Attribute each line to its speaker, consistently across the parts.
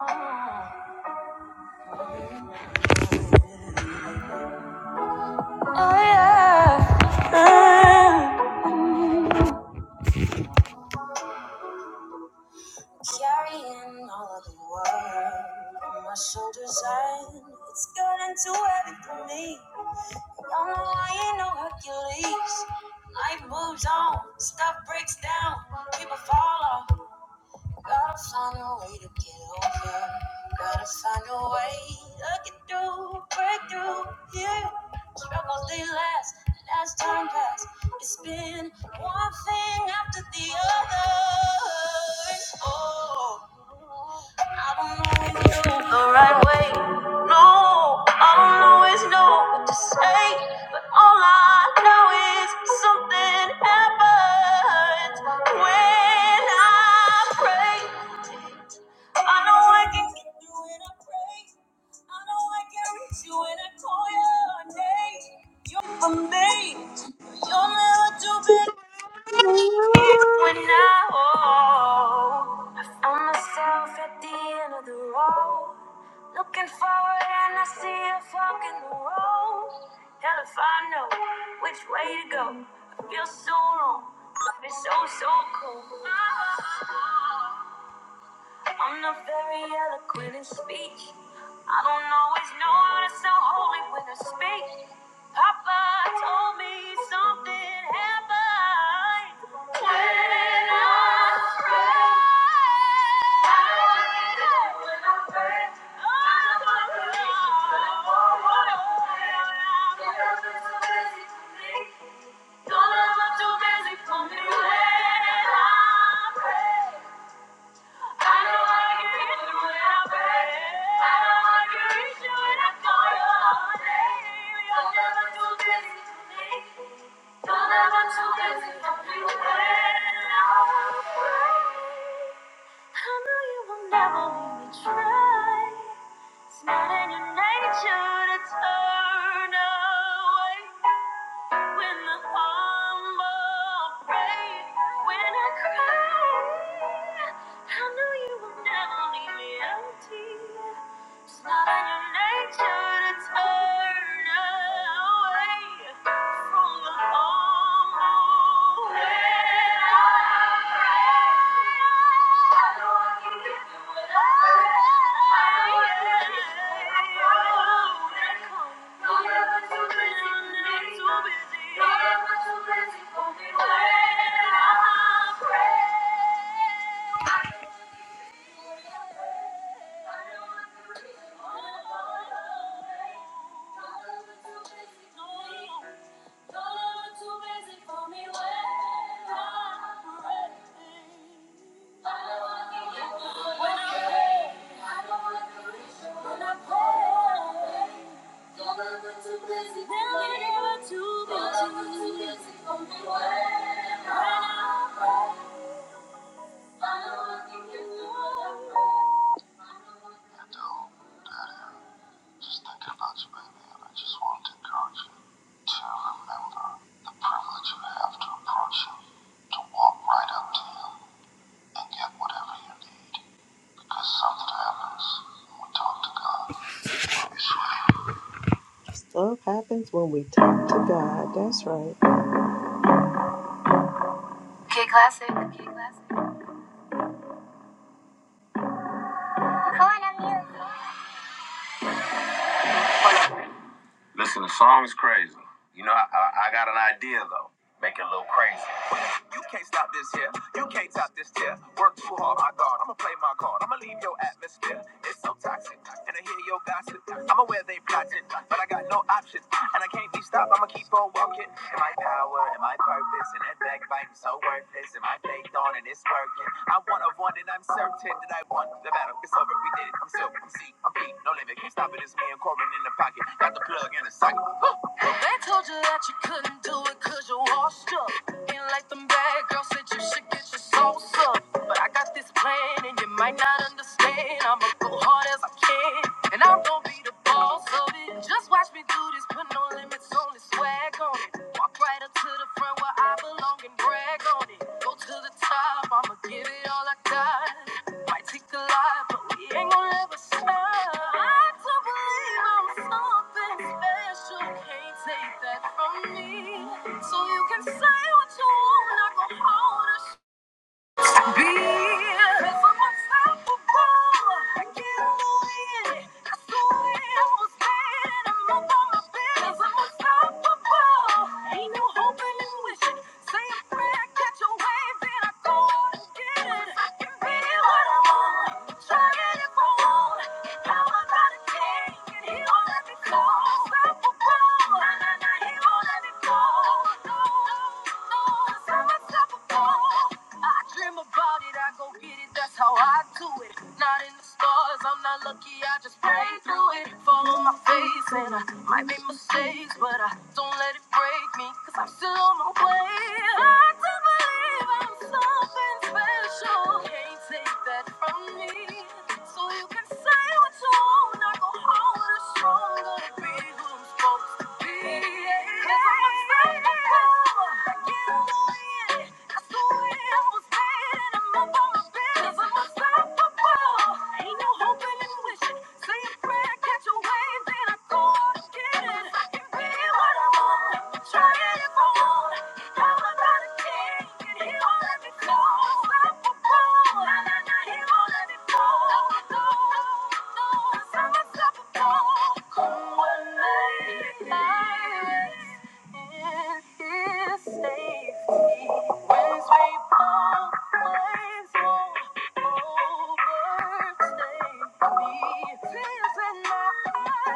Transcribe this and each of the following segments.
Speaker 1: Oh yeah. Mm. Carrying all of the world on my shoulders, and it's getting too heavy for me. Y'all know I ain't no Hercules. Life moves on, stuff breaks down, people fall off. Gotta find a way to get over. Gotta find a way to get through, break through. Yeah, struggles they last, and as time passed, it's been one thing after the other. Oh, I don't always do the right way. No, I don't always know what to say but All I know is something happens when I pray. I know I can get through when I pray. I know I can reach you when I call your name. You're for me. you are never too better. When I oh, I found myself at the end of the road, looking forward and I see a fork in the road. Hell if I know which way to go. I feel so wrong, but it's so so cold. I'm not very eloquent in speech. I don't always know how to sound holy when I speak. Papa told me something happened when I prayed. I know I did it when I pray. I know I prayed when I poured what I prayed. Don't have it too busy for me. Don't have it too busy for me when I pray. I don't I can reach you when I pray. I know I can reach you when I call you all day. You're never too busy for me. You're never too busy for me. When I pray. I know you will never leave me try. It's not in your nature to turn away. When the humble pray, when I cry, I know you will never leave me empty. It's not in your nature to turn away from the humble. When I pray. Too busy, too busy, too busy for me when I pray. Stuff happens when we talk to God. That's right. K Classic. K Classic. Corner music. Little crazy. You can't stop this here. You can't top this here. Work too hard, my God. I'ma play my card. I'ma leave your atmosphere. It's so toxic. And I hear your gossip. I'm aware they plotting, but I got no option. And I can't be stopped. I'ma keep on walking. And my power and my purpose and that backbiting so worthless. And my faith on and it's working. I'm one of one and I'm certain that I won the battle. It's over. We did it. I'm silver. I'm C. I'm B. No limit. Can't stop it. It's me and Corbin in the pocket. Got the plug in the socket. They told you that you couldn't do it cause you washed up. Ain't like them bad girls said you should get your sauce up. But I got this plan and you might not understand. I'ma go hard as I can. And I'm gonna be the boss of it. Just watch me do this, put no limits on this swag on it. Walk right up to the front where I belong along and brag on it. Go to the top, I'ma give it all I got. Might take a lot, but we ain't gonna ever stop. I don't believe I'm something special. Can't take that from me. So you can say what you want, not gonna hold a i I'm unstoppable. I get away. I swear I was bad. I'm up on my bed. i I'm unstoppable. Ain't no hoping and wishing. Say a prayer, catch a wave, then I go out and get it. can be what I want. Try it if I want. Power by the king, and he won't let me go. Unstoppable. That's how I do it. Not in the stars, I'm not lucky, I just pray through it. Follow my face, and I might make mistakes, but I don't let it break me, cause I'm still on my way. I do believe I'm something special. Can't take that from me. So you can say what you want, I go home with a stronger, be who I'm supposed Ain't no hoping and wishing. Say a prayer, catch a wave, then I go again.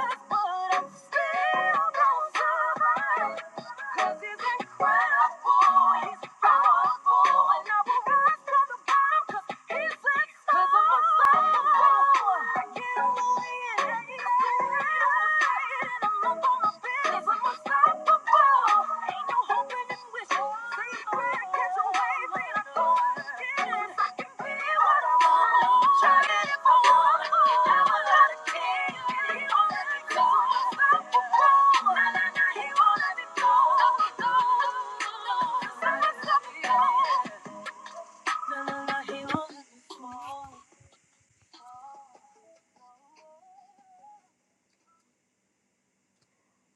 Speaker 1: But I'm unstoppable. I get on the wind, I'm up on my business, i unstoppable. Ain't no hoping and wishing. Say a catch a wave, and I go and get it. 'Cause I be what I want. Try it if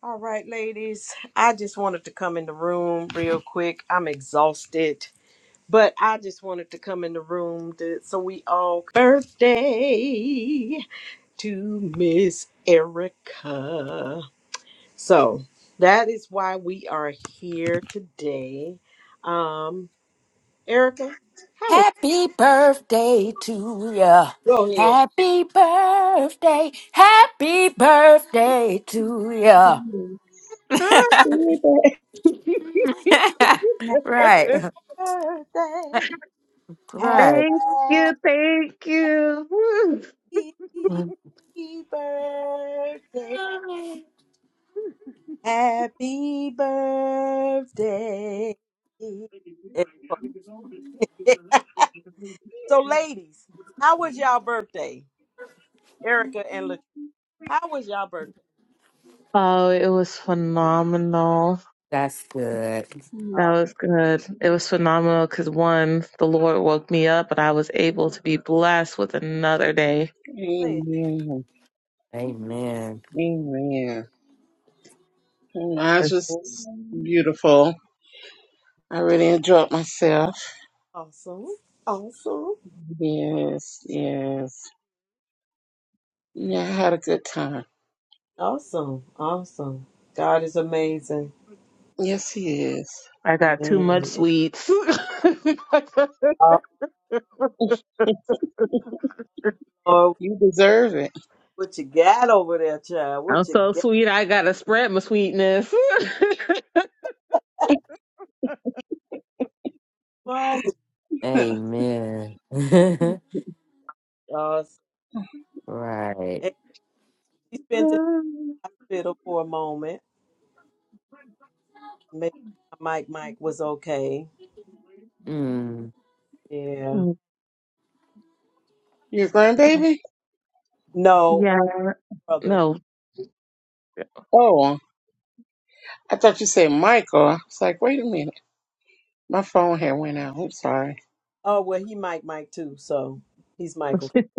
Speaker 1: all right, ladies. I just wanted to come in the room real quick. I'm exhausted, but I just wanted to come in the room to, so we all birthday to Miss Erica. So that is why we are here today. Um, Erica, how was
Speaker 2: Happy birthday to ya. Happy birthday. Happy birthday to ya.
Speaker 3: Happy birthday.
Speaker 2: Right.
Speaker 1: your
Speaker 2: Right.
Speaker 4: thank
Speaker 1: birthday?
Speaker 4: you, thank you. Woo.
Speaker 1: Happy Happy birthday. Happy birthday. So, ladies, how was y'all birthday? Erica and Latrice, how was y'all birthday?
Speaker 4: Oh, it was phenomenal.
Speaker 2: That's good.
Speaker 4: That
Speaker 1: Uh,
Speaker 4: was good. It was phenomenal because one, the Lord woke me up, but I was able to be blessed with another day.
Speaker 1: say it.
Speaker 3: Amen.
Speaker 2: Amen.
Speaker 3: Amen. Mine was
Speaker 4: It's-
Speaker 3: just beautiful. I really enjoyed myself.
Speaker 1: Awesome. Awesome.
Speaker 3: Yes, yes. Yeah, I had a good time.
Speaker 1: Awesome. Awesome. God is amazing.
Speaker 3: Yes, he is.
Speaker 4: I got too much
Speaker 1: Man. it's
Speaker 4: sweets.
Speaker 1: all over.
Speaker 3: You deserve it.
Speaker 1: what you got over there, child?
Speaker 4: I'm
Speaker 1: What you
Speaker 4: so
Speaker 1: got?
Speaker 4: sweet, I gotta spread my sweetness.
Speaker 1: Fun.
Speaker 2: Amen.
Speaker 1: Awesome.
Speaker 2: right.
Speaker 1: And she spent in the hospital for a moment. Make my mic mic was okay.
Speaker 2: Mm.
Speaker 1: Yeah.
Speaker 4: Mm,
Speaker 3: Your grandbaby?
Speaker 1: No,
Speaker 4: Yeah,
Speaker 1: brother.
Speaker 4: no.
Speaker 3: Oh, I thought you said Michael. I was like, wait a minute. My phone had went out. I'm sorry.
Speaker 1: Oh well he Mike Mike too, so he's Michael.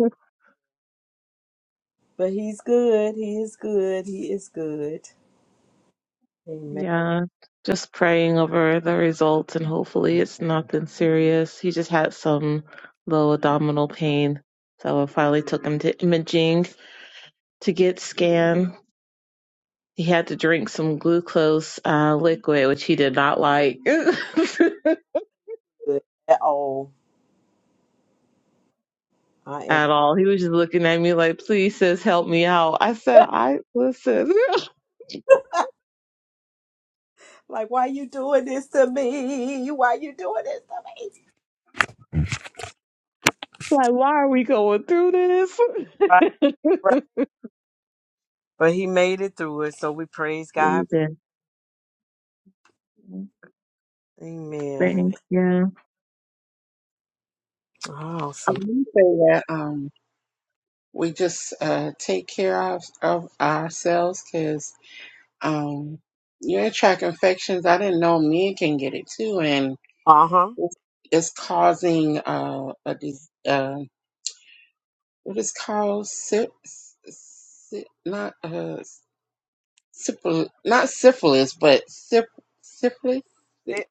Speaker 1: But he's good. He is good. He is good. Amen.
Speaker 4: Yeah, just praying over the results and hopefully it's nothing serious. He just had some low abdominal pain. So I finally took him to imaging to get scanned. He had to drink some glucose uh, liquid, which he did not like
Speaker 1: Good at all. I am
Speaker 4: at all. He was just looking at me like, please, sis, help me out. I said, I listen,
Speaker 1: like, why you doing this to me? Why you doing this to me?
Speaker 4: like, why are we going through this?
Speaker 1: Right. But he made it through it, so we praise God. Amen.
Speaker 4: Thank you.
Speaker 3: I'm
Speaker 1: Awesome.
Speaker 3: going to say that um, we just uh, take care of, of ourselves 'cause Um, urinary tract infections, I didn't know men can get it too, and
Speaker 1: Uh huh.
Speaker 3: it's, it's causing uh, a dis- uh, what is called sy- sy- not uh, syphilis, not syphilis, but syph- syphilis, Sy-
Speaker 1: It,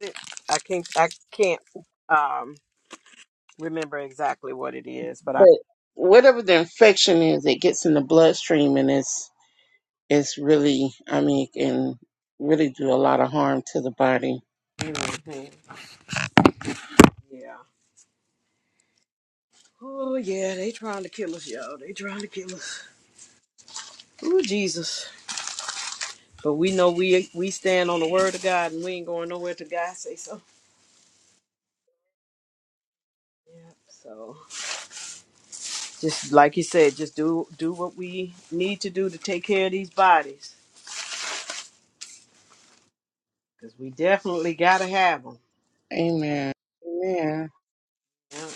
Speaker 1: it, I can't. I can't um remember exactly what it is, but I.
Speaker 3: but whatever the infection is, it gets in the bloodstream, and it's it's really, I mean, it can really do a lot of harm to the body.
Speaker 1: Mhm. Yeah. Oh yeah, they trying to kill us, y'all. They trying to kill us. Ooh, Jesus. But we know we we stand on the word of God, and we ain't going nowhere till God say so. Yeah. So just like you said, just do do what we need to do to take care of these bodies, cause we definitely gotta have them.
Speaker 3: Amen. Amen.
Speaker 1: Yeah.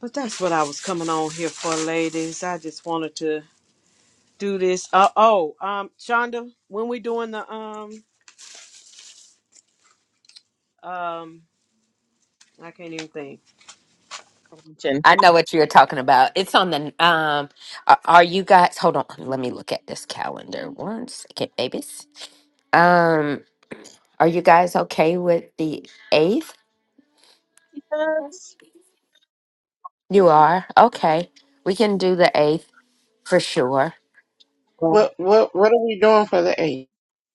Speaker 1: But that's what I was coming on here for, ladies. I just wanted to do this. Uh oh, um, Shonda, when we doing the um um, I can't even think.
Speaker 4: Mention.
Speaker 2: I know what you're talking about. It's on the um are, are you guys hold on, let me look at this calendar one second, babies. Um are you guys okay with the 8th?
Speaker 4: Yes.
Speaker 2: You are. Okay. We can do the 8th for sure.
Speaker 4: Oh.
Speaker 3: What what what are we doing for the eight?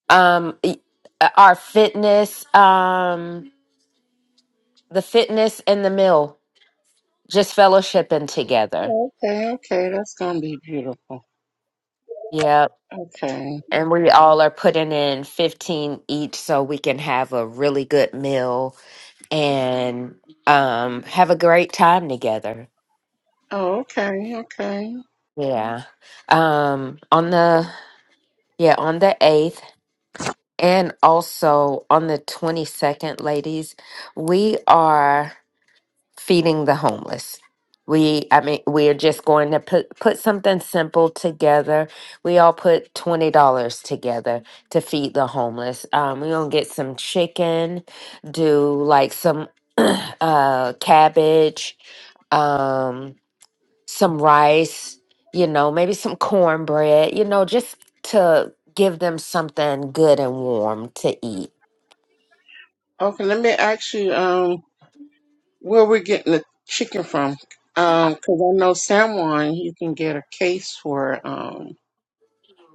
Speaker 2: Um y- uh, our fitness um the fitness and the meal just fellowshipping together.
Speaker 3: Oh, Okay, okay, that's gonna be beautiful.
Speaker 2: Yep.
Speaker 3: Okay.
Speaker 2: And we all are putting in 15 each so we can have a really good meal and um have a great time together.
Speaker 3: Oh, okay, okay.
Speaker 2: Yeah. Um on the yeah, on the 8th and also on the 22nd ladies, we are feeding the homeless. We, I mean, we are just going to put put something simple together. We all put twenty dollars together to feed the homeless. Um, we're gonna get some chicken, do like some uh, cabbage, um, some rice. You know, maybe some cornbread. You know, just to give them something good and warm to eat.
Speaker 3: Okay, let me ask you, um, where we're getting the chicken from? Um, 'cause I know San Juan, you can get a case for um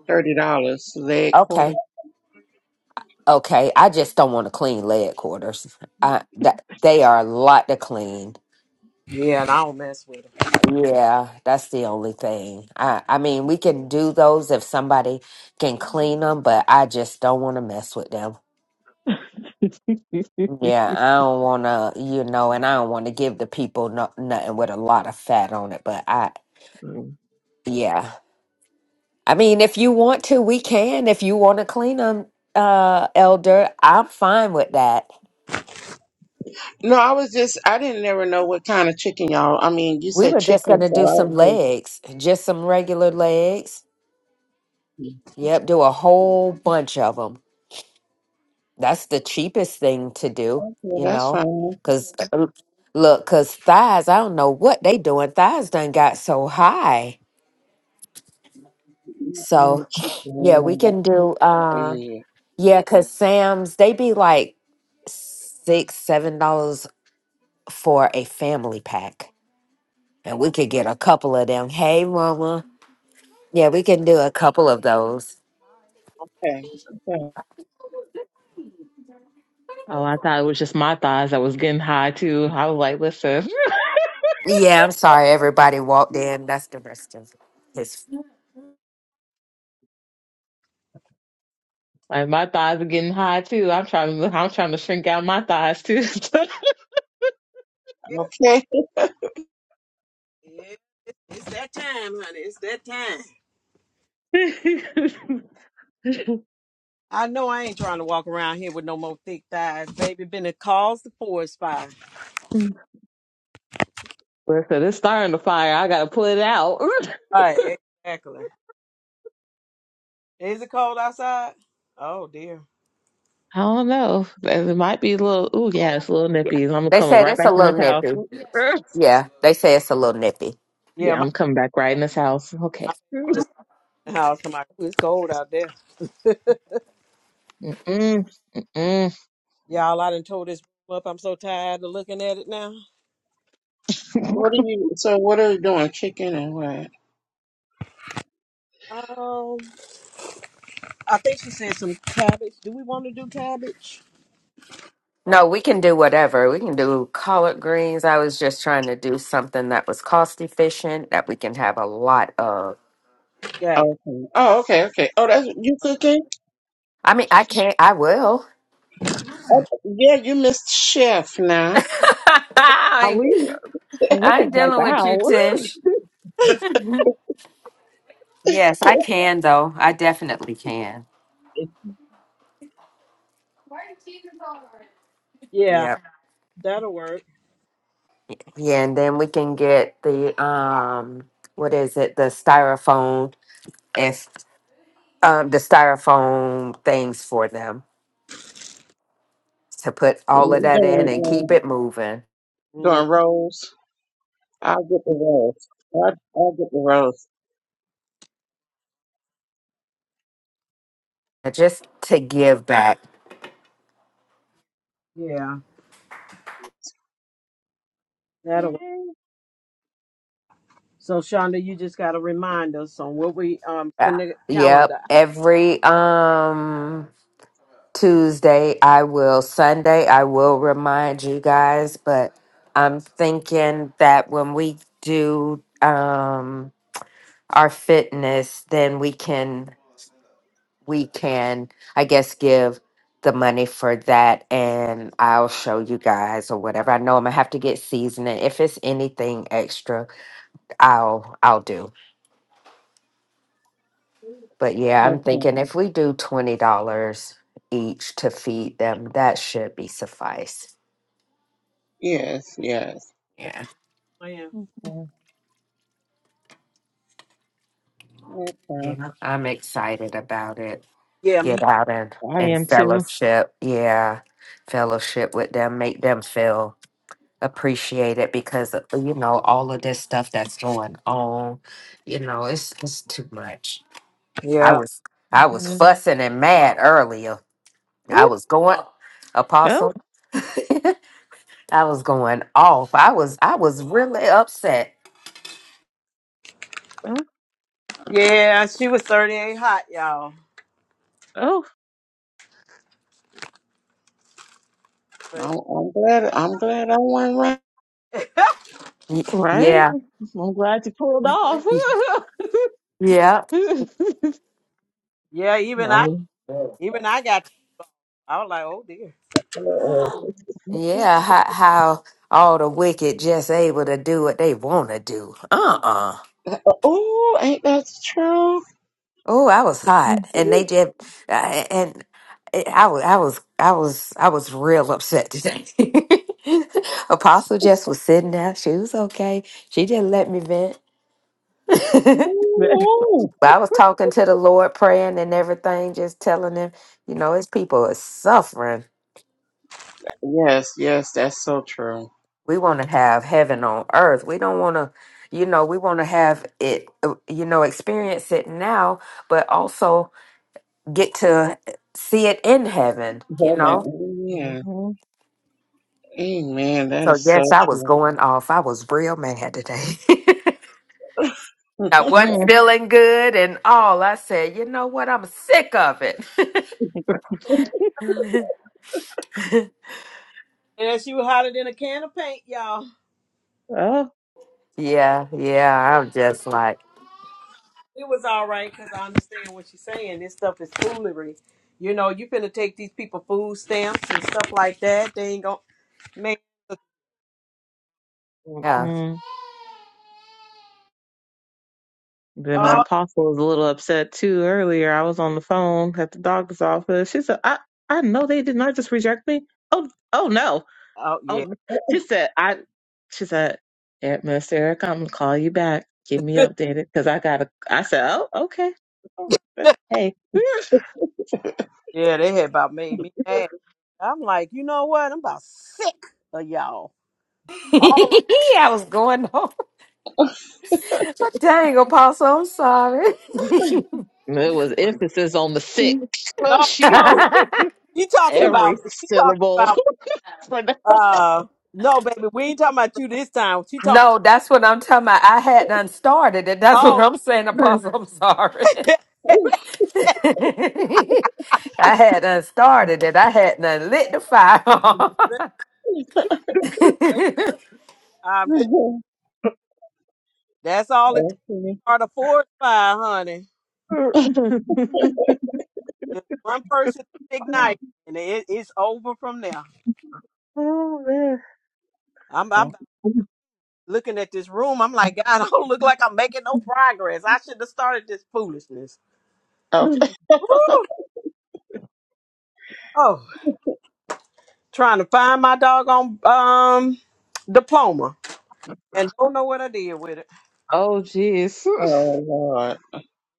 Speaker 3: thirty dollars, leg
Speaker 2: Okay.
Speaker 3: quarter.
Speaker 2: Okay, I just don't want to clean leg quarters. I that they are a lot to clean.
Speaker 1: Yeah, and I don't mess with
Speaker 2: Yeah, that's the only thing. I I mean, we can do those if somebody can clean them, but I just don't want to mess with them.
Speaker 4: Mm.
Speaker 2: Yeah, I don't want to, you know, and I don't want to give the people no, nothing with a lot of fat on it, but I
Speaker 4: oh,
Speaker 2: yeah. I mean, if you want to, we can. If you want to clean them, uh, Elder, I'm fine with that.
Speaker 3: No, I was just, I didn't never know what kind of chicken y'all. I mean, you
Speaker 2: We
Speaker 3: said
Speaker 2: were just going
Speaker 3: chicken,
Speaker 2: to
Speaker 3: so
Speaker 2: do
Speaker 3: I
Speaker 2: some
Speaker 3: was
Speaker 2: legs, just some regular legs.
Speaker 3: just,
Speaker 2: Yep, do a whole bunch of them. That's the cheapest thing to do,
Speaker 3: okay,
Speaker 2: you
Speaker 3: that's
Speaker 2: know?
Speaker 3: fine.
Speaker 2: Because, look, because thighs, I don't know what they doing. Thighs done got so high. So,
Speaker 3: Mm, Chicken, I
Speaker 2: yeah, we
Speaker 3: don't know what
Speaker 2: can do,
Speaker 3: to
Speaker 2: uh,
Speaker 3: do. Okay,
Speaker 2: yeah, because Sam's, they be like six, seven dollars for a family pack. And we could get a couple of them. Hey, mama. Yeah, we can do a couple of those.
Speaker 3: okay,
Speaker 4: I thought it was just my thighs that was getting high too. I was like, listen,
Speaker 2: Yeah, I'm sorry. Everybody walked in. That's the rest of his.
Speaker 4: like my thighs are getting high too. I'm trying to, I'm trying to shrink out my thighs too.
Speaker 3: okay.
Speaker 1: them. It's that time, honey. It's that time.
Speaker 4: listen,
Speaker 1: I know I ain't trying to walk around here with no more thick thighs, baby. Been a cause the forest fire.
Speaker 4: it's starting to fire. I gotta pull it out.
Speaker 1: Right, exactly. Is it cold outside? Oh dear.
Speaker 4: I don't know. It might be a little. Ooh, yeah, it's a little
Speaker 2: Yeah.
Speaker 4: nippy. I'm
Speaker 2: They
Speaker 4: coming
Speaker 2: said
Speaker 4: right
Speaker 2: it's a
Speaker 4: back in this
Speaker 2: little
Speaker 4: house.
Speaker 2: nippy. Yeah, they say it's a little nippy.
Speaker 1: Yeah,
Speaker 4: yeah,
Speaker 1: my,
Speaker 4: I'm coming back right in this house. Okay.
Speaker 1: my house. I'm like, "Ooh, it's cold out there.
Speaker 4: Mm.
Speaker 1: Y'all, I done told this up. I'm so tired of looking at it now.
Speaker 3: What are you? So, what are you doing? Chicken and what?
Speaker 1: Um, I think she said some cabbage. Do we want to do cabbage?
Speaker 2: No, we can do whatever. We can do collard greens. I was just trying to do something that was cost efficient that we can have a lot of.
Speaker 1: Yeah,
Speaker 3: Okay. Oh, okay, okay. Oh, that's you cooking?
Speaker 2: I mean, I can't. I will.
Speaker 3: Oh, yeah, you missed chef now.
Speaker 2: I,
Speaker 4: Are
Speaker 2: ain't,
Speaker 4: we,
Speaker 3: Ooh,
Speaker 4: we
Speaker 2: I ain't
Speaker 4: could help
Speaker 2: dealing with
Speaker 4: out.
Speaker 2: you,
Speaker 4: Woo.
Speaker 2: Tish. Yes, I can though. I definitely can.
Speaker 1: yeah,
Speaker 2: Yep.
Speaker 1: that'll work.
Speaker 2: Yeah, and then we can get the um, what is it? The styrofoam And um, the styrofoam things for them to put all of
Speaker 3: You
Speaker 2: that in and
Speaker 3: doing
Speaker 2: keep
Speaker 3: uh,
Speaker 2: it moving
Speaker 1: Mm,
Speaker 3: doing rolls? I'll get the rolls. I'll, I'll get the rolls.
Speaker 2: And just to give back
Speaker 1: yeah, that'll work.
Speaker 4: Mm.
Speaker 1: So Shonda, you just gotta remind us on what we um
Speaker 2: Yeah.
Speaker 1: send the
Speaker 2: yep
Speaker 1: calendar
Speaker 2: every um tuesday i will sunday i will remind you guys but i'm thinking that when we do um our fitness then we can we can, I guess, give the money for that and I'll show you guys or whatever. I know I'm gonna have to get seasoning. If it's anything extra, I'll I'll do. But yeah, I'm
Speaker 3: Okay.
Speaker 2: thinking if we do twenty dollars each to feed them, that should be suffice.
Speaker 3: Yes, yes.
Speaker 1: Just
Speaker 2: Yeah.
Speaker 1: playing.
Speaker 4: Okay.
Speaker 3: Okay.
Speaker 2: Yeah. I'm excited about it.
Speaker 1: Yeah, me.
Speaker 2: Get out and,
Speaker 4: I
Speaker 2: and
Speaker 4: am too.
Speaker 2: fellowship. Yeah. Fellowship with them, make them feel. appreciate it because uh, you know all of this stuff that's going on you know it's it's too much i
Speaker 1: Yeah.
Speaker 2: was i was
Speaker 4: Mhm.
Speaker 2: fussing and mad earlier i
Speaker 1: Whoop.
Speaker 2: was going
Speaker 4: Oh,
Speaker 2: apostle i was going off i was i was really upset
Speaker 4: oh,
Speaker 1: Yeah, she was 38 hot, y'all.
Speaker 4: oh,
Speaker 1: But
Speaker 3: I'm, I'm glad. I'm glad I went right.
Speaker 2: Y-
Speaker 4: right.
Speaker 2: yeah
Speaker 4: I'm glad you pulled off.
Speaker 2: Y- yeah
Speaker 1: yeah, even I
Speaker 4: Well,
Speaker 1: even I got I was like, oh dear.
Speaker 4: Mhm.
Speaker 2: yeah how, how all the wicked just able to do what they want to do uh-uh
Speaker 3: Oh, ain't that true?
Speaker 2: Oh, I was hot,
Speaker 4: Mm.
Speaker 2: and they did, uh, and it, I was, I was, I was, I was real upset today. Apostle Jess was sitting there; she was okay. She didn't let me vent. but
Speaker 3: Ooh.
Speaker 2: I was talking to the Lord, praying and everything, just telling him, you know, his people are suffering.
Speaker 3: Yes, yes, that's so true.
Speaker 2: We want to have heaven on earth. We don't want to, you know, we want to have it, uh, you know, experience it now, but also get to see it in heaven, you know
Speaker 3: Heaven, yeah. Amen. That
Speaker 2: So
Speaker 3: is
Speaker 2: yes,
Speaker 3: so
Speaker 2: I was
Speaker 3: true.
Speaker 2: going off. I was real mad today. I wasn't feeling good and all. I said, you know what? I'm sick of it.
Speaker 1: And she was hotter than a can of paint, y'all.
Speaker 4: Oh.
Speaker 2: yeah, yeah. I'm just like,
Speaker 1: It was all right because I understand what she's saying. This stuff is foolery. You know, you finna take these people food stamps and stuff like that. They ain't gonna make
Speaker 2: yeah.
Speaker 4: Mm-mm. Then my
Speaker 1: oh,
Speaker 4: apostle was a little upset too earlier. I was on the phone at the doctor's office. She said, I, I know they did not just reject me. Oh, oh no.
Speaker 1: oh yeah.
Speaker 4: Oh, she said, I, she said, Aunt Miss Erica, I'm gonna call you back. Give me updated because I gotta. I said, oh, okay. Oh, Hey, it
Speaker 1: Yeah, they had about made me mad. I'm like, you know what? I'm about sick of y'all.
Speaker 2: I was going off. But dang, Apostle, I'm sorry.
Speaker 4: was emphasis on the sick.
Speaker 1: No,
Speaker 4: she
Speaker 1: no. She talking
Speaker 4: every
Speaker 1: about she talking
Speaker 4: syllable.
Speaker 1: about
Speaker 4: For the-
Speaker 1: uh no baby, we ain't talking about you this time. She talking
Speaker 2: no, that's what I'm talking about. I hadn't started it. That's what
Speaker 1: oh
Speaker 2: I'm saying, Apostle. I'm sorry. I hadn't started it. I hadn't lit the fire.
Speaker 1: I'm
Speaker 3: okay.
Speaker 1: t- that's all it takes are the four five, honey. Just one person ignite and it, it's over from there.
Speaker 4: oh man.
Speaker 1: I'm I'm
Speaker 3: Oh,
Speaker 1: looking at this room, I'm like, God, I don't look like I'm making no progress. I should have started this foolishness.
Speaker 3: Okay.
Speaker 1: Woo! Oh, trying to find my doggone um diploma and don't know what I did with it.
Speaker 4: Oh jeez.
Speaker 3: Oh, Lord.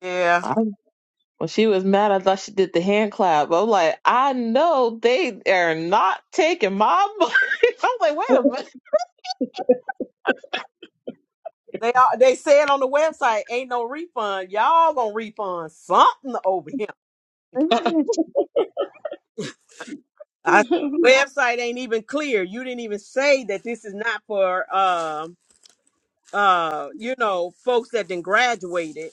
Speaker 1: Yeah.
Speaker 4: i When she was mad, I thought she did the hand clap. I'm like, I know they are not taking my money. I'm like, wait
Speaker 1: They are, they said on the website, ain't no refund. Y'all gonna refund something over him.
Speaker 4: a minute.
Speaker 1: I website ain't even clear. You didn't even say that this is not for um uh, you know folks that then graduated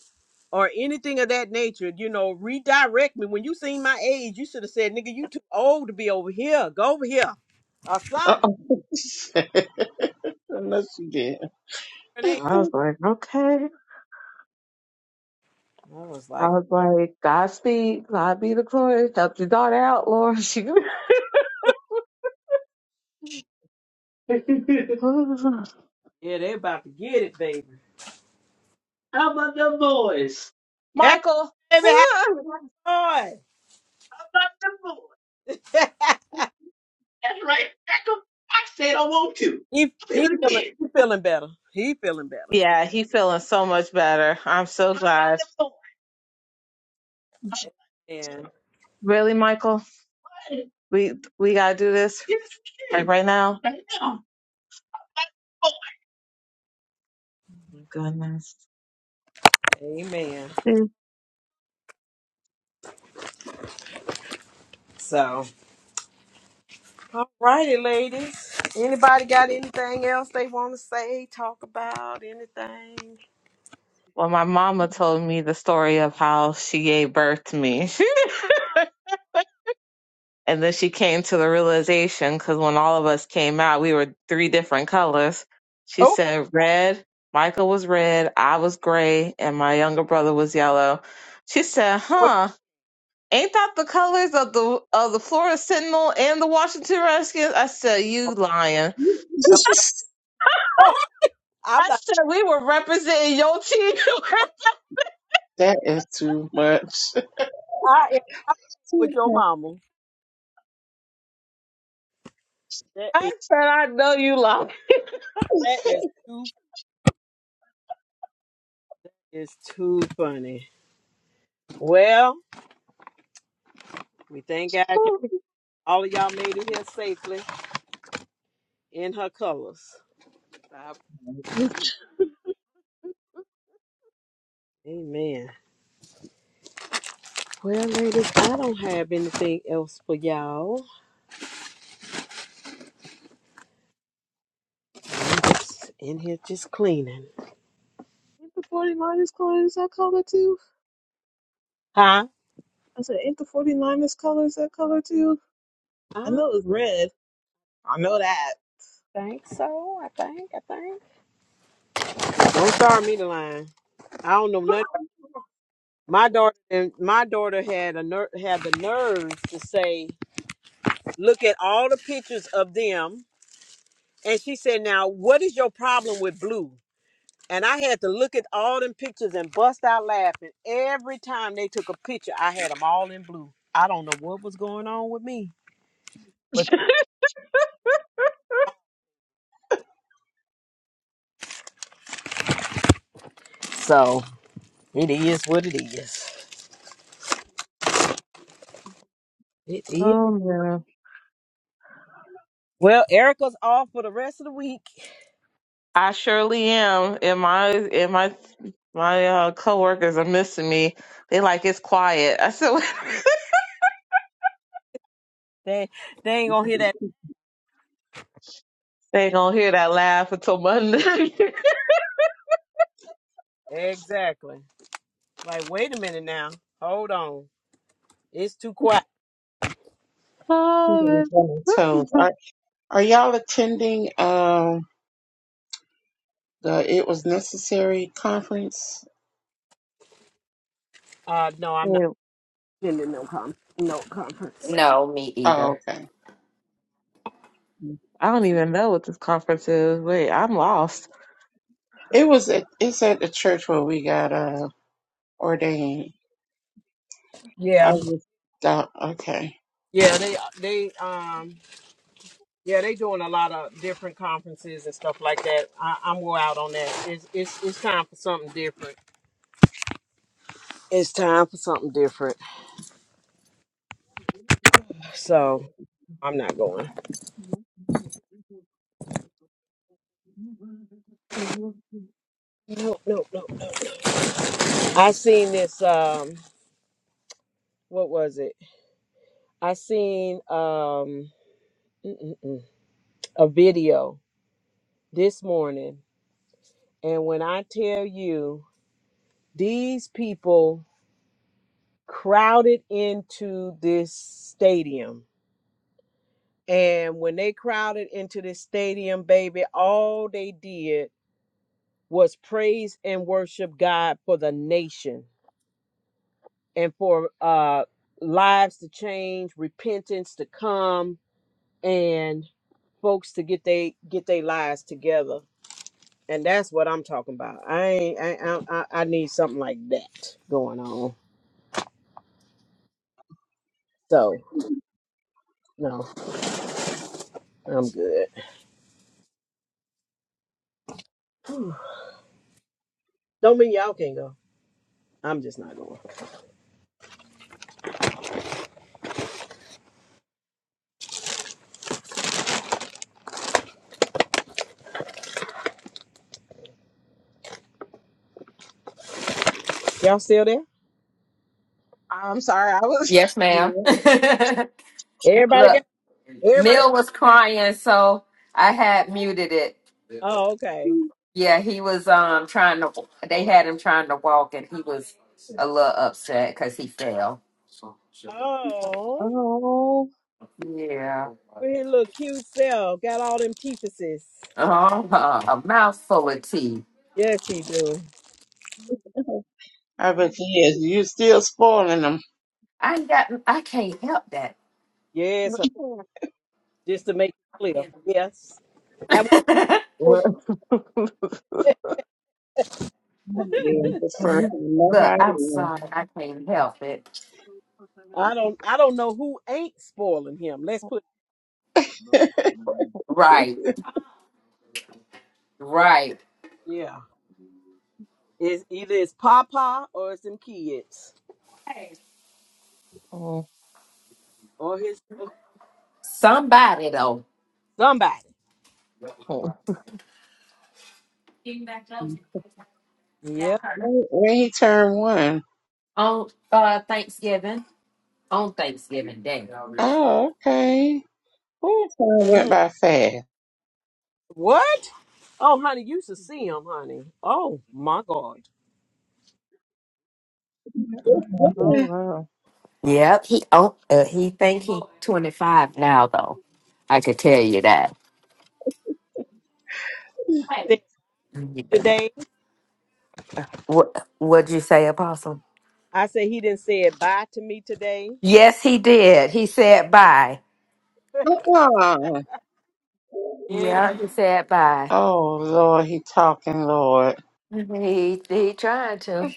Speaker 1: or anything of that nature. You know, redirect me. When you seen my age, you should have said, "Nigga, you too old to be over here. Go over here or something."
Speaker 3: Uh-uh. Unless you did.
Speaker 1: And they-
Speaker 4: I was like, okay.
Speaker 1: I was
Speaker 4: I
Speaker 1: like,
Speaker 4: was like, Godspeed, God be the glory. Help your daughter out, Lord. She
Speaker 1: "Yeah, they about to get it, baby.
Speaker 4: How about them boys?
Speaker 1: Hey,
Speaker 4: Michael.
Speaker 1: baby, have
Speaker 4: How
Speaker 1: fun."
Speaker 4: about them boys? That's right. Heck 'em. I said I want to.
Speaker 1: He
Speaker 4: I'll Say
Speaker 1: he
Speaker 4: it
Speaker 1: feeling
Speaker 4: again.
Speaker 1: he feeling better. He feeling better.
Speaker 4: yeah, he feeling so much better. I'm so How about glad. them boys?
Speaker 1: And
Speaker 4: Really, Michael? We we gotta do this Yes, we like can. right now? Oh my goodness.
Speaker 1: amen. So all righty, ladies. Anybody got anything else they want to say, talk about, anything?
Speaker 4: Well, my mama told me the story of how she gave birth to me. and then she came to the realization because when all of us came out, we were three different colors. She said red, Michael was red, I was gray, and my younger brother was yellow. She said, huh, ain't that the colors of the of the Florida Sentinel and the Washington Redskins? I said, you lying.
Speaker 1: Oh, I'm
Speaker 4: I
Speaker 1: not,
Speaker 4: said, we were representing your team.
Speaker 3: That is too much.
Speaker 1: I am with your mama. That is
Speaker 4: I said, I know you lying.
Speaker 1: that is too is too funny. Well, we thank God y'all- all of y'all made it here safely in her colors. Amen. Well, ladies, I don't have anything else for y'all. I'm just in here just cleaning.
Speaker 4: Ain't the 49ers colors that color too?
Speaker 1: Huh?
Speaker 4: I said, ain't the 49ers colors that color too? I
Speaker 1: I
Speaker 4: know it's red. I know that.
Speaker 1: think so. I think. I think. Don't start me the line. I don't know nothing. My daughter and my daughter had a ner- had the nerve to say, "Look at all the pictures of them," and she said, "Now, what is your problem with blue?" And I had to look at all them pictures and bust out laughing every time they took a picture. I had them all in blue. I don't know what was going on with me, but so it is what it is. It is.
Speaker 4: Oh no.
Speaker 1: Well, Erica's off for the rest of the week.
Speaker 4: I surely am. And my and my my uh, coworkers are missing me. They like it's quiet. I said
Speaker 1: They they ain't gonna hear that.
Speaker 4: they ain't gonna hear that laugh until Monday.
Speaker 1: Exactly. Like, wait a minute now. Hold on. It's too quiet.
Speaker 4: oh that's
Speaker 3: Toes. Are, are y'all attending um the It Was Necessary conference?
Speaker 1: Uh, no, I'm not.
Speaker 4: good.
Speaker 2: No, me
Speaker 3: Oh,
Speaker 2: either.
Speaker 3: okay.
Speaker 4: I don't even know what this conference is. Wait, I'm lost.
Speaker 3: It was at it's at the church where we got uh ordained. I
Speaker 1: Yeah,
Speaker 3: was uh, okay.
Speaker 1: yeah. They they um yeah they doing a lot of different conferences and stuff like that. I, I'm more out on that. It's it's it's time for something different. It's time for something different. So I'm not going. No, no, no. I seen this. Um, what was it? I seen um mm, mm, mm, a video this morning And when I tell you, these people crowded into this stadium. And when they crowded into this stadium, baby, all they did was praise and worship God for the nation and for uh, lives to change, repentance to come, and folks to get they get their lives together. And that's what I'm talking about. I ain't, I, I I I need something like that going on. So no. I'm good. Don't mean y'all can not go. I'm just not going. Y'all still there?
Speaker 4: I'm sorry. I was.
Speaker 2: Yes, ma'am.
Speaker 3: Yeah.
Speaker 1: Everybody
Speaker 2: Look,
Speaker 1: got everybody.
Speaker 2: Mill was crying, so I had muted it.
Speaker 1: Oh, okay.
Speaker 2: Yeah, he was um trying to. They had him trying to walk, and he was a little upset because he fell.
Speaker 1: Oh,
Speaker 4: Oh,
Speaker 2: Yeah.
Speaker 1: with his little cute self, got all them teethuses.
Speaker 2: Oh, a mouthful of tea.
Speaker 1: Yes, he do.
Speaker 3: I bet yes, you're still spoiling 'em.
Speaker 2: I ain't got. I can't help that.
Speaker 1: Yes, hon. just to make it clear. Yes, that was.
Speaker 3: then his first
Speaker 2: Look,
Speaker 3: nobody.
Speaker 2: I'm
Speaker 3: knew.
Speaker 2: sorry. I can't help it.
Speaker 1: I don't. I don't know who ain't spoiling him. Let's put.
Speaker 2: Right. Right.
Speaker 1: Yeah, it's either it's Papa or it's them kids
Speaker 4: oh,
Speaker 1: or his or
Speaker 2: Somebody though.
Speaker 1: somebody.
Speaker 4: oh
Speaker 1: Yep.
Speaker 3: When, when he turned one,
Speaker 2: On uh Thanksgiving. on Thanksgiving Day.
Speaker 3: oh okay. That time went
Speaker 1: Mm-hmm.
Speaker 3: by fast.
Speaker 1: What? Oh, honey, you should see him, honey. Oh my God.
Speaker 3: Yeah.
Speaker 4: wow.
Speaker 2: Yep, he oh, uh, he think he twenty five now though. I could tell you that.
Speaker 1: Said
Speaker 2: Yeah.
Speaker 1: Today,
Speaker 2: What what'd you say, Apostle?
Speaker 1: I said he didn't say it bye to me today.
Speaker 2: Yes, he did. He said bye.
Speaker 3: Uh-uh.
Speaker 1: Yeah,
Speaker 2: Yeah, he said bye.
Speaker 3: Oh Lord, he talking Lord.
Speaker 2: He he trying to.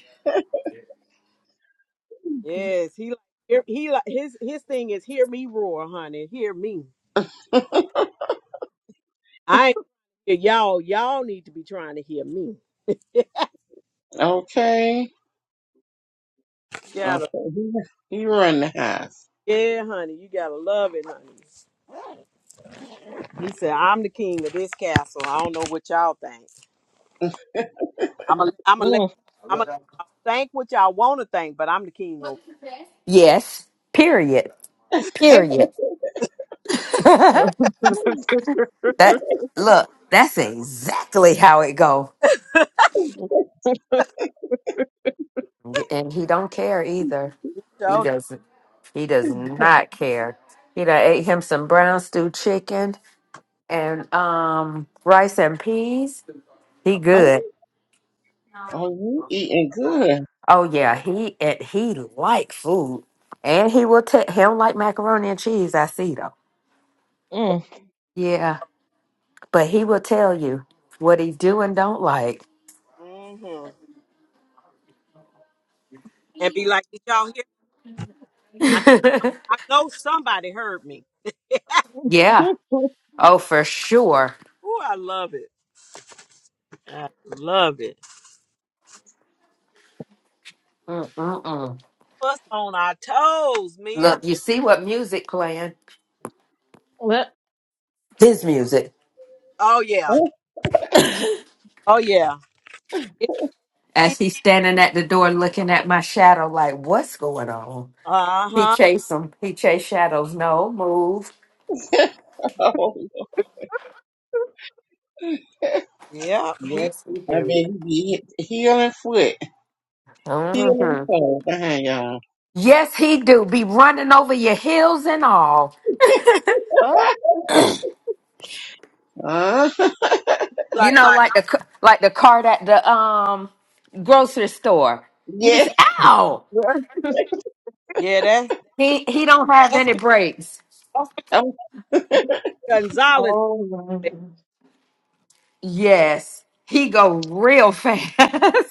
Speaker 1: yes, he like hear- he like his his thing is hear me roar, honey. Hear me. I ain't hear y'all y'all need to be trying to hear me.
Speaker 3: Okay. Uh,
Speaker 1: Gotta
Speaker 3: he, he run the house.
Speaker 1: yeah, honey, you gotta love it, honey. He said I'm the king of this castle. I don't know what y'all think. I'm a I'm a
Speaker 4: Mm.
Speaker 1: let I'm a think what y'all want to think, but I'm the king over
Speaker 2: Yes. Period. Period. that look. That's exactly how it go. and he don't care either.
Speaker 1: this
Speaker 2: He
Speaker 1: show.
Speaker 2: doesn't. He does not care. He done ate him some brown stew chicken and um rice and peas. He
Speaker 3: Oh,
Speaker 2: good.
Speaker 3: oh, you eating good.
Speaker 2: Oh yeah, he and he like food, and he will tell. He don't like macaroni and cheese. I see though.
Speaker 4: Mm.
Speaker 2: Yeah, but he will tell you what he do and don't like.
Speaker 1: and be like, "Did y'all hear?" me? I, I know somebody heard me.
Speaker 2: yeah. Oh, for sure.
Speaker 1: Ooh, I love it. I love it.
Speaker 2: Mm-mm-mm.
Speaker 1: Us on our toes, Mill.
Speaker 2: Look, you see what music playing? His music.
Speaker 1: Oh yeah. Oh yeah.
Speaker 2: As he's standing at the door looking at my shadow, like, what's going on?
Speaker 1: Uh
Speaker 2: He
Speaker 1: huh.
Speaker 2: chased him. He chased shadows. No, move.
Speaker 3: Oh, I
Speaker 1: Yeah. He
Speaker 2: Yes, he
Speaker 3: bet
Speaker 2: do.
Speaker 3: he be healing foot, healing
Speaker 2: hmm
Speaker 3: toe behind y'all.
Speaker 2: Yes, he do. Be running over your heels and all.
Speaker 3: Huh?
Speaker 2: You
Speaker 1: like, I'm-
Speaker 2: know, like the c- like the cart at the um grocery store. You be
Speaker 3: Yes.
Speaker 2: saying, ow!
Speaker 1: yeah. That
Speaker 2: He he don't have
Speaker 1: that's
Speaker 2: any
Speaker 1: Peter
Speaker 2: brakes.
Speaker 3: I'm
Speaker 1: Gonzalez
Speaker 4: Uh-oh.
Speaker 1: to
Speaker 2: Yes. He go real fast.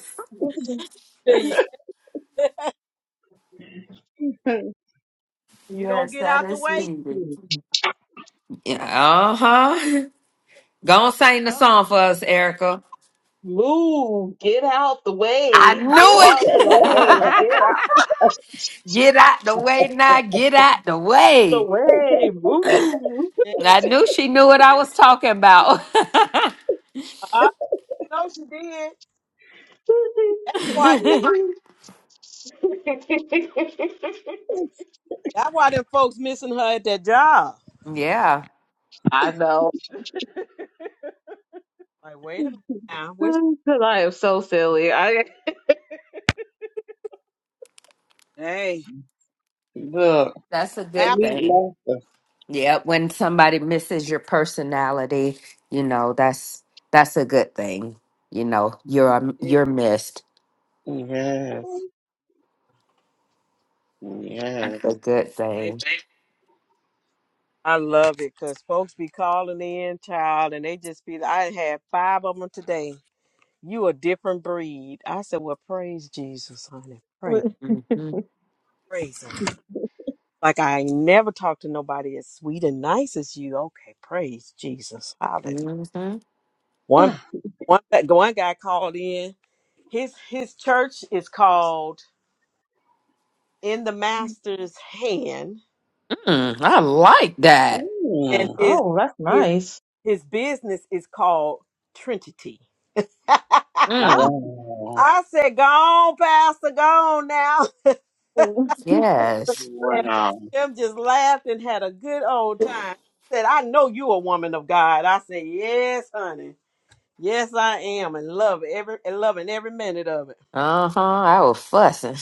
Speaker 1: you. You don't
Speaker 2: Yes,
Speaker 1: get
Speaker 2: that
Speaker 1: out the
Speaker 2: is
Speaker 1: way.
Speaker 2: speedy. Yeah, uh-huh. Go on, sing the
Speaker 1: Yup.
Speaker 2: song for us, Erica.
Speaker 4: Move. Get out the
Speaker 2: I
Speaker 4: way. Get
Speaker 2: knew it.
Speaker 4: out the way. Get out
Speaker 2: get out the way now. Get out the
Speaker 4: the
Speaker 2: way.
Speaker 4: way. Move.
Speaker 1: Yeah.
Speaker 2: I knew
Speaker 1: Uh,
Speaker 2: she knew what I was talking about.
Speaker 1: I know she did. Why? That, that's why them folks missing her at that job.
Speaker 2: yeah,
Speaker 4: I know.
Speaker 1: Like, wait a minute. Now, where's-
Speaker 4: Because I am so silly. I
Speaker 1: hey,
Speaker 3: Look,
Speaker 2: that's a
Speaker 1: that-
Speaker 2: good
Speaker 3: meat
Speaker 2: thing.
Speaker 3: loafer.
Speaker 2: Yeah, when somebody misses your personality, you know that's that's a good thing. You know, you're um,
Speaker 1: it
Speaker 2: you're missed.
Speaker 3: Yes. Yes.
Speaker 2: That's a good
Speaker 1: is.
Speaker 2: thing.
Speaker 1: I love it because folks be calling in, child, and they just be. I had five of them today. You a different breed. I said, well, praise Jesus, honey. Praise,
Speaker 2: Mhm,
Speaker 1: praise him. Like I ain't never talked to nobody as sweet and nice as you. Okay, praise Jesus, hallelujah.
Speaker 2: mhm.
Speaker 1: One, one, one guy called in. His his church is called In the Master's Hand,
Speaker 2: Mm, I like that.
Speaker 1: and
Speaker 3: Mm.
Speaker 1: his
Speaker 4: Oh, that's
Speaker 1: his
Speaker 4: nice.
Speaker 1: his business is called Trinity.
Speaker 4: Ah.
Speaker 2: Mm,
Speaker 3: Wow.
Speaker 1: I said, "Go on, Pastor, go on now."
Speaker 2: yes.
Speaker 1: and me
Speaker 3: Wow.
Speaker 1: and them just laughed and had a good old time. Said, "I know you a woman of God." I said, "Yes, honey. Yes, I am, and love every and loving every minute of it."
Speaker 2: Uh-huh. I was fussing.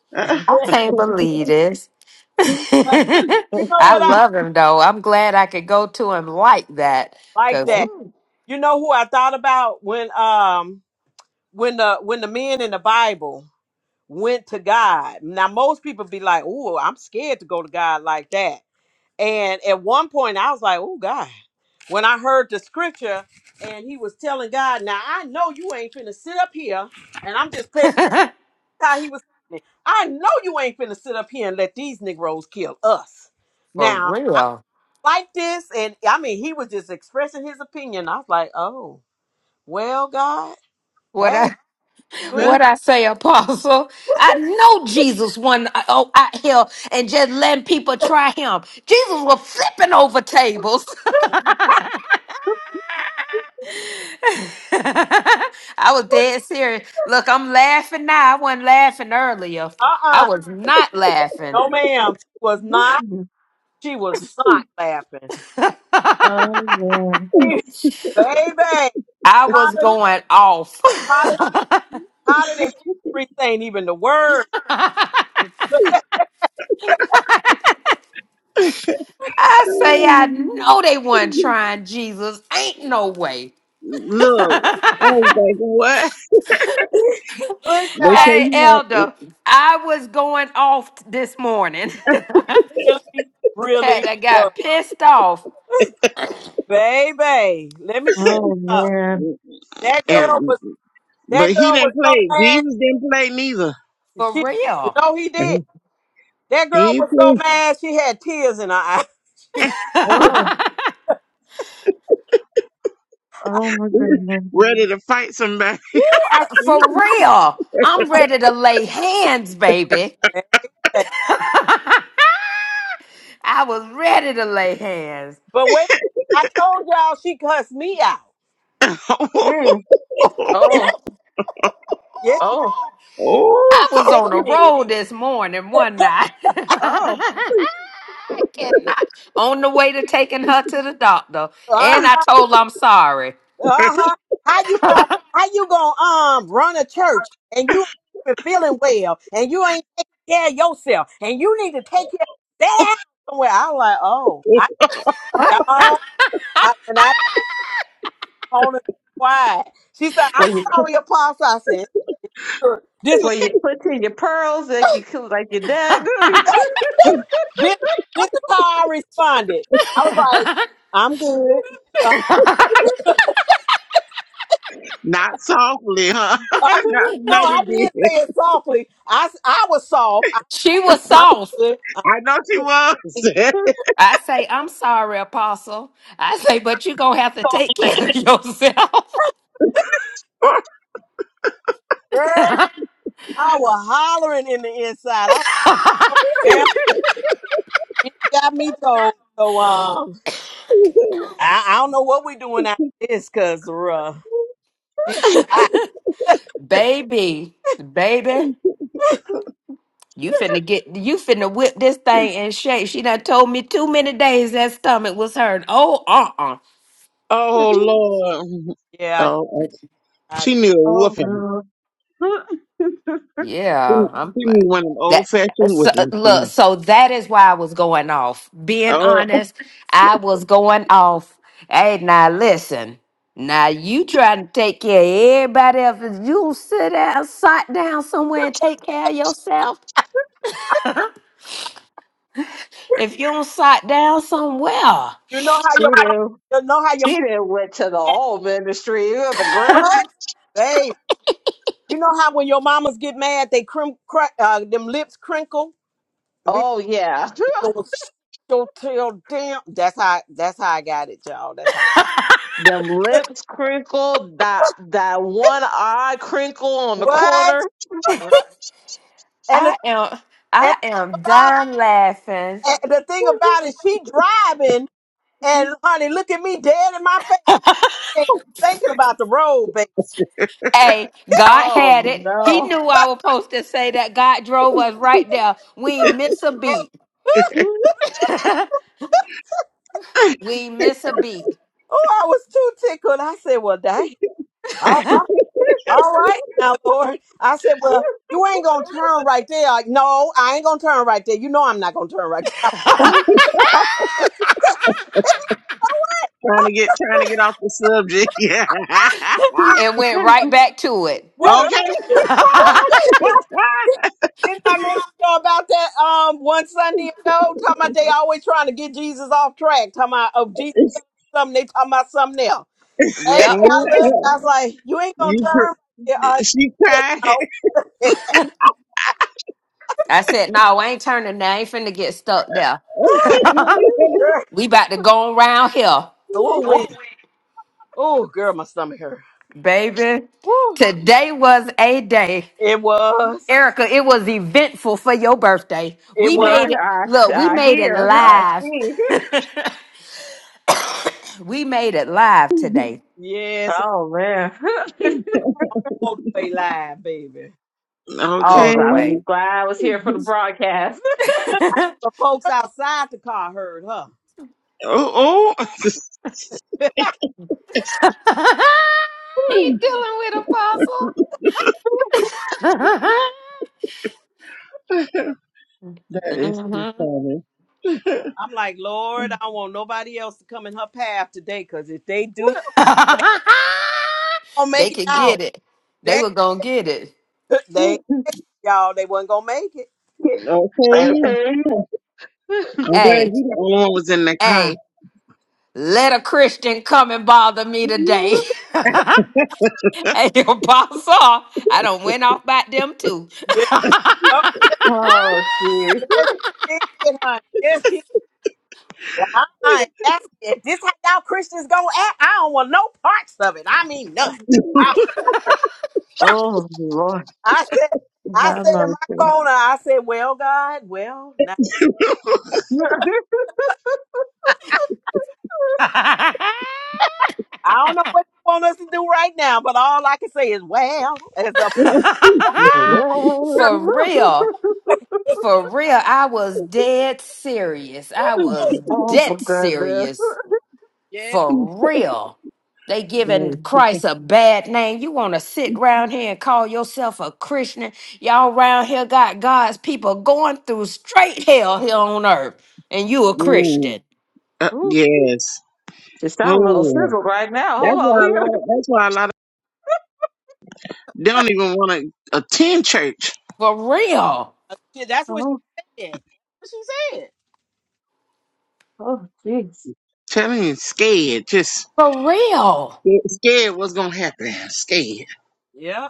Speaker 3: Look, I
Speaker 2: I
Speaker 1: Yeah.
Speaker 2: can't believe this.
Speaker 1: You know
Speaker 2: I
Speaker 1: what I
Speaker 2: love him though. I'm glad I could go to him like that.
Speaker 1: like
Speaker 2: Cause
Speaker 4: oh
Speaker 1: that.
Speaker 2: woo,
Speaker 1: You know who I thought about when um when the when the men in the Bible went to God. Now most people be like, "Oh, I'm scared to go to God like that." And at one point, I was like, oh, God, when I heard the scripture and he was telling God, now I know you ain't finna sit up here. And I'm just paraphrasing how he was saying it. I know you ain't finna sit up here and let these Negroes kill us.
Speaker 2: for
Speaker 1: Now, I
Speaker 2: real.
Speaker 1: like this. And I mean, he was just expressing his opinion. I was like, oh, well, God,
Speaker 2: What
Speaker 1: hey, you ain't,
Speaker 4: man.
Speaker 2: What I say, Apostle? I know Jesus won uh, oh, out here and just letting people try him. Jesus was flipping over tables. I was dead serious. Look, I'm laughing now. I wasn't laughing earlier. I
Speaker 1: uh-uh.
Speaker 2: was not laughing.
Speaker 1: No, ma'am. She was
Speaker 4: Oh
Speaker 1: not, she was not laughing.
Speaker 2: I
Speaker 1: Baby,
Speaker 2: was
Speaker 1: hotter,
Speaker 2: going off.
Speaker 1: How did free ain't even the word?
Speaker 2: I say, I know they weren't trying Jesus. Ain't no way.
Speaker 3: was like, what?
Speaker 1: Good
Speaker 3: They
Speaker 1: job.
Speaker 3: say
Speaker 2: hey,
Speaker 3: you want
Speaker 2: Elder, I was going off t- this morning.
Speaker 1: Really,
Speaker 2: Had
Speaker 1: really
Speaker 2: I
Speaker 1: work.
Speaker 2: got pissed off
Speaker 1: Baby, let me tell you something.
Speaker 4: man.
Speaker 1: That
Speaker 2: Uh,
Speaker 1: girl
Speaker 2: for
Speaker 3: and
Speaker 1: was
Speaker 3: but
Speaker 1: that
Speaker 3: he
Speaker 1: girl
Speaker 3: didn't
Speaker 1: was so
Speaker 3: play.
Speaker 1: mad.
Speaker 3: Jesus didn't play neither.
Speaker 2: for
Speaker 1: She
Speaker 2: real.
Speaker 1: no, he did.
Speaker 3: Mhm.
Speaker 1: That
Speaker 3: He
Speaker 1: girl
Speaker 3: didn't
Speaker 1: was so
Speaker 3: play.
Speaker 1: mad she had tears in her eyes. She,
Speaker 2: for
Speaker 4: Oh, oh my goodness.
Speaker 3: Ready to fight somebody.
Speaker 1: I
Speaker 2: real. I'm ready to lay hands, baby.
Speaker 1: said, "Hey."
Speaker 2: I was ready to lay hands.
Speaker 1: but wait, I told y'all she cussed me out.
Speaker 4: Oh,
Speaker 1: Yes, she-
Speaker 4: oh,
Speaker 1: yes,
Speaker 2: I was
Speaker 3: oh,
Speaker 1: yes
Speaker 2: on the
Speaker 1: she did.
Speaker 2: road this morning, one night.
Speaker 4: oh,
Speaker 2: I cannot. On the way to taking her to the doctor.
Speaker 1: Uh
Speaker 2: And I told her I'm sorry.
Speaker 1: Uh-huh. How you going how you gonna um run a church and you ain't even feeling well and you ain't taking care of yourself and you need to take care of that out somewhere. I'm like, oh, I
Speaker 4: oh.
Speaker 1: y'all I when I told her quiet. She said,
Speaker 4: Well,
Speaker 1: I'm
Speaker 4: you cl-
Speaker 1: sorry, apostle. I said, "Sure." this was
Speaker 4: well, you clutching your pearls like you cl- like your dad. that
Speaker 1: this this is how I responded. I was like, I'm good. Uh,
Speaker 3: Not softly, huh?
Speaker 1: uh,
Speaker 3: no, no,
Speaker 1: no, I
Speaker 3: you
Speaker 1: didn't
Speaker 3: did.
Speaker 1: say it softly. I, s- I was soft. I,
Speaker 2: she was
Speaker 1: I'm
Speaker 2: soft.
Speaker 1: good.
Speaker 3: I know she was.
Speaker 4: good.
Speaker 2: I say, I'm sorry, Apostle. I say, but you're going to have to take care of yourself.
Speaker 1: I was hollering in the inside. I well, you got me told. So um, I, I don't know what we doing after this, cause uh, she, I,
Speaker 2: baby, baby. You finna get you finna whip this thing and shake. She done told me too many days that stomach was hurt. Oh, uh, uh
Speaker 3: oh Lord.
Speaker 1: yeah,
Speaker 3: Oh, okay.
Speaker 1: I, I,
Speaker 3: she knew a
Speaker 4: oh
Speaker 3: whooping.
Speaker 4: no,
Speaker 3: She
Speaker 2: Yeah, I'm
Speaker 3: she
Speaker 2: like,
Speaker 3: knew one of them
Speaker 2: that.
Speaker 3: old fashioned
Speaker 2: So,
Speaker 3: whoopings.
Speaker 2: look,
Speaker 3: man.
Speaker 2: so that is why I was going off. Being
Speaker 3: Oh,
Speaker 2: honest, I was going off. Hey, now listen. Now you trying to take care of everybody else? and You don't sit down, sit down somewhere and take care of yourself. if you don't sit down somewhere.
Speaker 1: you know how
Speaker 4: she
Speaker 1: your mama,
Speaker 4: did.
Speaker 1: you know how your
Speaker 4: She
Speaker 1: mama
Speaker 4: did went to the
Speaker 1: act,
Speaker 4: old ministry of the grandpa.
Speaker 1: what, babe? You know how when your mamas get mad, they crim, cr- uh, them lips crinkle. Be-
Speaker 4: Oh yeah,
Speaker 1: Don't don't tell damn. That's how. That's how I got it, y'all. That's how.
Speaker 4: them lips crinkled, that that one eye crinkle on the corner.
Speaker 1: What? And the,
Speaker 2: I am
Speaker 1: and
Speaker 2: I
Speaker 1: the thing
Speaker 2: am
Speaker 1: about
Speaker 2: dying laughing.
Speaker 1: and the thing about it, she driving And honey, look at me dead in my face thinking about the road, baby.
Speaker 2: Hey, God had
Speaker 4: Oh
Speaker 2: it. He
Speaker 4: no.
Speaker 2: knew I was supposed to say that. God drove us right there. We ain't miss a beat. we ain't miss a beat.
Speaker 1: Oh, I was too tickled. I said, Well, dang. All
Speaker 2: and
Speaker 1: right, all right now, Lord. I said, Well, you ain't gonna turn right there. Like, no, I ain't gonna turn right there. You know I'm not gonna turn right there.
Speaker 3: trying to get trying to get off the subject. Yeah.
Speaker 2: went right back to it.
Speaker 1: Wait a
Speaker 3: okay.
Speaker 1: minute, wait a minute. Didn't I mention about that um one Sunday ago? Talking about they always trying to get Jesus off track, talking about of Jesus something, they talking about something else. Baby,
Speaker 2: yep.
Speaker 1: I looked, I was like, You ain't gonna
Speaker 3: you
Speaker 1: turn right
Speaker 3: cr-
Speaker 1: there, are you?
Speaker 3: she
Speaker 1: She said,
Speaker 3: cried.
Speaker 1: No.
Speaker 2: I said, no, I ain't turning now. I ain't finna get stuck there. we about to go around here.
Speaker 1: Oh wait. Oh girl, my stomach hurt.
Speaker 2: Baby,
Speaker 1: Woo.
Speaker 2: today was a day.
Speaker 1: It was.
Speaker 2: Erica, it was eventful for your birthday.
Speaker 1: It
Speaker 2: We
Speaker 4: Well,
Speaker 1: was.
Speaker 4: I,
Speaker 2: made it
Speaker 4: I,
Speaker 2: look, we
Speaker 4: I
Speaker 2: made it
Speaker 4: hear, I
Speaker 2: live.
Speaker 4: see.
Speaker 2: we made it live today.
Speaker 1: Yes,
Speaker 4: Oh man. Just,
Speaker 1: all the way live, baby.
Speaker 4: I
Speaker 2: All
Speaker 3: Okay.
Speaker 2: the
Speaker 4: was
Speaker 2: way.
Speaker 4: just glad I was here for the broadcast.
Speaker 2: I
Speaker 1: The folks outside the car heard her.
Speaker 3: Oh, oh.
Speaker 2: Ain't dealing with apostle.
Speaker 3: That is too
Speaker 2: Mhm.
Speaker 3: funny.
Speaker 1: I'm like, Lord, I don't want nobody else to come in her path today, cause if they do, they gonna
Speaker 2: they
Speaker 1: make it
Speaker 2: could
Speaker 1: out.
Speaker 2: get it. They
Speaker 1: They,
Speaker 2: were gonna get it.
Speaker 1: they,
Speaker 4: oh,
Speaker 1: y'all, they wasn't gonna make it.
Speaker 3: Okay. I'm glad
Speaker 2: Hey,
Speaker 3: you the only one was in the car.
Speaker 2: hey, let a Christian come and bother me today. Hey, Apostle, I done went off by them too.
Speaker 1: Yeah.
Speaker 4: jeez.
Speaker 1: Yes, she did, honey. Yes, she. Honey, that's it. This how y'all Christians gonna act. I don't want no parts of it. I mean, none.
Speaker 4: Oh, Lord.
Speaker 1: I said, I
Speaker 4: Have
Speaker 1: said in my
Speaker 4: mercy.
Speaker 1: corner, I said, well, God, well, now, I don't know what you want us to do right now, but all I can say is, well, as a
Speaker 2: for real, for real, I was dead serious. I was
Speaker 4: oh,
Speaker 2: dead
Speaker 4: for goodness.
Speaker 2: serious.
Speaker 1: yeah,
Speaker 2: For real. They
Speaker 3: Yes.
Speaker 2: giving Christ a bad name. You want to sit round here and call yourself a Christian? Y'all round here got God's people going through straight hell here on earth, and you a
Speaker 3: Mm.
Speaker 2: Christian.
Speaker 3: Uh,
Speaker 4: Ooh,
Speaker 3: yes.
Speaker 4: just sound a little
Speaker 3: Oh.
Speaker 4: sizzled right now. Hold
Speaker 3: That's why
Speaker 4: on.
Speaker 3: a
Speaker 4: We,
Speaker 3: lot of, that's why a lot of they don't even want to attend church.
Speaker 2: For real.
Speaker 1: yeah, that's what
Speaker 4: oh,
Speaker 1: she said. That's what she said.
Speaker 4: oh, jeez.
Speaker 3: Telling you scared. Just
Speaker 2: For real.
Speaker 3: scared scared what's gonna happen. Scared.
Speaker 1: Yeah,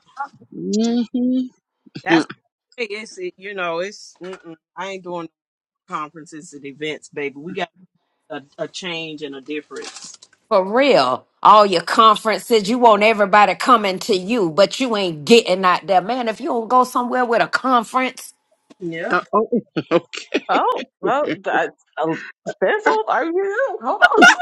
Speaker 3: Mm-hmm.
Speaker 1: that's it's it, you know it's mm-mm, I ain't doing no conferences and events, baby. We got a, a change and a difference.
Speaker 2: For real. All your conferences, you want everybody coming to you, but you ain't getting out there. Man, if you don't go somewhere with a conference,
Speaker 1: Yeah,
Speaker 3: Uh, oh, okay.
Speaker 4: Oh, well, that's a Spizzle. Are you? Hold on.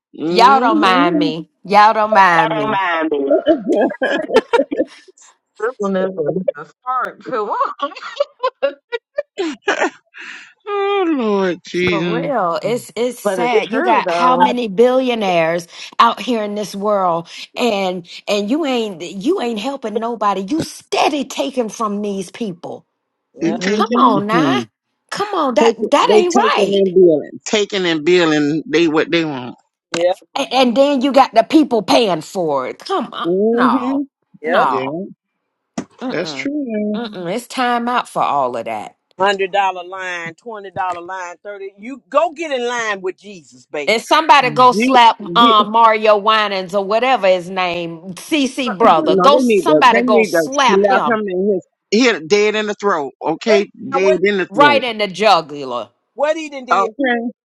Speaker 2: y'all don't mind
Speaker 3: hmm
Speaker 2: me. Y'all don't
Speaker 4: I
Speaker 2: mind
Speaker 4: don't
Speaker 2: me.
Speaker 4: mind me. Spizzle is a start too long.
Speaker 3: Oh Lord
Speaker 2: For
Speaker 3: Jesus.
Speaker 2: real. It's it's
Speaker 4: But it's
Speaker 2: sad. You
Speaker 4: true
Speaker 2: got how
Speaker 4: though.
Speaker 2: many billionaires out here in this world and and you ain't you ain't helping nobody. You steady taking from these people.
Speaker 3: You
Speaker 1: yeah,
Speaker 3: take
Speaker 2: Come
Speaker 3: it.
Speaker 4: hmm
Speaker 2: on
Speaker 3: Mm-hmm.
Speaker 2: now. Come on. That
Speaker 3: Taking,
Speaker 2: that
Speaker 3: they
Speaker 2: ain't
Speaker 3: taking
Speaker 2: right.
Speaker 3: and billing. Taking and billing, they what they want.
Speaker 1: yeah,
Speaker 2: And, and then you got the people paying for it. Come on.
Speaker 3: hmm
Speaker 2: No,
Speaker 1: yeah.
Speaker 2: no.
Speaker 3: Yeah, that's
Speaker 2: Mm-mm.
Speaker 3: true. man.
Speaker 2: Mm-mm. It's time out for all of that.
Speaker 1: Hundred dollar line, twenty dollar line, thirty. You go get in line with Jesus, baby.
Speaker 2: And somebody go
Speaker 3: Di-
Speaker 2: slap
Speaker 3: di-
Speaker 2: um, Mario Winans or whatever his name, CC brother.
Speaker 3: no,
Speaker 2: Go
Speaker 3: they need to, they
Speaker 2: somebody go
Speaker 3: need to
Speaker 2: slap
Speaker 3: slap
Speaker 2: him
Speaker 3: him in his, hit dead in the throat.
Speaker 1: What
Speaker 3: Okay,
Speaker 1: now?
Speaker 3: dead
Speaker 1: What
Speaker 3: in the
Speaker 2: right
Speaker 3: throat.
Speaker 2: in the jugular.
Speaker 1: what he done did?
Speaker 3: Okay,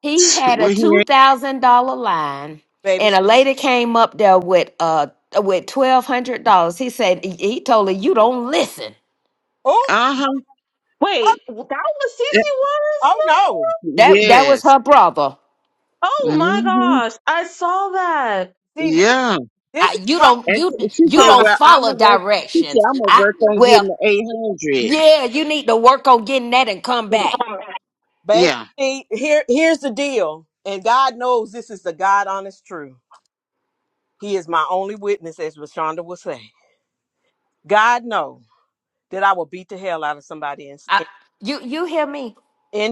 Speaker 2: He had
Speaker 3: well
Speaker 2: a
Speaker 3: he
Speaker 2: two
Speaker 3: ain't.
Speaker 2: thousand dollar line,
Speaker 1: baby.
Speaker 2: and a lady came up there with uh with twelve hundred dollars. He said he he told her, "You don't listen."
Speaker 1: Oh,
Speaker 3: Uh huh.
Speaker 4: Wait, that was Cece Waters?
Speaker 1: oh no.
Speaker 2: That that was
Speaker 3: Yes.
Speaker 2: her brother.
Speaker 4: Oh my
Speaker 3: hmm
Speaker 4: gosh, I saw that.
Speaker 1: See, this,
Speaker 3: Yeah.
Speaker 2: I,
Speaker 1: this is
Speaker 2: you
Speaker 1: why,
Speaker 2: don't
Speaker 3: And
Speaker 2: you
Speaker 3: t- she
Speaker 2: you
Speaker 3: said,
Speaker 1: why,
Speaker 2: don't
Speaker 3: "Well, I'm
Speaker 2: follow
Speaker 3: gonna work." She said,
Speaker 2: directions.
Speaker 3: "I'm gonna
Speaker 2: I
Speaker 3: work on getting
Speaker 2: well,
Speaker 3: the eight hundred.'
Speaker 2: yeah, you need to work on getting that and come back.
Speaker 1: baby.
Speaker 3: Yeah.
Speaker 1: See, here, here's the deal, and God knows this is the God honest truth. He is my only witness, as Rashonda would say. God knows that I will beat the hell out of somebody in
Speaker 2: I,
Speaker 1: in,
Speaker 2: you you hear me?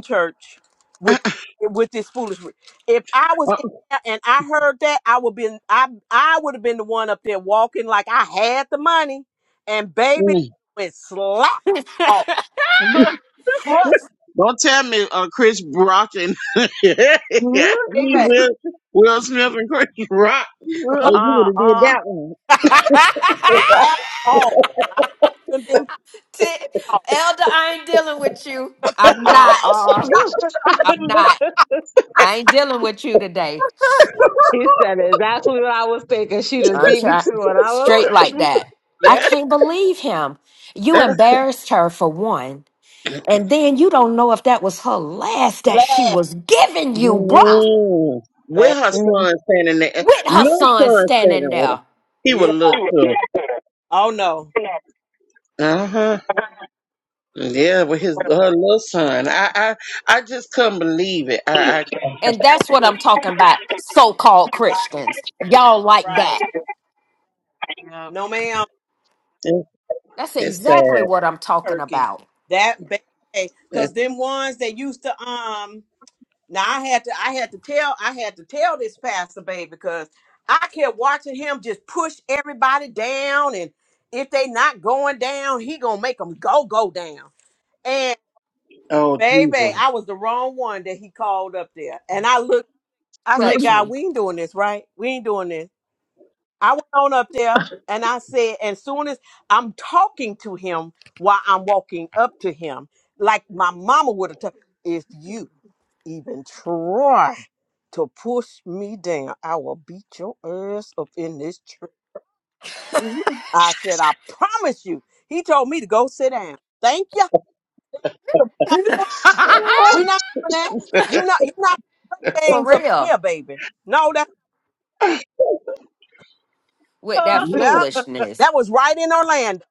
Speaker 1: church with with this foolishness. If I was
Speaker 3: Uh,
Speaker 1: in there and I heard that, I would been I I would have been the one up there walking like I had the money, and
Speaker 3: mm.
Speaker 1: baby went slap
Speaker 2: Elder,
Speaker 1: off. Trust,
Speaker 3: Don't tell me uh, Chris Brock and me,
Speaker 1: me, baby.
Speaker 3: Will, Will Smith and Chris Rock. Oh, you
Speaker 4: uh
Speaker 3: would have did that one.
Speaker 1: Laugh on. I haven't been put
Speaker 2: I ain't dealing with you.
Speaker 4: uh
Speaker 2: I'm
Speaker 4: uh
Speaker 2: not.
Speaker 4: uh.
Speaker 2: I'm not. I ain't dealing with you today.
Speaker 4: he said exactly what I was thinking. She just
Speaker 2: I'm
Speaker 4: beat me to
Speaker 2: trying
Speaker 4: it. I
Speaker 2: straight like that. I
Speaker 1: Yeah.
Speaker 2: can't believe him. You
Speaker 3: Uh,
Speaker 2: embarrassed her for one. And then you don't know if that was her last that she
Speaker 1: Laugh,
Speaker 2: was giving you, bruh.
Speaker 3: mm. With
Speaker 1: man.
Speaker 3: her
Speaker 4: was.
Speaker 3: son standing there.
Speaker 2: with her
Speaker 3: Little
Speaker 2: son
Speaker 3: son
Speaker 2: standing
Speaker 3: standing with
Speaker 2: there.
Speaker 3: her. He was
Speaker 1: Yeah.
Speaker 4: She
Speaker 3: little
Speaker 4: was
Speaker 3: too.
Speaker 1: Oh no.
Speaker 3: Uh-huh. Yeah, with his her little son. I I, I just couldn't believe it. I, I
Speaker 2: And that's what I'm talking about, so called
Speaker 1: Right.
Speaker 2: Christians. Y'all like that.
Speaker 1: Right. No ma'am,
Speaker 3: it,
Speaker 2: That's
Speaker 3: it's
Speaker 2: exactly
Speaker 3: sad.
Speaker 2: what I'm talking
Speaker 1: turkey.
Speaker 2: about.
Speaker 1: That baby.
Speaker 3: It,
Speaker 1: Cause them ones that used to um now I had to I had to tell I had to tell this pastor baby because I kept watching him just push everybody down and if they not going down, he gonna make them go go down. And
Speaker 3: oh
Speaker 1: baby,
Speaker 3: Jesus.
Speaker 1: I was the wrong one that he called up there. And I looked I said,
Speaker 2: Touch
Speaker 1: God,
Speaker 2: me.
Speaker 1: we ain't doing this, right? We ain't doing this. I went on up there and I said, as soon as I'm talking to him while I'm walking up to him, like my mama would have told, if you even try to push me down, I will beat your ass up in this church. I said, I promise you. He told me to go sit down. Thank you. We're not doing that. You're not, you're not playing
Speaker 2: For
Speaker 1: games up in
Speaker 2: real,
Speaker 1: here, baby. No, that,
Speaker 2: with that
Speaker 1: yeah,
Speaker 2: foolishness.
Speaker 1: that was right in Orlando.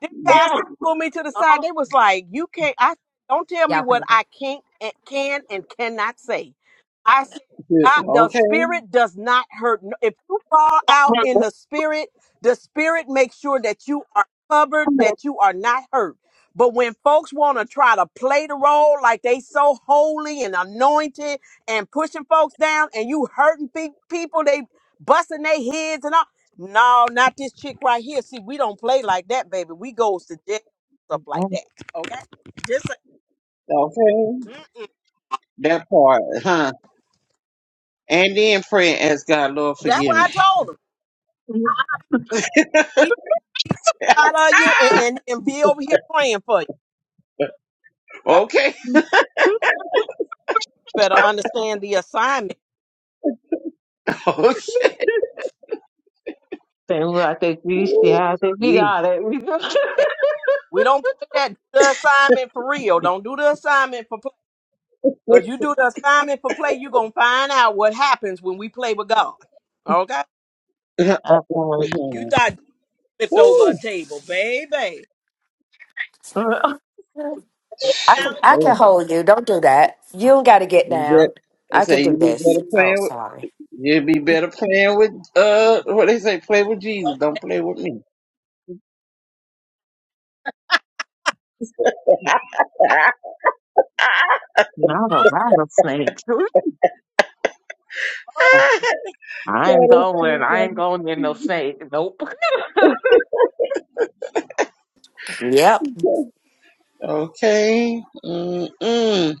Speaker 1: Then pastor pulled me to the side.
Speaker 4: Oh,
Speaker 1: They was like, "You can't. I don't tell me
Speaker 2: Y'all
Speaker 1: what
Speaker 2: can go.
Speaker 1: I can't and can and cannot say." I said,
Speaker 3: Okay,
Speaker 1: God, "The spirit does not hurt. no- If you fall out in the spirit, the spirit makes sure that you are covered, that you are not hurt." But when folks want to try to play the role like they so holy and anointed and pushing folks down, and you hurting pe- people, they busting their heads and all. No, not this chick right here. See, we don't play like that, baby. We goes to jail stuff like
Speaker 4: I'm
Speaker 1: that. Okay, just
Speaker 3: okay.
Speaker 1: mm,
Speaker 3: That part, huh? And then pray and ask God, Lord,
Speaker 1: that's what
Speaker 3: forgive
Speaker 1: I
Speaker 3: me.
Speaker 1: told him. Be proud of you and, and and be over here praying for you. Uh, You
Speaker 3: okay.
Speaker 1: better understand the assignment.
Speaker 3: okay.
Speaker 4: saying, well, I think we
Speaker 3: Woo.
Speaker 4: yeah, I think we got it. We got it.
Speaker 1: We don't play that. Do the assignment for real. Don't do the assignment for play. Cause you do the assignment for play, you gonna find out what happens when we play with God. Okay,
Speaker 3: Yeah.
Speaker 4: I thought,
Speaker 1: you thought you flipped over a
Speaker 3: Woo.
Speaker 1: table, baby.
Speaker 2: I can,
Speaker 1: Right,
Speaker 2: I can
Speaker 3: Yeah.
Speaker 2: hold you. Don't do that. You don't got to get
Speaker 3: You
Speaker 2: down.
Speaker 3: bet- They
Speaker 2: I can
Speaker 3: say
Speaker 2: do
Speaker 3: you be
Speaker 2: this.
Speaker 3: better
Speaker 2: Oh,
Speaker 3: playing with
Speaker 2: sorry.
Speaker 3: you be better playing with uh what they say, play with Jesus, don't play with me.
Speaker 4: Not a rattlesnake.
Speaker 3: that
Speaker 4: I ain't
Speaker 3: is
Speaker 4: going.
Speaker 3: too
Speaker 4: I ain't
Speaker 3: funny.
Speaker 4: going near no snake. Nope.
Speaker 2: Yep.
Speaker 3: Okay. Mm-mm.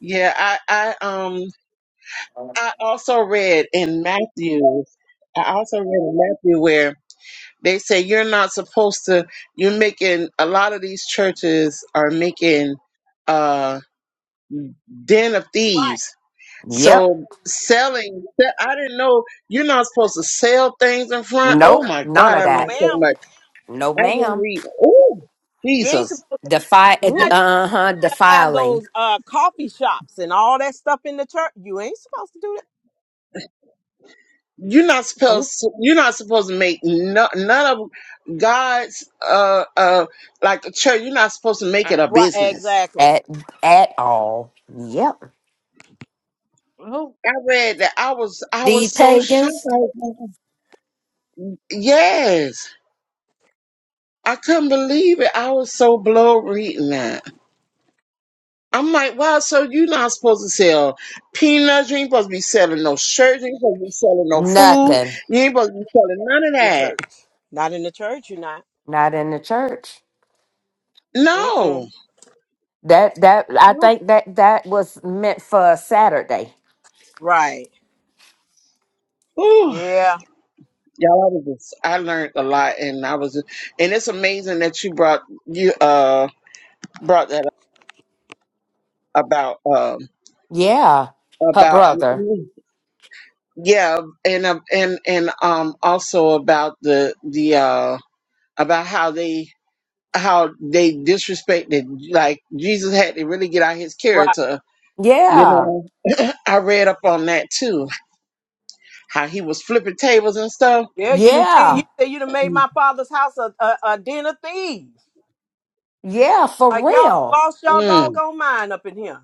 Speaker 3: Yeah, I, I um I also read in Matthew I also read in Matthew where They say you're not supposed to. You're making a lot of these churches are making uh den of thieves.
Speaker 2: Yep.
Speaker 3: So selling, I didn't know you're not supposed to sell things in front. Oh
Speaker 2: Nope.
Speaker 3: my
Speaker 2: None
Speaker 3: God,
Speaker 2: of
Speaker 3: I
Speaker 1: oh
Speaker 3: learned
Speaker 2: that.
Speaker 3: so
Speaker 1: ma'am.
Speaker 3: much.
Speaker 2: No,
Speaker 3: I didn't
Speaker 2: ma'am.
Speaker 3: read. Oh
Speaker 1: You ain't
Speaker 3: Jesus,
Speaker 1: supposed to.
Speaker 2: Defi-
Speaker 4: Ooh,
Speaker 2: uh huh.
Speaker 1: have
Speaker 2: Defiling
Speaker 1: those uh coffee shops and all that stuff in the church. You ain't supposed to do that.
Speaker 3: you're not supposed.
Speaker 4: oh,
Speaker 3: To, you're not supposed to make no, none of God's uh uh like the church. You're not supposed to make it a
Speaker 1: Right,
Speaker 3: business.
Speaker 1: exactly.
Speaker 2: at at all. Yep.
Speaker 4: oh,
Speaker 3: I read that. I was I
Speaker 2: The
Speaker 3: was so shocked.
Speaker 2: pagans?
Speaker 3: I was like, Yes. I couldn't believe it. I was so blown reading that. I'm like, wow, so you're not supposed to sell peanuts. You ain't supposed to be selling no shirts. You ain't supposed to be selling no food.
Speaker 2: Nothing.
Speaker 3: You ain't supposed to be selling none of
Speaker 1: In the
Speaker 3: that.
Speaker 1: church. Not in the church, you're not.
Speaker 2: Not in the church.
Speaker 3: No.
Speaker 1: Mm-mm.
Speaker 2: That that I think that that was meant for Saturday.
Speaker 1: Right.
Speaker 3: Ooh.
Speaker 1: Yeah.
Speaker 3: Y'all, I, was just, I learned a lot and I was, and it's amazing that you brought, you, uh, brought that up about, um,
Speaker 2: Yeah. Her
Speaker 3: about
Speaker 2: brother.
Speaker 3: yeah and uh, and and um also about the the uh about how they how they disrespected like jesus had to really get out his
Speaker 1: Right.
Speaker 3: character you
Speaker 2: Yeah.
Speaker 3: know i read up on that too how he was flipping tables and stuff
Speaker 1: Yeah, you didn't
Speaker 2: Yeah.
Speaker 1: you say you done made
Speaker 3: mm.
Speaker 1: my father's house a, a, a den of thieves.
Speaker 2: Yeah, for
Speaker 1: Like y'all
Speaker 2: real.
Speaker 1: lost y'all
Speaker 3: Mm.
Speaker 1: doggone mind up in here.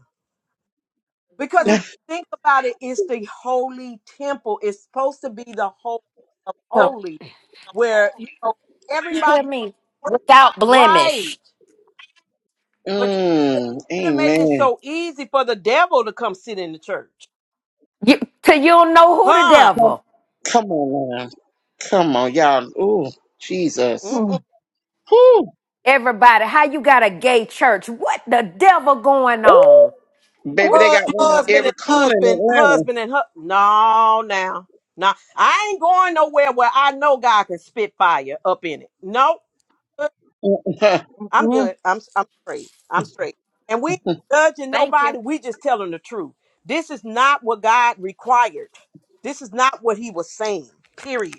Speaker 1: Because if you think about it, it's the holy temple. It's supposed to be the holy of
Speaker 2: For,
Speaker 1: holy where you know
Speaker 2: you
Speaker 1: everybody
Speaker 2: hear me? Without
Speaker 1: right.
Speaker 2: blemish.
Speaker 1: should have made it
Speaker 3: amen
Speaker 1: so easy for the devil to come sit in the church.
Speaker 2: You till you don't know who the
Speaker 1: Huh?
Speaker 2: devil.
Speaker 3: come on now come on y'all Ooh, jesus
Speaker 4: mm,
Speaker 1: Mm-mm.
Speaker 3: Whew.
Speaker 2: Everybody, how you got a gay church? What the devil going
Speaker 3: Ooh.
Speaker 2: on?
Speaker 4: mm,
Speaker 3: baby they
Speaker 4: mm,
Speaker 3: got
Speaker 1: Hu-
Speaker 3: one on
Speaker 1: Husband
Speaker 3: every
Speaker 1: and
Speaker 3: corner in
Speaker 1: husband,
Speaker 3: atlanta
Speaker 1: husband and husband. No, now. Now, I ain't going nowhere where I know God can spit fire up in it. No, I'm
Speaker 4: mm.
Speaker 1: good. I'm, I'm straight. I'm straight. And we ain't judging
Speaker 2: Thank you.
Speaker 1: nobody. We just telling the truth. This is not what God required. This is not what he was saying, period.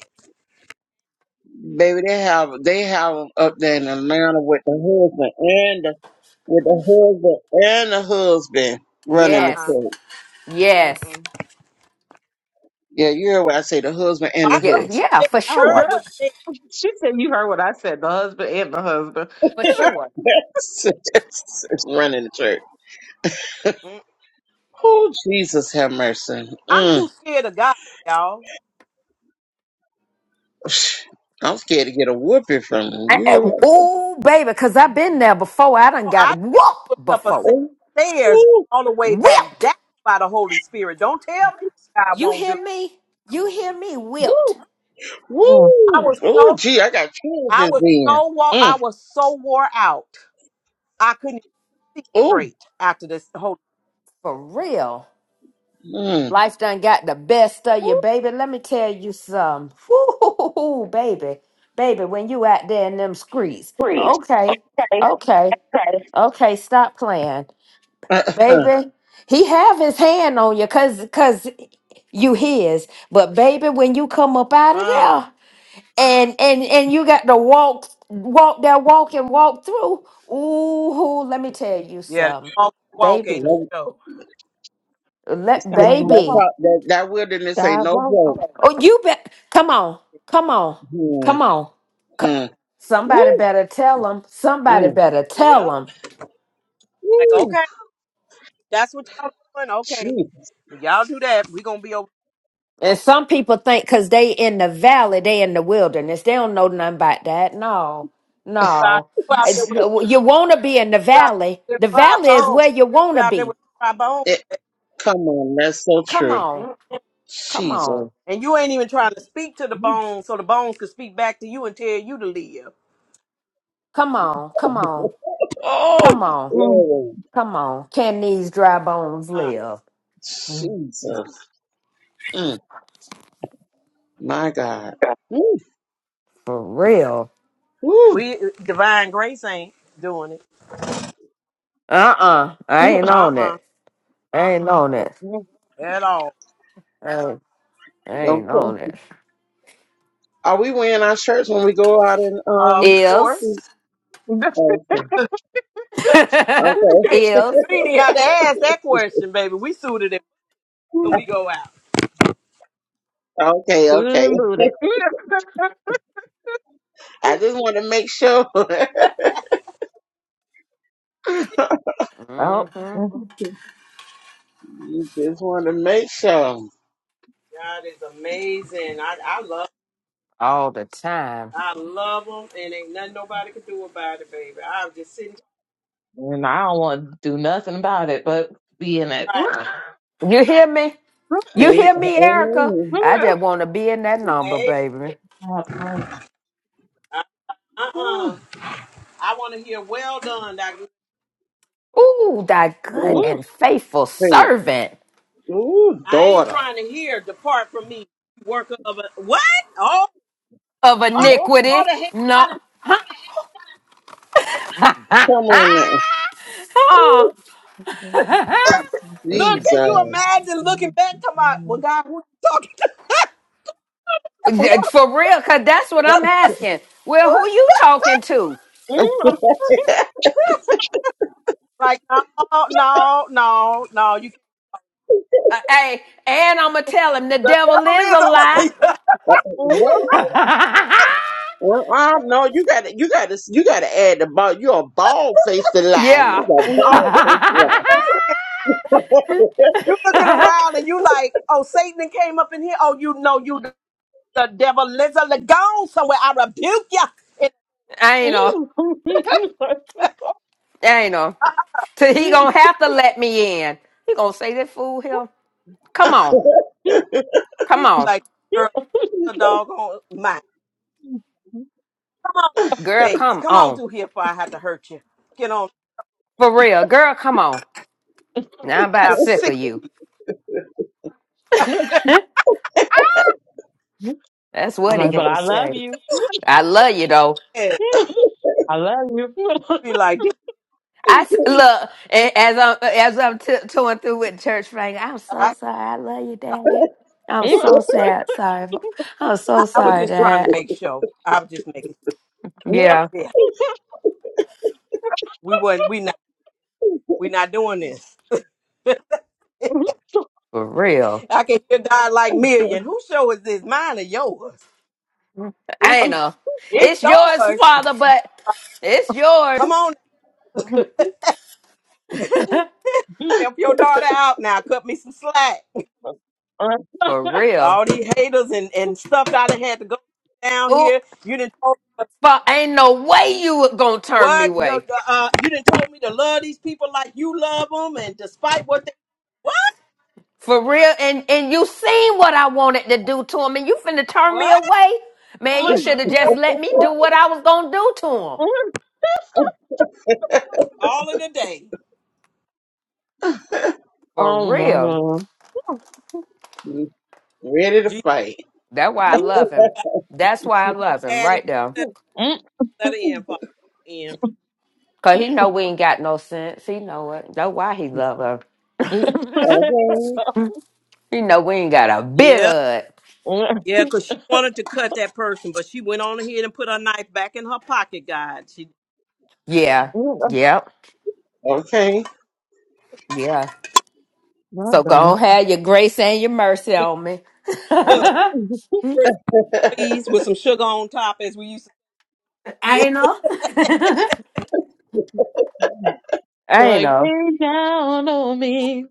Speaker 3: baby they have they have 'em up there in atlanta with the husband with the husband and the husband running
Speaker 1: Uh
Speaker 3: the
Speaker 1: Uh-uh.
Speaker 2: Yes.
Speaker 3: church.
Speaker 2: Yes.
Speaker 1: Mm-mm.
Speaker 3: Yeah, you hear what I say, the husband and the
Speaker 1: I heard, what
Speaker 2: Yeah,
Speaker 3: husband
Speaker 2: yeah,
Speaker 1: you said.
Speaker 2: for
Speaker 1: I heard
Speaker 2: sure.
Speaker 1: what
Speaker 4: The-
Speaker 1: you said.
Speaker 4: She said you heard what I said. The husband and the husband.
Speaker 2: For sure.
Speaker 3: running the church. Oh, Jesus have mercy.
Speaker 1: I'm
Speaker 3: Mm.
Speaker 1: too scared of God, y'all.
Speaker 3: I'm scared to get a whooping from him. You hear what
Speaker 2: Oh, baby, because I've been there before. I done
Speaker 1: So
Speaker 2: got
Speaker 1: I got put
Speaker 2: whooped
Speaker 1: up a
Speaker 2: before.
Speaker 1: set
Speaker 3: Oh,
Speaker 1: of stairs
Speaker 3: woo,
Speaker 1: all the way back
Speaker 2: Whipped.
Speaker 1: down by the Holy Spirit. Don't tell me what God
Speaker 2: You
Speaker 1: won't do.
Speaker 2: hear me? You hear me? Whipped.
Speaker 1: Woo!
Speaker 4: Mm.
Speaker 1: I
Speaker 3: woo.
Speaker 1: was
Speaker 3: Oh,
Speaker 1: so
Speaker 3: gee, I got chills
Speaker 1: I
Speaker 3: just
Speaker 1: was
Speaker 3: then.
Speaker 1: so wo- I
Speaker 3: Mm.
Speaker 1: was so wore out. I couldn't see
Speaker 3: Oh,
Speaker 1: straight after this whole.
Speaker 2: For real.
Speaker 3: mm.
Speaker 2: Life done got the best of you,
Speaker 1: Woo!
Speaker 2: baby. Let me tell you something. Woo, baby. Baby, when you out there in them streets.
Speaker 4: Breathe.
Speaker 2: Okay.
Speaker 4: Say,
Speaker 2: Okay.
Speaker 4: say.
Speaker 2: Okay. Stop playing.
Speaker 3: Uh-uh.
Speaker 2: Baby, he have his hand on you because cause 'cause you his. But baby, when you come up out of there. and and and you got to walk walk that walk and walk through ooh let me tell you
Speaker 1: Yeah, that
Speaker 2: some
Speaker 1: walk, walk ain't no
Speaker 2: baby
Speaker 3: that,
Speaker 1: show.
Speaker 2: let
Speaker 3: that,
Speaker 2: baby
Speaker 3: part- that, that wilderness ain't no joke.
Speaker 2: oh you bet come on come on
Speaker 3: Mm.
Speaker 2: come on C-
Speaker 3: Mm.
Speaker 2: somebody
Speaker 3: Woo,
Speaker 2: better tell them somebody
Speaker 3: mm.
Speaker 2: better tell
Speaker 1: Yep.
Speaker 2: them
Speaker 1: Like
Speaker 3: woo.
Speaker 1: okay, that's what y'all doing. Okay,
Speaker 3: Gee.
Speaker 1: when y'all do that, we gonna be over.
Speaker 2: and some people think because they in the valley they in the wilderness they don't know nothing about that no
Speaker 1: You out
Speaker 2: no
Speaker 1: you out
Speaker 2: It's-
Speaker 1: there with
Speaker 2: you want to be in the
Speaker 1: you out
Speaker 2: valley
Speaker 1: there with the
Speaker 2: the
Speaker 1: dry
Speaker 2: valley is
Speaker 1: bone.
Speaker 2: where you want
Speaker 1: You
Speaker 2: to
Speaker 1: out there
Speaker 2: be
Speaker 1: with the dry bone.
Speaker 3: It, come on, that's so
Speaker 2: come
Speaker 3: true.
Speaker 2: on come on
Speaker 3: Jesus.
Speaker 1: And you ain't even trying to speak to the bones so the bones could speak back to you and tell you to live.
Speaker 2: Come on, come on, come
Speaker 3: oh,
Speaker 2: on,
Speaker 4: Mm.
Speaker 3: Lord.
Speaker 2: come on. Can these dry bones
Speaker 1: Uh,
Speaker 2: live?
Speaker 4: Mm.
Speaker 3: Jesus. Mm, my God. Mm,
Speaker 2: For real.
Speaker 3: whew.
Speaker 1: we divine grace ain't doing it.
Speaker 2: Uh uh I ain't
Speaker 1: Uh
Speaker 2: on
Speaker 1: uh
Speaker 2: it. I ain't on it.
Speaker 1: At all.
Speaker 2: I ain't, I ain't
Speaker 3: Okay.
Speaker 2: on it.
Speaker 3: Are we wearing our shirts when we go out and,
Speaker 1: Of
Speaker 3: um,
Speaker 2: Is.
Speaker 1: course.
Speaker 3: okay.
Speaker 1: you
Speaker 3: Okay.
Speaker 2: Is.
Speaker 1: ain't even have to ask that question, baby. We suited it when we go out.
Speaker 3: Okay.
Speaker 4: Good
Speaker 3: Okay.
Speaker 4: and booted.
Speaker 3: I just want to make sure.
Speaker 2: Mm
Speaker 4: Oh.
Speaker 2: hmm
Speaker 3: you just want to make sure.
Speaker 1: God is amazing. I, I love
Speaker 2: All the time.
Speaker 1: I love them and ain't nothing nobody can do about it, baby. I'm just sitting
Speaker 4: And I don't want to do nothing about it but be in it.
Speaker 1: right,
Speaker 2: You hear me? You
Speaker 3: Amen.
Speaker 2: hear me, Erica?
Speaker 3: Amen.
Speaker 2: I just want to be in that number,
Speaker 1: babe.
Speaker 2: baby.
Speaker 1: Uh uh.
Speaker 3: Mm,
Speaker 1: I want to hear well done. Doc."
Speaker 2: Ooh, thy good
Speaker 3: mm,
Speaker 2: and faithful
Speaker 3: baby.
Speaker 2: servant
Speaker 3: Ooh,
Speaker 1: I ain't
Speaker 3: daughter.
Speaker 1: trying to hear depart from me, worker of a what? Oh,
Speaker 2: of
Speaker 1: All,
Speaker 2: iniquity.
Speaker 1: all the hands.
Speaker 2: No.
Speaker 3: Come on now.
Speaker 2: Huh?
Speaker 3: Ooh,
Speaker 1: Look, can you
Speaker 3: Jesus.
Speaker 1: imagine looking back to my, well, God, who you talking to?
Speaker 2: Yeah, For real, cause that's what I'm asking. Well, who you talking to?
Speaker 1: Like, no, no, no, no. You,
Speaker 2: Uh, hey, and I'ma tell him the
Speaker 1: the
Speaker 2: devil
Speaker 1: devil
Speaker 2: is
Speaker 1: is
Speaker 2: a
Speaker 1: a
Speaker 2: lie.
Speaker 1: liar.
Speaker 3: What? Well, I no, you got to, you got to, you got to add the ball. You're a bald faced lie.
Speaker 2: Yeah.
Speaker 3: You a bald
Speaker 2: I
Speaker 3: faced
Speaker 1: You looking around and you like, oh, Satan done came up in here. Oh, you know, you the the devil is a li- gone somewhere. I rebuke you. And
Speaker 2: ain't know. I ain't know. Till he gonna have to let me in. He gonna say that fool him. Come on. Come on.
Speaker 1: like, girl, the dog on my
Speaker 2: Girl,
Speaker 1: gates.
Speaker 2: come
Speaker 1: Come on
Speaker 2: on.
Speaker 1: through here before I have to hurt you. Get on
Speaker 2: For real. Girl, come on. Now I'm about
Speaker 1: that
Speaker 2: sick of
Speaker 1: sick
Speaker 2: you. That's
Speaker 4: I'm
Speaker 2: what he
Speaker 4: like, but
Speaker 2: gonna
Speaker 4: I love
Speaker 2: say.
Speaker 4: you.
Speaker 2: I love you though.
Speaker 1: head. Be like, this-
Speaker 2: I s- look a- as I'm as I'm t- touring through with church Frank. I'm so
Speaker 1: I,
Speaker 2: sorry. I love you, Daddy. I'm so sad. Sorry. for- I'm so
Speaker 1: I was
Speaker 2: sorry,
Speaker 1: just trying to
Speaker 2: Dad.
Speaker 1: make sure. I was just making,
Speaker 2: Yeah,
Speaker 1: yeah. We wasn't. We We're not doing this.
Speaker 2: for real.
Speaker 1: I can hear God like million. Whose show is this? Mine or yours?
Speaker 2: I
Speaker 1: It's,
Speaker 2: ain't know.
Speaker 1: it's
Speaker 2: It's yours,
Speaker 1: yours.
Speaker 2: Father, but it's yours
Speaker 1: Come on, help your daughter out now. Cut me some slack.
Speaker 2: for real.
Speaker 1: All these haters and, and stuff that I done had to go down
Speaker 2: Ooh,
Speaker 1: here. You didn't told
Speaker 2: but ain't no way you were gonna turn me
Speaker 1: what the,
Speaker 2: away
Speaker 1: the, uh, you didn't told me to love these people like you love them, and despite what they what
Speaker 2: for real. And and you seen what I wanted to do to him, and you finna turn me
Speaker 1: what
Speaker 2: away, man. You should have just let me do what I was gonna do to him
Speaker 1: all of the day.
Speaker 2: for
Speaker 4: Oh my
Speaker 2: real.
Speaker 4: god.
Speaker 3: lie. Ready to
Speaker 1: Jesus,
Speaker 3: fight?
Speaker 2: That's why I love him. That's why I love him
Speaker 1: Daddy,
Speaker 2: right there.
Speaker 1: let it let it in, Father.
Speaker 2: Cause he know we ain't got no sense. He know it. That's why he love her.
Speaker 3: Okay,
Speaker 2: He know we ain't got a bit
Speaker 1: In.
Speaker 2: of it.
Speaker 1: Yeah, because she wanted to cut that person, but she went on ahead and put her knife back in her pocket, God. She
Speaker 2: Yeah. Yep.
Speaker 3: okay.
Speaker 2: Yeah.
Speaker 4: Not
Speaker 2: So
Speaker 4: the
Speaker 2: go
Speaker 4: mo-
Speaker 2: on, have your grace and your mercy on me.
Speaker 1: look,
Speaker 2: I
Speaker 1: pretty please, with some sugar on top, as we used to
Speaker 2: ain't
Speaker 4: like
Speaker 2: know.
Speaker 4: rain down on me.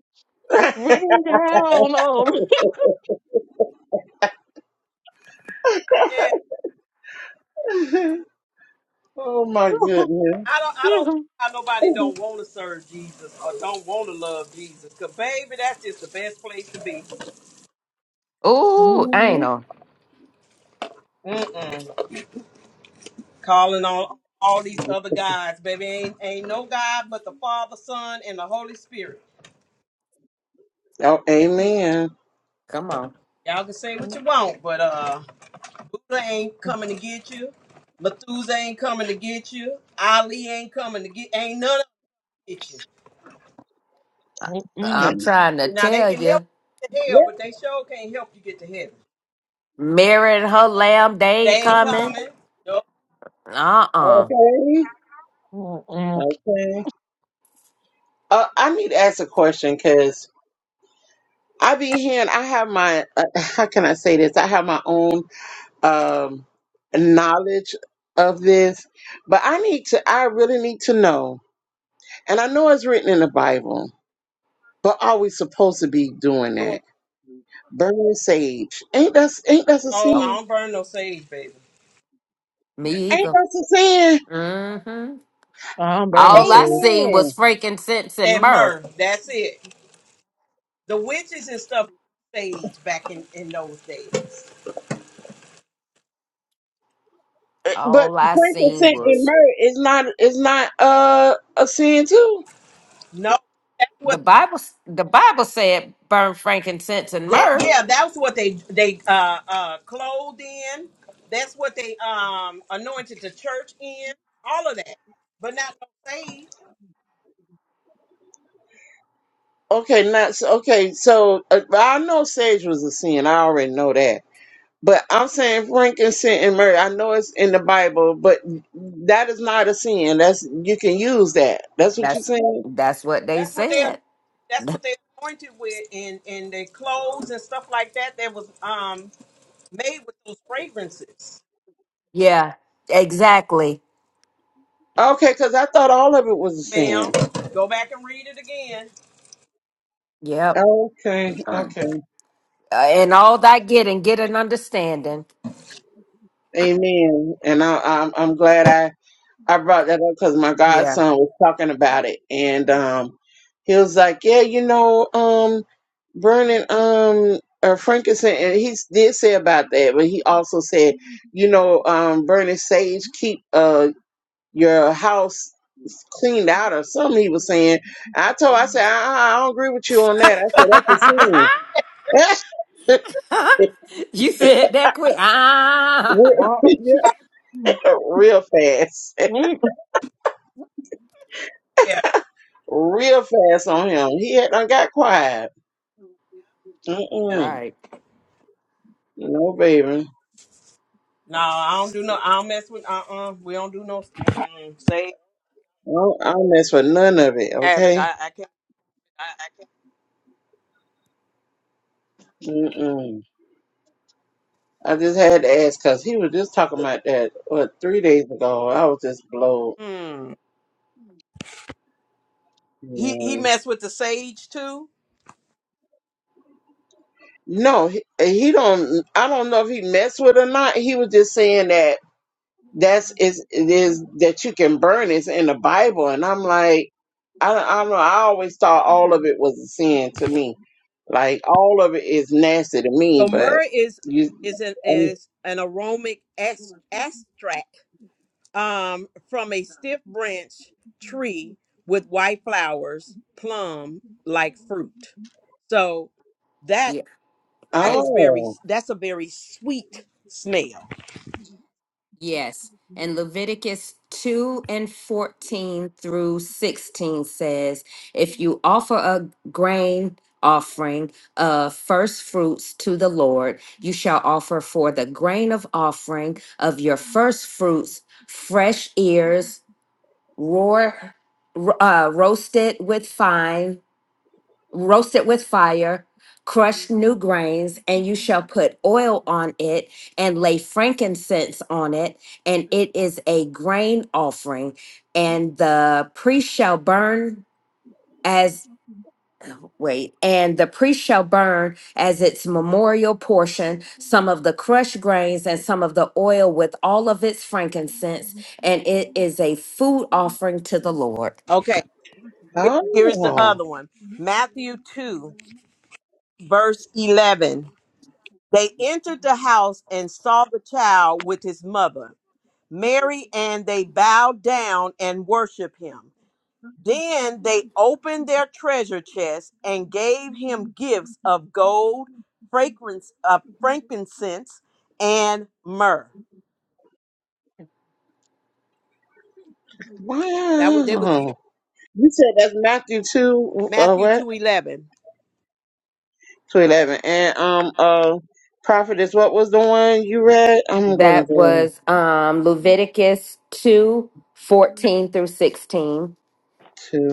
Speaker 4: Rain down on
Speaker 1: Yeah,
Speaker 3: oh my goodness.
Speaker 1: I don't I don't see
Speaker 4: me.
Speaker 1: how nobody don't want to serve Jesus or don't want to love Jesus. Cause baby, that's just the best place to be.
Speaker 2: Ooh, I ain't know.
Speaker 1: Mm-mm. Calling on all these other guys, baby. Ain't ain't no God but the Father, Son, and the Holy Spirit.
Speaker 3: Oh,
Speaker 1: That's it.
Speaker 3: amen.
Speaker 2: Come on.
Speaker 1: Y'all can say what you want, but uh Buddha ain't coming to get you. Methuselah ain't coming to get you. Ali ain't coming to get. Ain't none of them get you.
Speaker 3: yeah.
Speaker 2: I'm trying to
Speaker 1: Now they
Speaker 2: tell
Speaker 1: can help
Speaker 2: you.
Speaker 1: you get to hell,
Speaker 3: Okay.
Speaker 1: but they sure can't help you get to heaven.
Speaker 2: Mary and her lamb, they ain't
Speaker 1: They ain't
Speaker 2: coming.
Speaker 1: coming. Nope.
Speaker 2: Uh-uh.
Speaker 3: Okay. Uh, I need to ask a question because I be hearing. I have my. Uh, how can I say this? I have my own. um, knowledge of this, but I need to, I really need to know. And I know it's written in the Bible, but are we supposed to be doing
Speaker 1: Doing.
Speaker 3: that? Burning sage. Ain't that, ain't that a
Speaker 1: Oh,
Speaker 2: Oh,
Speaker 1: I
Speaker 3: sin?
Speaker 1: don't burn no sage, baby.
Speaker 2: me
Speaker 3: Ain't
Speaker 2: either.
Speaker 3: that a sin?
Speaker 2: Mm-hmm.
Speaker 4: I don't burn no
Speaker 2: All I
Speaker 4: sage.
Speaker 2: seen was
Speaker 3: Amen.
Speaker 2: freaking sense and
Speaker 1: And
Speaker 2: myrrh.
Speaker 1: myrrh. That's it. The witches and stuff used sage back in in those days.
Speaker 3: But
Speaker 2: All I seen
Speaker 3: frankincense and
Speaker 2: was
Speaker 3: myrrh is not, is not, uh, a sin too.
Speaker 1: No.
Speaker 2: the Bible. The Bible said burn frankincense and
Speaker 1: They
Speaker 2: myrrh.
Speaker 1: yeah, that's what they they uh uh clothed in. That's what they um anointed the church in. All of that, but not no saved.
Speaker 3: Okay, not, so- okay, so uh, I know sage was a sin. I already know that. But I'm saying frankincense and myrrh. I know it's in the Bible, but that is not a sin. That's you can use that. That's what you're
Speaker 2: That's
Speaker 3: saying.
Speaker 2: that's what they
Speaker 1: That's what they
Speaker 2: said.
Speaker 1: that's what they anointed with, and and their clothes and stuff like that. That was um made with those fragrances.
Speaker 2: Yeah, exactly.
Speaker 3: Okay, because I thought all of it was a
Speaker 1: Ma'am,
Speaker 3: sin.
Speaker 1: go back and read it again.
Speaker 2: Yep.
Speaker 3: Okay,
Speaker 2: Uh,
Speaker 3: okay,
Speaker 2: and all that get and get an understanding.
Speaker 3: amen. And I, I'm I'm glad I I brought that up because my
Speaker 2: Yeah.
Speaker 3: godson was talking about it, and um, he was like, yeah, you know, um, burning um uh, frankincense, and he s- did say about that, but he also said, you know, um, burning sage keep uh your house cleaned out or something. He was saying, I told, I said, I, I don't agree with you on that. I said, that's a sin.
Speaker 2: you said that quick. Ah.
Speaker 3: Real real fast,
Speaker 1: Yeah,
Speaker 3: real fast on him. He had done got quiet.
Speaker 1: yeah.
Speaker 3: Mm-mm.
Speaker 2: Right.
Speaker 3: No, baby, I
Speaker 1: No, I don't do no. I don't mess with. Uh, uh We don't do no. Mm, sage
Speaker 3: don't, I don't mess with none of it.
Speaker 1: habit.
Speaker 3: Okay.
Speaker 1: I, I can't.
Speaker 3: Mm-mm. I just had to ask because he was just talking about that what three days ago. I was just blown.
Speaker 1: Mm. He he messed with the sage too.
Speaker 3: No, he, he don't. I don't know if he messed with or not. He was just saying that that's is it is that you can burn is in the Bible, and I'm like, I don't, I don't know. I always thought all of it was a sin to me. Like all of it is nasty to me.
Speaker 1: So
Speaker 3: But
Speaker 1: myrrh is
Speaker 3: you,
Speaker 1: is an
Speaker 3: um,
Speaker 1: is an aromatic ex- extract um, from a stiff branch tree with white flowers, plum like fruit. So that
Speaker 2: Yeah.
Speaker 1: that is very
Speaker 3: oh,
Speaker 1: that's a very sweet smell.
Speaker 2: Yes. And Leviticus 2 and 14 through 16 says, If you offer a grain offering of first fruits to the Lord, you shall offer for the grain of offering of your first fruits fresh ears, roar, uh, roasted with fine roast it with fire, crush new grains, and you shall put oil on it and lay frankincense on it, and it is a grain offering. And the priest shall burn as wait, and the priest shall burn as its memorial portion some of the crushed grains and some of the oil with all of its frankincense, and it is a food offering to the Lord.
Speaker 1: Okay, here's the
Speaker 3: oh,
Speaker 1: other one. Matthew two verse eleven. They entered the house and saw the child with his mother, Mary, and they bowed down and worshiped him. Then they opened their treasure chest and gave him gifts of gold, fragrance, uh, frankincense, and myrrh. That was, they was
Speaker 3: wow. You said that's Matthew two, uh,
Speaker 1: Matthew
Speaker 3: what
Speaker 1: two eleven,
Speaker 3: two eleven, and um, uh, prophetess, what was the one you read? I'm gonna
Speaker 2: That
Speaker 3: go
Speaker 2: was um, Leviticus 2 14 through 16
Speaker 3: to.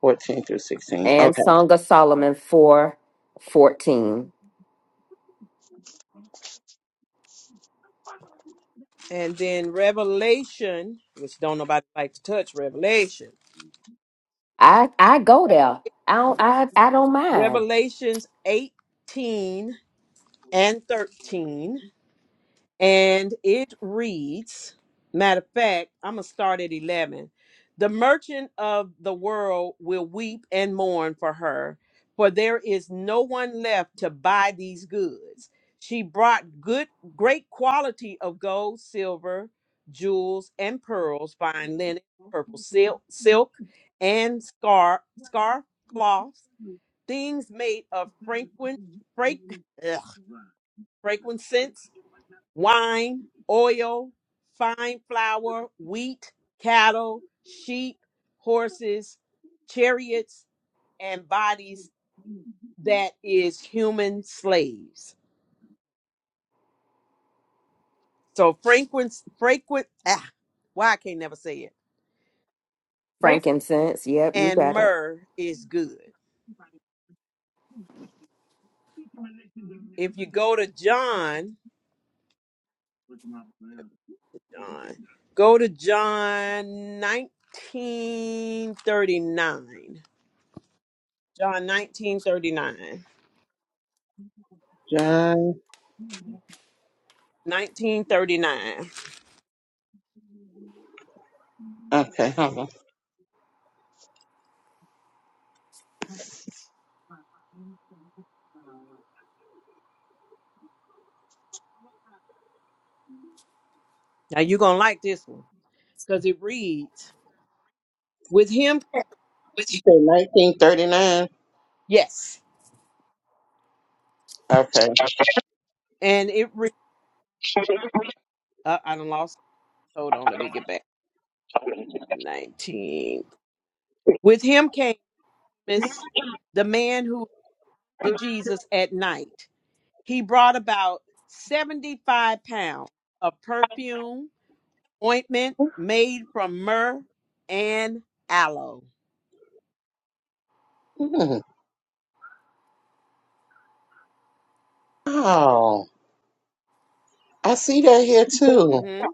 Speaker 3: 14 through 16.
Speaker 2: and
Speaker 3: Okay.
Speaker 2: Song of Solomon 4 14.
Speaker 1: and then Revelation, which don't nobody like to touch Revelation.
Speaker 2: I, I go there. I don't, I, I don't mind.
Speaker 1: Revelations eighteen and thirteen and it reads matter of fact i'm gonna start at 11 the merchant of the world will weep and mourn for her for there is no one left to buy these goods she brought good great quality of gold silver jewels and pearls fine linen purple silk silk and scar scarf cloths things made of fragrant fra- ugh, fragrant scents wine, oil, fine flour, wheat, cattle, sheep, horses, chariots, and bodies that is human slaves. So frequent, frequent, ah, why I can't never say it. Frank
Speaker 2: Frankincense. Yep, you
Speaker 1: and
Speaker 2: got it.
Speaker 1: myrrh is good. If you go to John, John, go to John 1939. John 1939.
Speaker 3: John.
Speaker 1: 1939.
Speaker 3: Okay. Hold on.
Speaker 1: Now you're gonna like this one because it reads with him.
Speaker 3: You say 1939.
Speaker 1: Yes,
Speaker 3: Okay.
Speaker 1: and it reads. Uh, I done lost. Hold on, let me get back. Nineteen. With him came Amos, the man who to Jesus at night. He brought about seventy-five pounds of perfume ointment made from myrrh and aloe.
Speaker 3: Hmm. Oh, I see that here too.
Speaker 1: hmm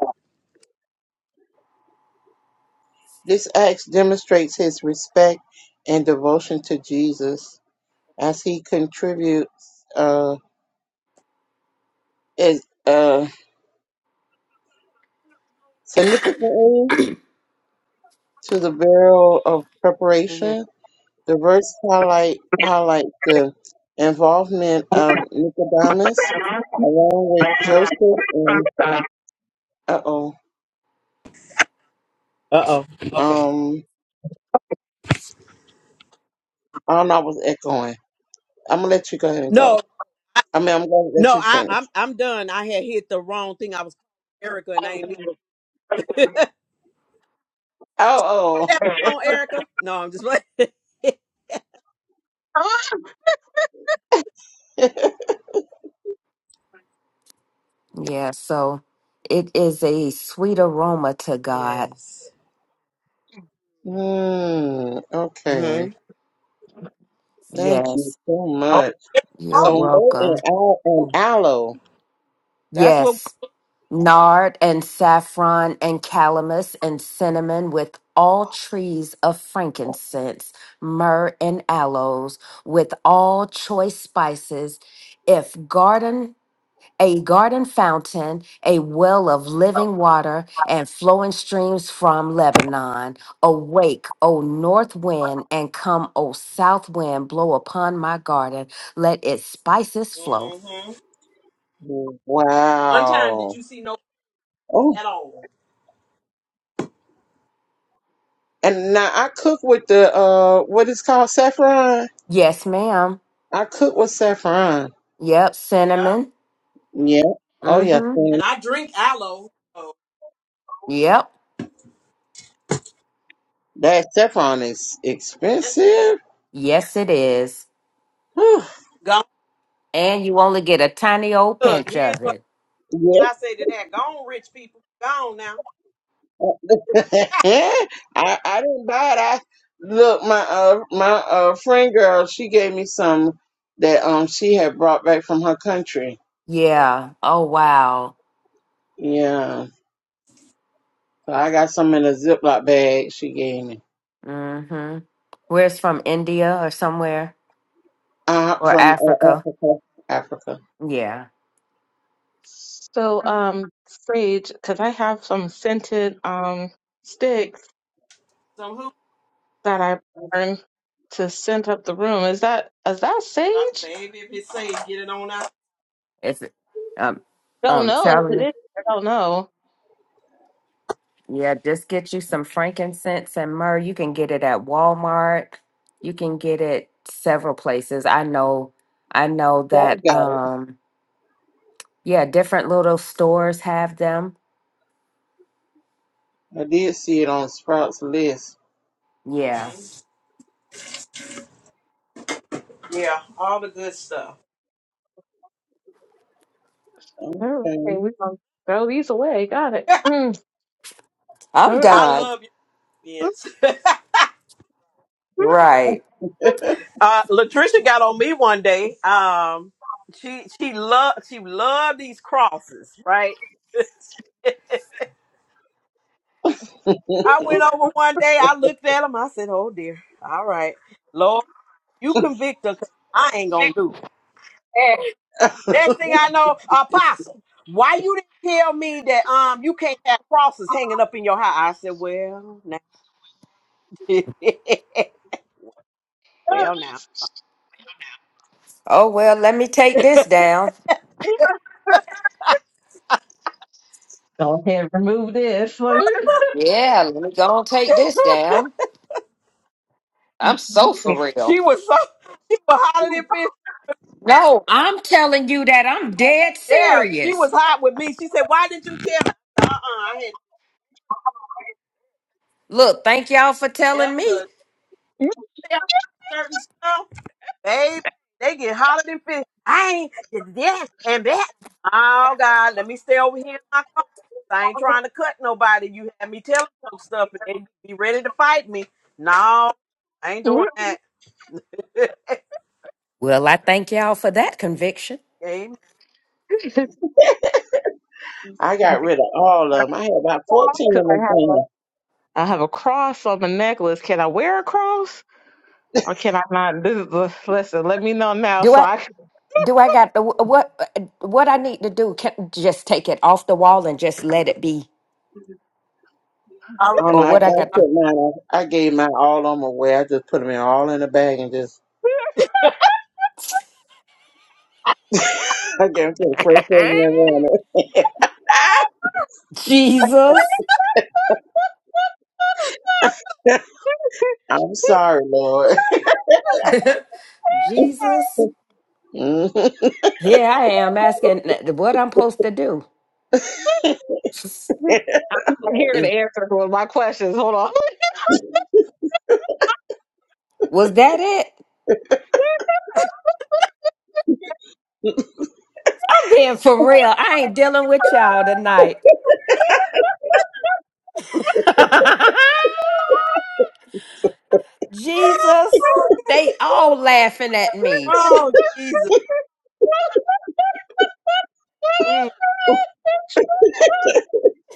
Speaker 3: This act demonstrates his respect and devotion to Jesus as he contributes uh, is, uh, significantly to the burial of
Speaker 1: hmm
Speaker 3: preparation. The verse highlight highlights the involvement of Nicodemus along with Joseph and uh oh
Speaker 1: Uh oh. Okay.
Speaker 3: Um, I don't know. I was echoing. I'm gonna let you go ahead and go.
Speaker 1: No,
Speaker 3: I mean, I'm gonna let
Speaker 1: no,
Speaker 3: you
Speaker 1: I,
Speaker 3: finish.
Speaker 1: I'm I'm done. I had hit the wrong thing. I was calling Erica and I ain't mean
Speaker 3: Oh,
Speaker 1: that on Erica. No, I'm just like
Speaker 3: oh.
Speaker 2: Yeah, so it is a sweet aroma to God.
Speaker 1: Yes.
Speaker 3: mm,
Speaker 1: hmm
Speaker 3: okay. Thank you
Speaker 2: Yes,
Speaker 3: so much.
Speaker 2: you're
Speaker 3: So mo
Speaker 2: welcome.
Speaker 3: and al- and aloe.
Speaker 1: That's what
Speaker 2: Yes. nard and saffron and calamus and cinnamon with all trees of frankincense, myrrh and aloes with all choice spices, if garden a garden fountain, a well of living water, and flowing streams from Lebanon. Awake, O north wind, and come, O south wind, blow upon my garden. Let its spices flow.
Speaker 1: hmm one time did
Speaker 3: Wow.
Speaker 1: you see no
Speaker 3: Oh,
Speaker 1: at all.
Speaker 3: and now I cook with the uh, what is called saffron.
Speaker 2: Yes, ma'am.
Speaker 3: I cook with saffron.
Speaker 2: Yep,
Speaker 1: Yeah.
Speaker 2: cinnamon.
Speaker 3: Yeah. Oh yeah.
Speaker 2: Mm-hmm.
Speaker 1: And I drink aloe. So
Speaker 2: Yep.
Speaker 3: That saffron is
Speaker 1: that's
Speaker 3: expensive.
Speaker 2: Yes, it is.
Speaker 3: Whew.
Speaker 1: gone.
Speaker 2: And you only get a tiny old
Speaker 1: Look,
Speaker 2: pinch
Speaker 1: here's
Speaker 2: of
Speaker 1: what
Speaker 2: it.
Speaker 3: Yeah.
Speaker 1: I say to that. Gone rich people. Gone now.
Speaker 3: I I didn't buy it. I look my uh my uh friend girl. She gave me some that um she had brought back from her country.
Speaker 2: Yeah. Oh, wow.
Speaker 3: Yeah, so I got some in a Ziploc bag she gave me.
Speaker 2: Mm-hmm. Where's from India or somewhere
Speaker 3: Uh,
Speaker 2: or
Speaker 3: from uh,
Speaker 2: Africa?
Speaker 3: Africa. Africa.
Speaker 2: Yeah.
Speaker 4: So, um, sage, because I have some scented um sticks
Speaker 1: Some who
Speaker 4: that I burn to scent up the room. Is that is that
Speaker 1: uh,
Speaker 4: sage?
Speaker 1: baby if it say get it on out.
Speaker 2: It's, um,
Speaker 4: Don't
Speaker 2: um,
Speaker 4: know if
Speaker 2: telling
Speaker 4: it
Speaker 2: you.
Speaker 4: is. I don't know.
Speaker 2: Yeah, just get you some frankincense and myrrh. You can get it at Walmart. You can get it several places. I know, I know
Speaker 3: So
Speaker 2: that,
Speaker 3: I got
Speaker 2: um, yeah, different little stores have them.
Speaker 3: it. I did see it on Sprouts list.
Speaker 2: Yeah.
Speaker 1: Mm-hmm. Yeah, all the good stuff.
Speaker 4: All right,
Speaker 3: Okay.
Speaker 4: we're gonna throw these away. Got it.
Speaker 2: I'm
Speaker 1: I
Speaker 2: done.
Speaker 1: love your kids.
Speaker 2: Right.
Speaker 1: uh, Latricia got on me one day. Um, she she loved she loved these crosses. right? I went over one day. I looked at them. I said, "Oh dear, all right, Lord, you convict her. 'cause I ain't gonna do it." And next thing I know, Apostle, why you didn't tell me that um you can't have crosses hanging up in your house? I said, well, now, well, now
Speaker 2: Oh, well, let me take this down. Yeah, let me go and take this down. I'm so for real.
Speaker 1: she was so she was hotter than fish.
Speaker 2: No, I'm telling you that I'm dead
Speaker 1: Yeah, she was
Speaker 2: serious.
Speaker 1: hot with me. She said, why didn't you tell me? Uh, uh I had
Speaker 2: Look, thank y'all for
Speaker 1: yep,
Speaker 2: telling me.
Speaker 1: 'cause
Speaker 4: Hmm.
Speaker 1: certain stuff. Babe, they get holler than fish. I ain't did this and that. Oh God, let me stay over here in my car. I ain't trying to cut nobody. You had me telling folks stuff and they be ready to fight me. No, I ain't doing that.
Speaker 2: Well, I thank y'all for that conviction.
Speaker 1: Amen.
Speaker 4: Because
Speaker 3: I got rid of all of them. I had about fourteen of
Speaker 4: I
Speaker 3: them.
Speaker 4: have
Speaker 3: Things.
Speaker 4: a, I have a cross on the necklace. Can I wear a cross or can I not? This is the, listen, let me know now
Speaker 2: Do
Speaker 4: so
Speaker 2: I
Speaker 4: I can.
Speaker 2: do I got the what what I need to do? Can just take it off the wall and just let it be,
Speaker 3: I don't know.
Speaker 2: or
Speaker 3: I,
Speaker 2: what I
Speaker 3: I
Speaker 2: got
Speaker 3: put mine. I, I gave mine all on my way. I just put them in all in a bag and just I gave it to the first person
Speaker 2: to?
Speaker 3: that
Speaker 2: Jesus,
Speaker 3: wanted. I'm sorry, Lord.
Speaker 2: Jesus,
Speaker 3: Mhm.
Speaker 2: here I am asking what I'm supposed to do.
Speaker 4: I'm here to answer one of my questions. Hold on.
Speaker 2: Was that it? I'm being for real. I ain't dealing with y'all tonight. Jesus, they all laughing at me.
Speaker 1: Oh, Jesus.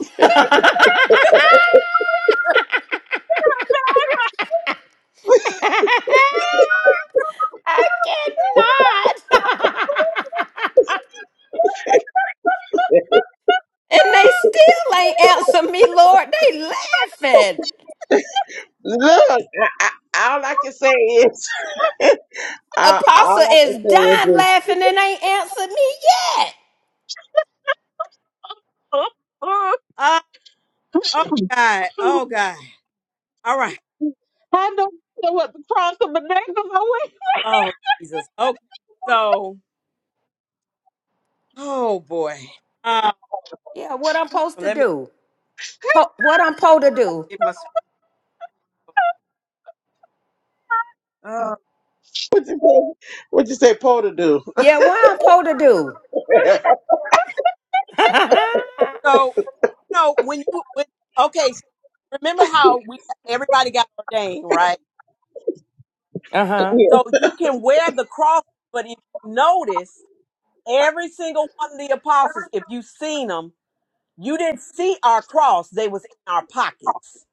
Speaker 2: I cannot. and they still ain't answer me, Lord. They laughing.
Speaker 3: Look, I, I, all I can say is, uh, all
Speaker 2: Apostle
Speaker 3: I can
Speaker 2: is
Speaker 3: say is
Speaker 2: dying
Speaker 3: just,
Speaker 2: laughing and ain't answered me yet.
Speaker 1: Oh, oh God. Oh God. All right. Oh Jesus. Okay. So, oh boy. Um,
Speaker 2: Yeah, what I'm supposed to
Speaker 1: let me
Speaker 2: do? Po- what I'm supposed to do?
Speaker 1: Get my script. Oh.
Speaker 3: what you say, what you say, Paul to do?
Speaker 2: Yeah, what I'm supposed to do?
Speaker 3: I
Speaker 2: uh-huh.
Speaker 1: So, you know, when you when, okay, so remember how we everybody got ordained, right? So you can wear the cross, but if you notice, every single one of the apostles, if you seen them, you didn't see our cross; they was in our pockets.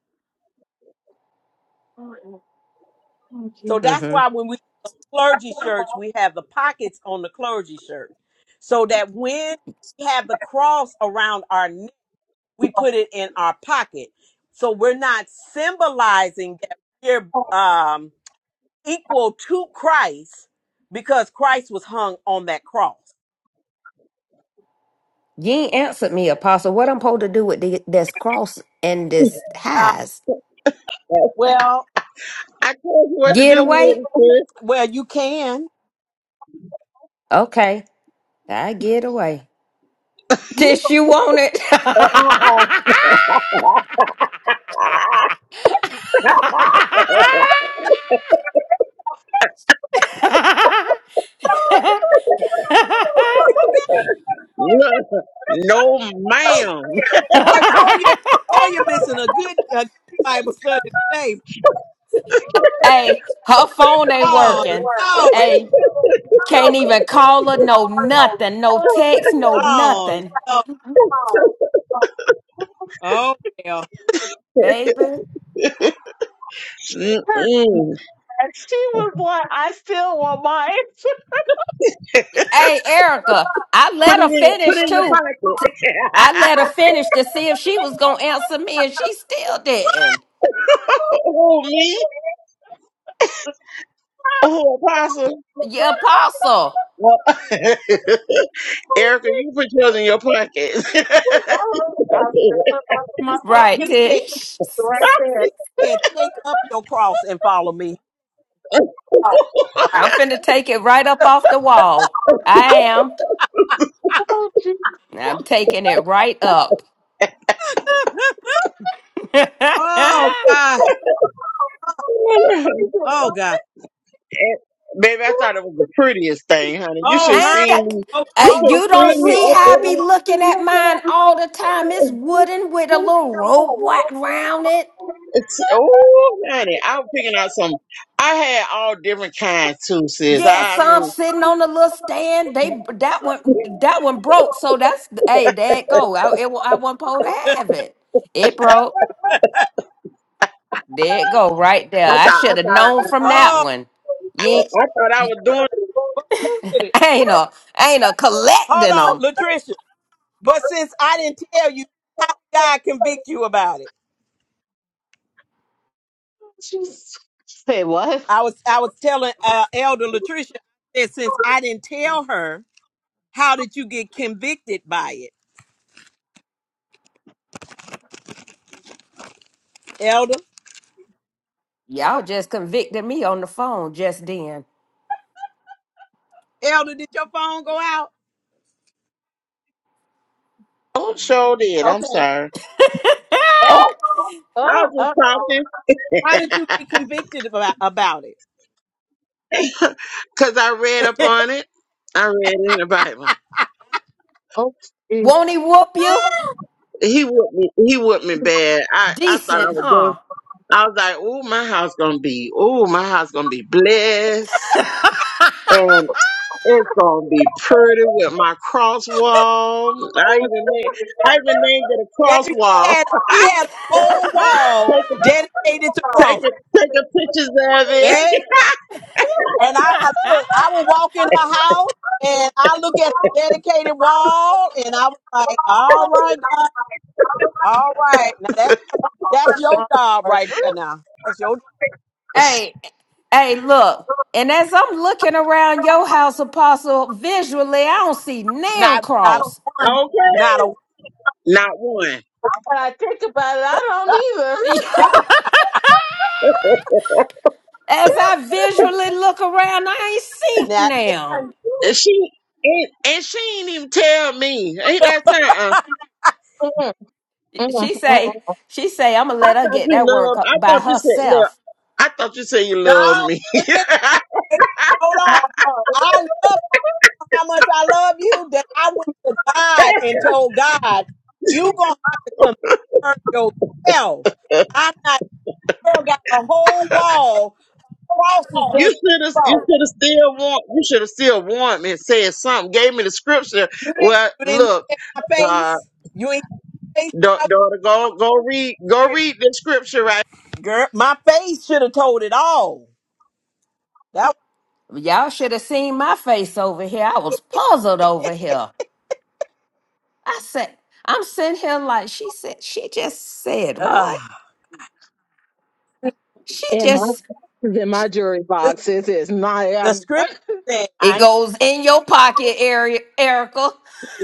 Speaker 1: So that's
Speaker 2: Mm-hmm.
Speaker 1: why when we the clergy shirts, we have the pockets on the clergy shirt, so that when we have the cross around our neck we put it in our pocket. So we're not symbolizing that we're um, equal to Christ because Christ was hung on that cross.
Speaker 2: Ye ain't answered me, Apostle. What I'm supposed to do with the, this cross and this
Speaker 1: Uh,
Speaker 2: highs?
Speaker 1: well,
Speaker 3: told you what to
Speaker 2: Get
Speaker 3: do
Speaker 2: away?
Speaker 3: with it, sis.
Speaker 1: well, you can.
Speaker 2: Okay. I get away. Tish, you want it?
Speaker 3: Look, no, ma'am.
Speaker 1: Boy, Toya, Toya missing a good, a good Bible study today.
Speaker 2: hey, her phone ain't
Speaker 1: Oh
Speaker 2: working.
Speaker 1: Lord,
Speaker 2: Hey. Can't even call her, no nothing, no text, no
Speaker 1: oh
Speaker 2: nothing,
Speaker 1: Lord, Oh, well.
Speaker 2: baby.
Speaker 3: Mm-mm.
Speaker 4: And she was like, I still want mine.
Speaker 2: Hey, Erica, I
Speaker 3: Put
Speaker 2: let her
Speaker 3: it in, put
Speaker 2: finish
Speaker 3: it in your
Speaker 2: too. T- I
Speaker 3: pocket.
Speaker 2: let her finish to see if she was gonna answer me, and she still didn't.
Speaker 3: oh, me? Oh, apostle.
Speaker 2: Yeah, apostle,
Speaker 3: Well, Erica, you put yours in your pocket.
Speaker 2: right,
Speaker 1: he said,
Speaker 2: Tish?
Speaker 1: he said, take up your cross and follow me.
Speaker 2: I'm finna take it right up off the wall. I am. I'm taking it right up.
Speaker 1: Oh, wow. Oh, God, oh God.
Speaker 3: Baby, I thought it was the prettiest thing, honey. You should
Speaker 1: Oh,
Speaker 3: have
Speaker 2: Ain't
Speaker 3: seen
Speaker 2: that
Speaker 3: me.
Speaker 1: her. okay.
Speaker 3: You
Speaker 2: uh,
Speaker 3: should have
Speaker 2: you don't
Speaker 3: seen me
Speaker 2: see
Speaker 3: up
Speaker 2: how I be
Speaker 3: there.
Speaker 2: looking at mine all the time? It's wooden with a little rope wrapped round it.
Speaker 3: It's, oh, honey, I was picking out some. I had all different kinds too, sis.
Speaker 2: Yeah,
Speaker 3: I, I
Speaker 2: some
Speaker 3: mean,
Speaker 2: sitting on a little stand. They that one that one broke, so that's hey, there it go. I it, wa- I wasn't supposed to have it. It broke. There it go, right there.
Speaker 3: I
Speaker 2: I
Speaker 3: thought, I
Speaker 2: should have
Speaker 3: thought,
Speaker 2: known from that
Speaker 1: oh,
Speaker 2: one. You ain't,
Speaker 3: I thought I was doing.
Speaker 1: with it.
Speaker 2: ain't a ain't a
Speaker 1: hold
Speaker 2: collecting
Speaker 1: on,
Speaker 2: them.
Speaker 1: Latricia. But since I didn't tell you, how did God convict you about it?
Speaker 4: She s- Say what?
Speaker 1: I was I was telling uh, Elder Latricia that since I didn't tell her, how did you get convicted by it, Elder?
Speaker 2: Y'all just convicted me on the phone just then.
Speaker 1: Elder, did your phone go out?
Speaker 3: Oh, sure did. I'm
Speaker 1: Okay.
Speaker 3: sorry.
Speaker 4: Oh,
Speaker 3: Oh, I was
Speaker 4: oh,
Speaker 3: just
Speaker 4: oh.
Speaker 3: talking
Speaker 1: How did you get convicted about, about it,
Speaker 3: because I read up on it. I read in the Bible.
Speaker 2: Won't he whoop you?
Speaker 3: He whooped me. He whooped me bad. I, I thought
Speaker 2: Decent,
Speaker 3: I was doing.
Speaker 2: huh?
Speaker 3: I was like, "Ooh, my house gonna be, ooh, my house gonna be blessed, and it's gonna be pretty with my cross wall." I even made, I even named it a cross
Speaker 1: baby? She
Speaker 3: wall.
Speaker 1: had she had a whole wall
Speaker 3: take a,
Speaker 1: dedicated to
Speaker 3: take
Speaker 1: cross,
Speaker 3: a, take a pictures of it.
Speaker 1: baby. And I, I look, I would walk in her house and I look at the dedicated wall and I was like, all right, God, all right. Now that's that's your job
Speaker 4: oh.
Speaker 1: right there now. That's your
Speaker 2: hey, hey, look. And as I'm looking around your house, Apostle, visually, I don't see nail
Speaker 1: not not
Speaker 2: cross.
Speaker 1: a one, not a
Speaker 3: okay, not one.
Speaker 4: When I think about it, I don't either.
Speaker 2: as I visually look around, I ain't seen
Speaker 1: not
Speaker 2: now.
Speaker 3: And she and, and she ain't even tell me. Ain't that time? Uh,
Speaker 4: Mm, mm, mm,
Speaker 2: She say,
Speaker 4: mm.
Speaker 2: she say, I'ma
Speaker 3: I
Speaker 2: let her
Speaker 3: thought
Speaker 2: get
Speaker 3: you
Speaker 2: that work
Speaker 3: loved. I
Speaker 2: by
Speaker 3: thought you said, "Look,
Speaker 2: herself.
Speaker 3: I thought you said you
Speaker 1: no,
Speaker 3: loved me."
Speaker 1: wait a minute, wait a minute, hold on.
Speaker 4: Oh,
Speaker 1: I love you how much I love you that I went to God and told God, you gonna have to convince her yourself. I'm not girl got a whole wall crosses that she
Speaker 3: You should have. You
Speaker 1: wrote.
Speaker 3: should have still warned. You should have still warned me and said something. Gave me the scripture.
Speaker 1: You didn't,
Speaker 3: Well,
Speaker 1: you didn't look
Speaker 3: look,
Speaker 1: at my
Speaker 3: uh,
Speaker 1: face. You ain't face.
Speaker 3: da- daughter, go go read go read the scripture right.
Speaker 1: Girl, my face should have told it all. That
Speaker 2: Y'all should have seen my face over here. I was puzzled over here. I said, I'm sitting here like she said, she just said
Speaker 1: uh,
Speaker 2: what? She
Speaker 4: in my
Speaker 2: just
Speaker 4: it's in my jury box, it is not.
Speaker 1: the
Speaker 4: I'm,
Speaker 1: script said,
Speaker 2: it
Speaker 4: I
Speaker 2: goes in your pocket, Eri- Erica.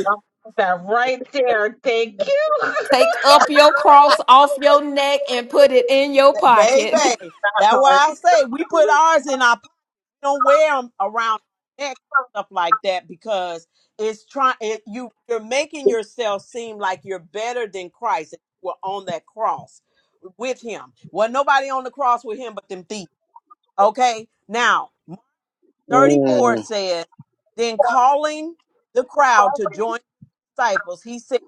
Speaker 4: know that right there. Thank you.
Speaker 2: Take up your cross off your neck and put it in your
Speaker 1: that,
Speaker 2: pocket.
Speaker 1: baby. That's
Speaker 4: Uh,
Speaker 1: why I say we put ours in our. We don't wear 'em around our neck and stuff like that because it's trying. It, you you're making yourself seem like you're better than Christ. If you were on that cross with Him. Well, nobody on the cross with Him but them thieves. Okay, now. 34
Speaker 3: Mm,
Speaker 1: says, Then calling the crowd to join the disciples, he said,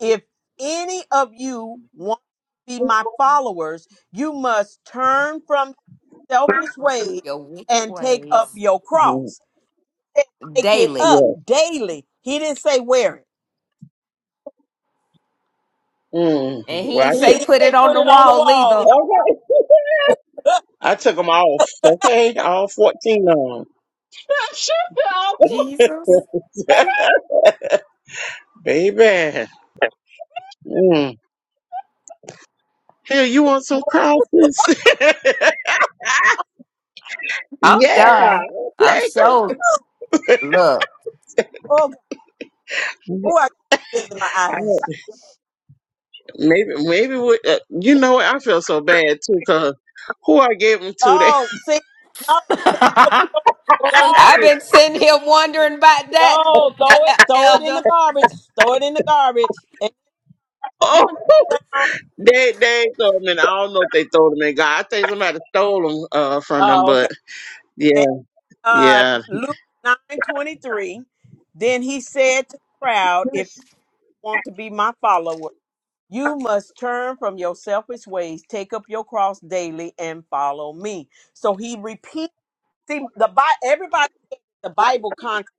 Speaker 1: If any of you want to be my followers, you must turn from selfish ways
Speaker 2: Your wicked
Speaker 1: and take up
Speaker 2: ways
Speaker 1: your
Speaker 3: mm,
Speaker 1: cross. He said, Take it
Speaker 2: daily.
Speaker 1: up
Speaker 3: yeah.
Speaker 1: daily. He didn't say wear it.
Speaker 3: Mm,
Speaker 2: And he
Speaker 3: well, I
Speaker 2: ain't
Speaker 1: And
Speaker 2: say
Speaker 3: took,
Speaker 1: he didn't
Speaker 2: put it
Speaker 1: say
Speaker 2: on
Speaker 1: put
Speaker 2: the
Speaker 1: it on the
Speaker 2: wall
Speaker 1: wall.
Speaker 2: either.
Speaker 3: okay. I took them off. Okay, all fourteen of
Speaker 2: Jesus.
Speaker 3: them, baby. Mm. Here, you want some crawfish?
Speaker 2: I'm
Speaker 3: yeah.
Speaker 2: done. I'm
Speaker 3: Okay.
Speaker 2: sure. Look.
Speaker 1: Oh, God. Ooh, I got tears in my eyes.
Speaker 3: Maybe, maybe we, uh, you know what? I feel so bad too, cause who I gave them to, they
Speaker 1: Oh, see, no,
Speaker 2: I've
Speaker 1: the garbage.
Speaker 2: been sitting here wondering about that,
Speaker 1: No,
Speaker 2: uh,
Speaker 1: throw
Speaker 2: uh,
Speaker 1: it, throw it in
Speaker 2: Elder.
Speaker 1: the garbage. Throw it in the garbage.
Speaker 3: oh they they ain't throw them in. I don't know if they throw them in God. I think somebody stole them uh from them,
Speaker 1: Oh, okay.
Speaker 3: but yeah,
Speaker 1: And uh,
Speaker 3: yeah.
Speaker 1: Luke nine twenty three. Then he said to the crowd, "If you want to be my follower, you must turn from your selfish ways, take up your cross daily, and follow me." So he repeats. See, the Bible. Everybody, the Bible contradicts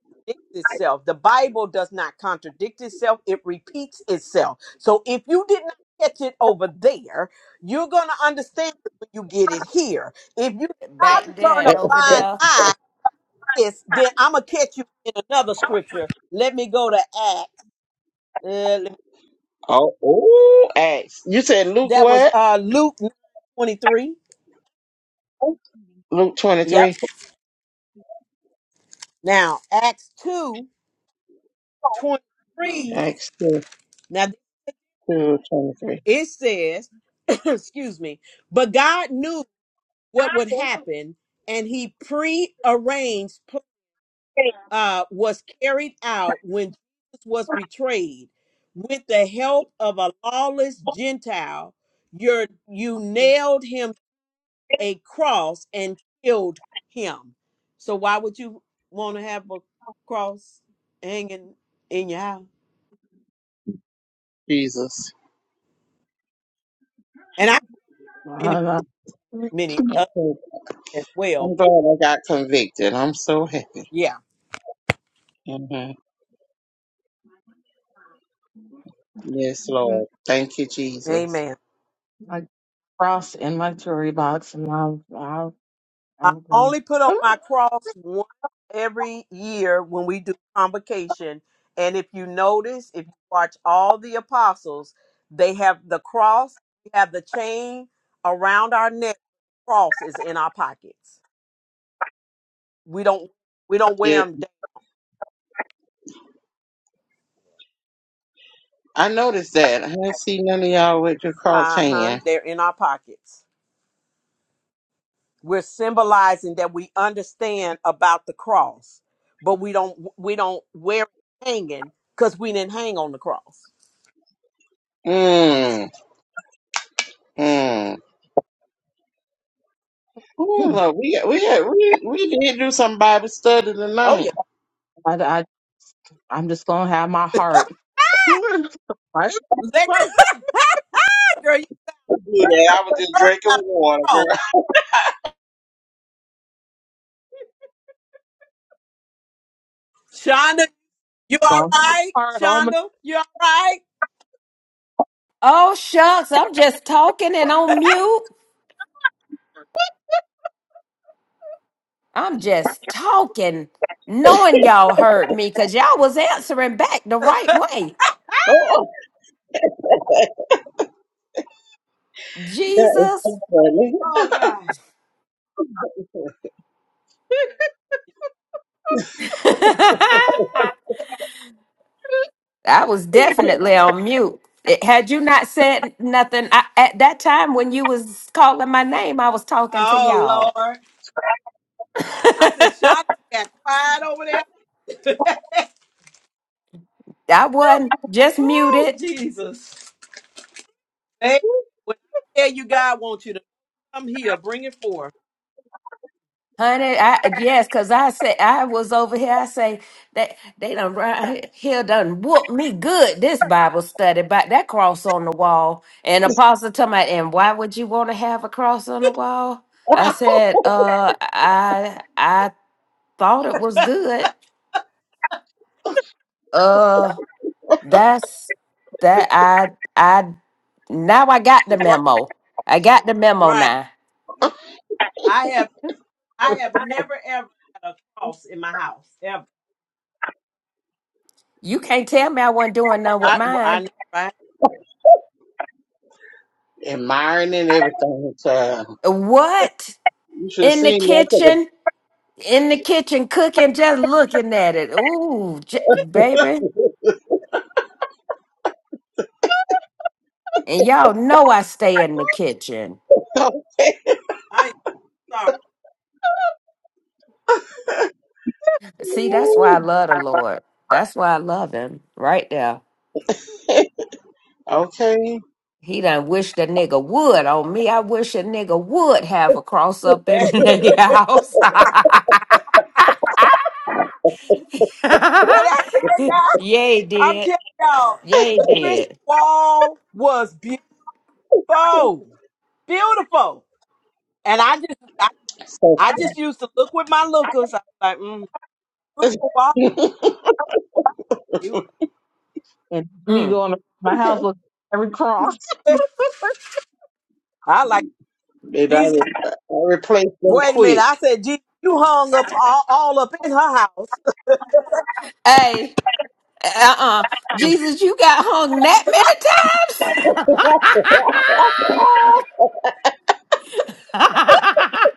Speaker 1: itself. The Bible does not contradict itself. It repeats itself. So if you did not catch it over there, you're gonna understand it when you get it here. If you try to
Speaker 2: Back there
Speaker 1: turn a
Speaker 2: and over
Speaker 1: blind
Speaker 2: there.
Speaker 1: eye this, then I'm gonna catch you in another scripture. Let me go to Acts. Uh, let-
Speaker 3: Oh, oh, Acts. You said Luke
Speaker 1: that was
Speaker 3: what?
Speaker 1: uh, Luke 23.
Speaker 3: Luke twenty
Speaker 1: Yep.
Speaker 3: three.
Speaker 1: Now Acts two twenty three.
Speaker 3: Acts two
Speaker 1: Now
Speaker 3: two twenty three.
Speaker 1: it says, excuse me, but God knew what would happen, and He prearranged pl- uh, was carried out when Jesus was betrayed with the help of a lawless Gentile. You're, you nailed him a cross and killed him. So why would you want to have a cross hanging in your house?
Speaker 3: Jesus.
Speaker 1: And I have many
Speaker 4: I
Speaker 1: many others
Speaker 3: Okay,
Speaker 1: as well.
Speaker 3: I'm glad
Speaker 1: But
Speaker 3: I got convicted. I'm so happy.
Speaker 1: yeah,
Speaker 3: hmm Yes, Lord.
Speaker 4: don't
Speaker 3: Thank you, Jesus.
Speaker 1: Amen.
Speaker 4: I cross in my jury box, and I'll, I'll,
Speaker 1: I
Speaker 4: I'll go.
Speaker 1: only put on my cross one every year when we do convocation. And if you notice, if you watch all the apostles, they have the cross. We have the chain around our neck. Cross is in our pockets. We don't we don't
Speaker 3: Yeah,
Speaker 1: wear them
Speaker 3: I noticed that. I didn't see none of y'all with your Carl
Speaker 1: Uh huh.
Speaker 3: Tanya.
Speaker 1: They're in our pockets. We're symbolizing that we understand about the cross, but we don't we don't wear it hanging because we didn't hang on the cross.
Speaker 3: Mmm. Mmm. Ooh,
Speaker 4: I,
Speaker 3: look, we, we, we, we did do some Bible study
Speaker 1: Oh
Speaker 3: tonight.
Speaker 1: yeah,
Speaker 4: I, I'm just gonna have my heart. I'm gonna have
Speaker 1: Let-
Speaker 4: my
Speaker 1: girl, you
Speaker 3: We do that. I was just
Speaker 1: heard
Speaker 3: drinking
Speaker 1: about
Speaker 3: water,
Speaker 1: the
Speaker 3: girl.
Speaker 1: cross, Shonda? You all right,
Speaker 4: heart on.
Speaker 1: Shonda? You all right?
Speaker 2: Oh, shucks. I'm just talking and on mute. I'm just talking, knowing y'all heard me because y'all was answering back the right way.
Speaker 3: Oh, that is
Speaker 2: Jesus.
Speaker 1: Oh God.
Speaker 2: I was definitely on mute. It, had you not said nothing I, at that time when you was calling my name, I was talking to
Speaker 1: Oh
Speaker 2: y'all.
Speaker 1: Lord. I said
Speaker 2: I
Speaker 1: Shonda got quiet over there.
Speaker 2: wasn't just
Speaker 1: oh
Speaker 2: muted.
Speaker 1: Jesus, baby. When I tell you God wants you to come here, bring it forth.
Speaker 2: Honey, I yes, cause I said I was over here. I say that they done run here done whoop me good. This Bible study, but that cross on the wall. And Apostle told me, and why would you want to have a cross on the wall? I
Speaker 3: funny.
Speaker 2: said, uh, I I thought it was good. Uh, that's that I I now I got the memo. I got the memo
Speaker 1: Right.
Speaker 2: now.
Speaker 1: I have I have never ever had a cross in my house. Ever.
Speaker 2: You can't tell me I wasn't doing nothing with
Speaker 1: I well, I
Speaker 2: mine.
Speaker 1: know, right?
Speaker 3: Admiring and everything. So
Speaker 2: What
Speaker 3: you should have
Speaker 2: in the
Speaker 3: seen me. I
Speaker 2: kitchen? in the kitchen cooking, just looking at it. Ooh, j- baby. And y'all know I stay in the kitchen.
Speaker 3: took
Speaker 1: I am sorry.
Speaker 2: See, that's why I love the
Speaker 4: my.
Speaker 2: Lord. That's why I love him right there.
Speaker 3: a Okay.
Speaker 2: He done wish the nigga would on me. I wish a nigga would have a cross up in
Speaker 1: Man.
Speaker 2: the house.
Speaker 1: what I tell
Speaker 2: Yay,
Speaker 1: y'all, I'm
Speaker 2: did.
Speaker 1: telling y'all,
Speaker 2: Yay,
Speaker 1: Latricia
Speaker 2: did.
Speaker 1: Wall was beautiful. Beautiful. And I just I,
Speaker 3: So,
Speaker 1: I just used to look with my lookers. I was like, mm, beautiful wall,
Speaker 3: baby,
Speaker 1: beautiful.
Speaker 4: and me
Speaker 2: Mm.
Speaker 4: going to my house with every cross.
Speaker 1: I like
Speaker 3: I, re-
Speaker 1: Jesus.
Speaker 3: I replaced them
Speaker 1: Wait a minute.
Speaker 3: quick.
Speaker 1: I said, Jesus, you hung up all, all up in her house.
Speaker 2: Hey. Uh-uh. Jesus, you got hung that many times?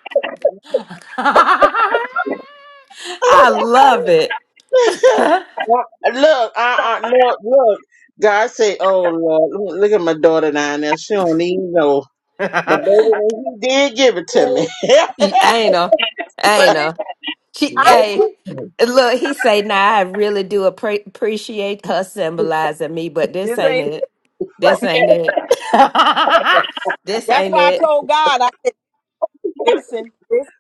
Speaker 2: I love it.
Speaker 3: Well, Look, I, I look, look. God said, "Oh Lord, look look at my daughter down there. She don't even know." But baby,
Speaker 2: ain't
Speaker 3: when he did give it to
Speaker 1: but
Speaker 3: me,
Speaker 2: know. I
Speaker 1: listen,
Speaker 2: know. She,
Speaker 1: I
Speaker 3: what
Speaker 2: hey,
Speaker 1: do
Speaker 3: you think?
Speaker 2: look, he say, nah, I really do appre- appreciate her symbolizing me, but this
Speaker 1: this
Speaker 2: ain't
Speaker 1: ain't
Speaker 2: it.
Speaker 1: it.
Speaker 3: Oh,
Speaker 2: This ain't it. this
Speaker 1: That's
Speaker 2: ain't
Speaker 1: why I
Speaker 2: it.
Speaker 1: told God, I said, listen, listen,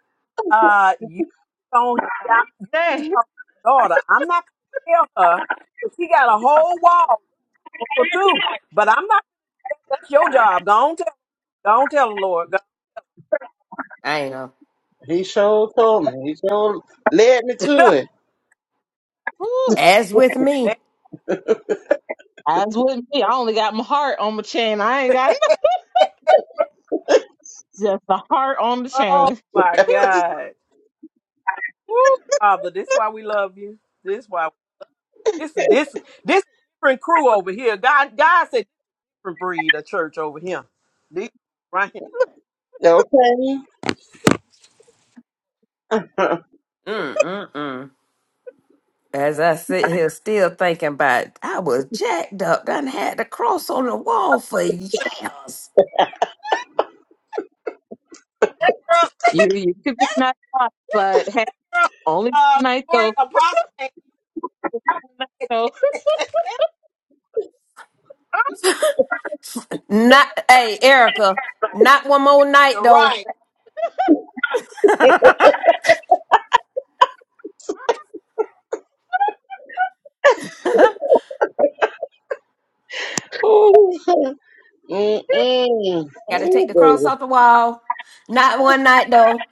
Speaker 1: uh, you don't you need to
Speaker 4: Dang.
Speaker 1: talk to your daughter. I'm not gonna tell her but she got a whole wall for two. But I'm not that's your job. Don't tell don't tell the Lord.
Speaker 2: I know.
Speaker 3: he sure told me. He sure led me to it.
Speaker 4: Whew.
Speaker 2: As with me.
Speaker 1: And-
Speaker 4: As with me, I only got my heart on my chain. I ain't got nothing. Just the heart on the
Speaker 1: oh
Speaker 4: chain.
Speaker 1: my God. Woo, Father, this why we love you. This why this is this this different crew over here. God God said different breed of church over here. These right here.
Speaker 3: Okay.
Speaker 2: Mm-mm-mm. As I sit here still thinking about it, I was jacked up, done had the cross on the wall for years.
Speaker 4: you you could be not hot, but hey, only
Speaker 1: Uh,
Speaker 4: night
Speaker 1: Lord,
Speaker 4: though.
Speaker 1: apostle
Speaker 4: So
Speaker 2: Not hey, Erica, not one more night
Speaker 1: You're
Speaker 2: though.
Speaker 1: Right.
Speaker 3: Ooh, Mm-mm.
Speaker 2: Gotta take
Speaker 3: Ooh,
Speaker 2: the cross off the wall. Not one night though.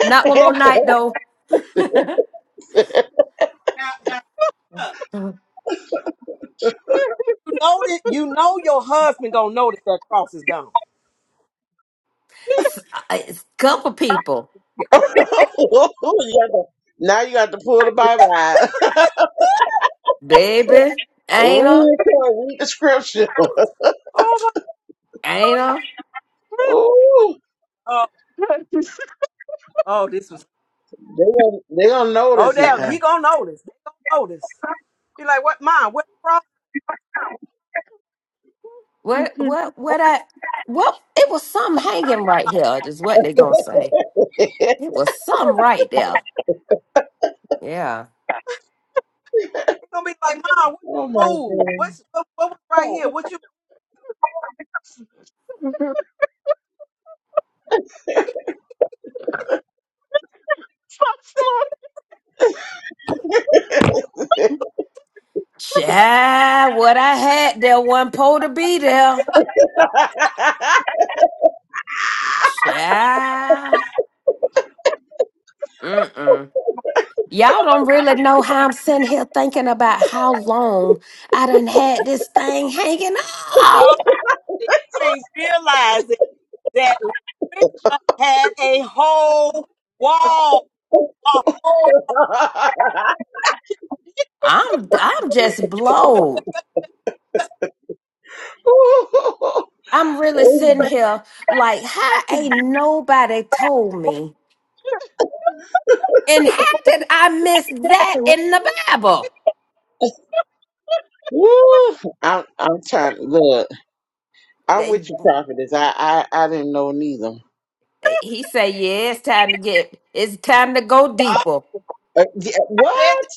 Speaker 2: Not one
Speaker 3: baby.
Speaker 2: more night though.
Speaker 1: Now, now, look, You know that you know your husband gonna notice that cross is gone.
Speaker 2: S- I- It's a couple people.
Speaker 3: You got to- now you got to pull the Bible out.
Speaker 2: Baby, Anna,
Speaker 3: read it, read the scripture.
Speaker 1: Oh
Speaker 2: Anna.
Speaker 3: Ooh.
Speaker 1: my oh, oh this was
Speaker 3: They gonna they gonna
Speaker 1: oh
Speaker 3: notice
Speaker 1: damn,
Speaker 3: now.
Speaker 1: he gonna notice. They gonna notice. He like, what mom, what cross?
Speaker 2: What what what I what it was some hanging right here, is what they gonna say. It was some right there. Yeah.
Speaker 1: He gonna be like, Mom, what
Speaker 3: Oh my
Speaker 1: you move?
Speaker 3: god.
Speaker 1: What's what, what was right here?
Speaker 4: oh,
Speaker 1: What you
Speaker 2: Child, what I had there wasn't supposed to be there. Child. Mm-mm. Y'all don't really know how I'm sitting here thinking about how long I done had this thing hanging
Speaker 1: no,
Speaker 2: up.
Speaker 1: you ain't realizing that Lucretia had a whole wall. A whole
Speaker 2: I'm I'm just blown. I'm really
Speaker 3: Ooh,
Speaker 2: sitting here like, how ain't nobody told me? And how did I miss that in the Bible?
Speaker 3: Woo! I'm I'm trying. Look, I'm
Speaker 2: Eh,
Speaker 3: with you, prophetess. I I, I didn't know neither.
Speaker 2: He said, yeah, it's time to get, it's time to go
Speaker 1: I
Speaker 2: deeper.
Speaker 3: Uh, yeah,
Speaker 1: said
Speaker 3: what?
Speaker 1: that,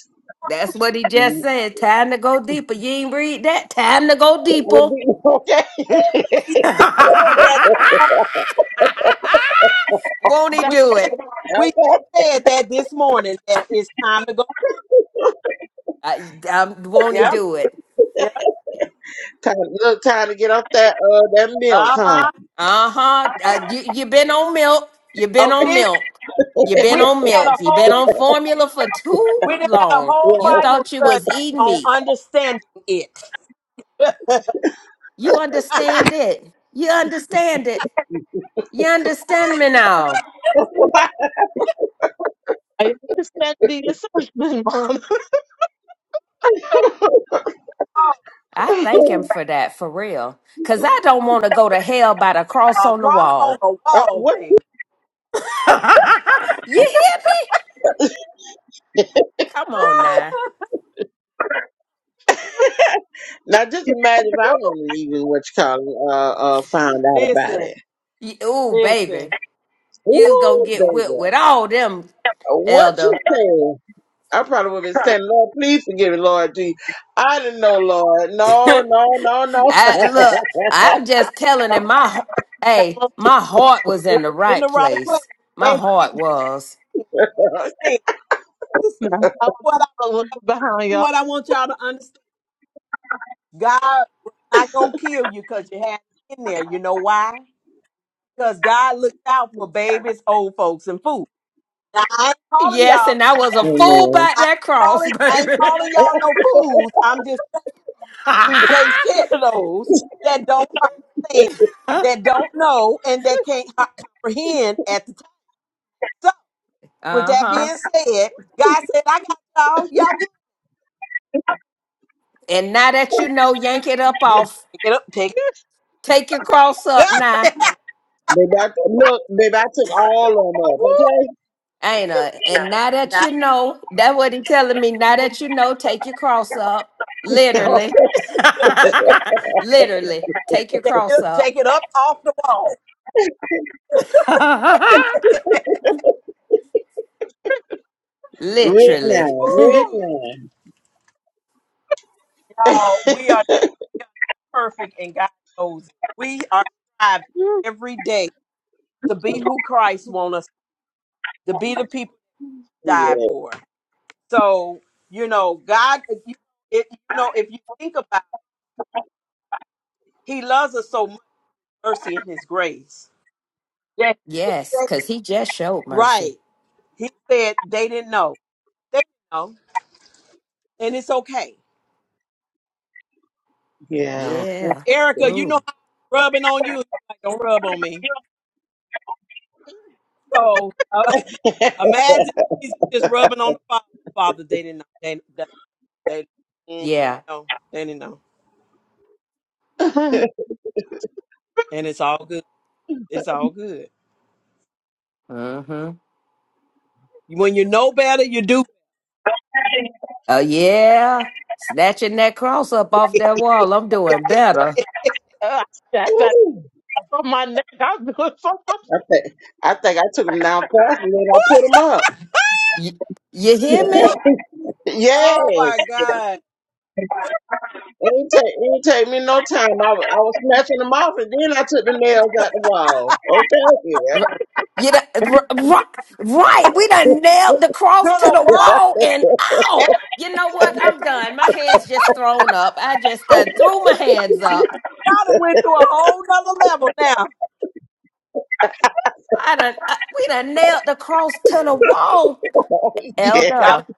Speaker 2: That's what he just
Speaker 3: Mm,
Speaker 2: said. Time to go deeper. You ain't read that. Time to go
Speaker 3: you'll
Speaker 2: deeper.
Speaker 3: be- Okay.
Speaker 1: said that
Speaker 2: won't he
Speaker 1: we
Speaker 2: do
Speaker 1: just
Speaker 2: it?
Speaker 1: we
Speaker 3: okay.
Speaker 1: said that this morning that it's time to go.
Speaker 2: Uh, um, won't he
Speaker 1: Yep.
Speaker 2: do it?
Speaker 1: yep.
Speaker 3: Time, look, time to get off that uh that milk, huh?
Speaker 1: Uh-huh.
Speaker 2: Uh-huh. Uh You you been on milk. You been
Speaker 3: Okay.
Speaker 2: on
Speaker 1: Listen,
Speaker 2: milk. You
Speaker 1: we
Speaker 2: been
Speaker 1: done
Speaker 2: on
Speaker 1: had a
Speaker 2: milk. You been
Speaker 1: whole
Speaker 2: on formula for too
Speaker 1: we done had a
Speaker 2: long.
Speaker 1: whole
Speaker 2: You
Speaker 3: Well,
Speaker 1: Bible
Speaker 2: thought you
Speaker 1: study
Speaker 2: was eating
Speaker 1: on
Speaker 2: meat.
Speaker 1: understanding it.
Speaker 2: You understand
Speaker 1: a
Speaker 2: it. You understand it. You understand me now.
Speaker 4: I understand the assumption, Mom.
Speaker 2: I thank him for that, for real. Cause I don't want to go to hell by the cross on the
Speaker 1: cross on
Speaker 2: wall.
Speaker 1: the
Speaker 3: uh,
Speaker 1: wall,
Speaker 3: what?
Speaker 1: baby.
Speaker 2: you hear me? Come on now.
Speaker 3: Now, just imagine if I wouldn't even what you call it, uh uh found out about
Speaker 1: Listen,
Speaker 3: it.
Speaker 2: You, ooh, baby.
Speaker 1: listen.
Speaker 2: You gonna
Speaker 3: Ooh,
Speaker 2: get whipped
Speaker 3: baby.
Speaker 2: with all them,
Speaker 3: What you
Speaker 2: Elder.
Speaker 3: saying? I probably would have been saying, Lord, please forgive me, Lord G. I didn't know, Lord. No,
Speaker 2: I
Speaker 3: no, no, no.
Speaker 2: look, I'm just telling him my ho- hey, my heart was in
Speaker 1: It
Speaker 2: the
Speaker 1: was in
Speaker 2: right
Speaker 1: the right place.
Speaker 2: place. My
Speaker 1: And see,
Speaker 2: heart
Speaker 1: this
Speaker 2: was.
Speaker 1: thing, this is what I what I want y'all to understand. God was not gonna kill you because you had it in there. You know why? Because God looked out for babies, old folks, and fools. Now I ain't calling
Speaker 2: Yes,
Speaker 1: y'all.
Speaker 2: and I was a fool
Speaker 3: Amen.
Speaker 2: about
Speaker 1: I ain't
Speaker 2: that cross,
Speaker 1: calling. I ain't
Speaker 2: baby.
Speaker 1: calling y'all no fools. I'm just He takes care
Speaker 2: uh-huh.
Speaker 1: of those that don't understand, that don't know, and that can't ho- comprehend at the time. So, with that being said, God said, I got y'all. Y'all good.
Speaker 2: And now that you know, yank it up
Speaker 1: You
Speaker 2: off.
Speaker 1: take it up, take
Speaker 2: Take your cross
Speaker 1: it
Speaker 2: up now.
Speaker 1: up.
Speaker 3: Baby, I, look, baby, I took all of them
Speaker 2: Ain't a, And now that
Speaker 1: Now,
Speaker 2: you know, that what he telling me. Now that you know, take your cross up.
Speaker 3: up,
Speaker 2: Literally.
Speaker 3: okay?
Speaker 2: Literally. Take your
Speaker 1: take it
Speaker 2: cross
Speaker 1: up,
Speaker 2: up.
Speaker 1: take it up off the wall.
Speaker 3: right
Speaker 2: Literally.
Speaker 3: now, right now.
Speaker 1: Y'all, we are not perfect, and God knows it. We are striving every day to be who Christ wants us to be, the people he died
Speaker 3: Yeah.
Speaker 1: for. So, you know, God, if you, if, you know, if you think about He loves us so much, mercy and his grace. That,
Speaker 2: Yes,
Speaker 1: that-
Speaker 2: because he just showed mercy.
Speaker 1: right. He said they didn't know. They didn't know. And it's okay.
Speaker 3: yeah.
Speaker 2: Yeah.
Speaker 3: Yeah.
Speaker 1: Erica, you know
Speaker 2: Ooh.
Speaker 1: how I'm rubbing on you. Like, don't rub on me. So uh, imagine Jesus just rubbing on the Father. Father, they didn't know. They, they, they, mm,
Speaker 2: Yeah.
Speaker 1: no, they didn't know. And it's all good. It's all good.
Speaker 2: Mm-hmm.
Speaker 1: When you know better, you do.
Speaker 2: Oh yeah. Snatching that cross up off that wall. I'm doing better.
Speaker 4: Uh, that, that,
Speaker 3: Woo.
Speaker 4: that's on my neck. I'm doing so
Speaker 3: I, think I think I took them down fast and then I put them up.
Speaker 2: Y- you hear me?
Speaker 4: much.
Speaker 1: Oh
Speaker 3: Yes.
Speaker 1: my God.
Speaker 3: It didn't take, it didn't take me no time. I was, I was snatching them off, and then I took the nails out the wall. Okay, yeah,
Speaker 2: R- You done, r- r- right. We done nailed the cross
Speaker 1: To
Speaker 2: to the
Speaker 1: the what?
Speaker 2: wall and
Speaker 1: Hey,
Speaker 2: out. You know what? I'm done. My hands just thrown up. I just done threw my hands up.
Speaker 1: y'all went to a whole nother level now.
Speaker 2: I done, uh, we done nailed the cross to the wall.
Speaker 3: yeah.
Speaker 2: Elder,
Speaker 1: Y'all,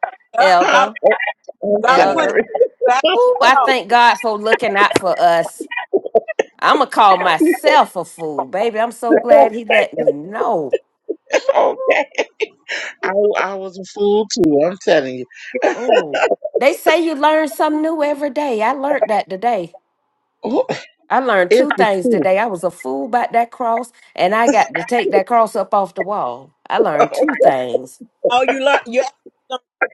Speaker 1: y'all,
Speaker 3: Huh?
Speaker 2: elder,
Speaker 3: Oh, I'm
Speaker 1: Y'all done put
Speaker 2: elder.
Speaker 3: sorry.
Speaker 1: back
Speaker 2: Ooh, I
Speaker 1: on.
Speaker 2: thank God for looking out for us. I'm going to call myself a fool, baby. I'm so glad he let me know.
Speaker 3: okay, I, I was a fool too. I'm telling you,
Speaker 2: Ooh. They say you learn something new every day. I learned that today.
Speaker 3: oh,
Speaker 2: I learned
Speaker 3: it's
Speaker 2: two
Speaker 3: the
Speaker 2: things
Speaker 3: truth.
Speaker 2: today. I was a fool about that cross, and I got to take that cross up off the wall. I learned two things.
Speaker 1: Oh, you learn. You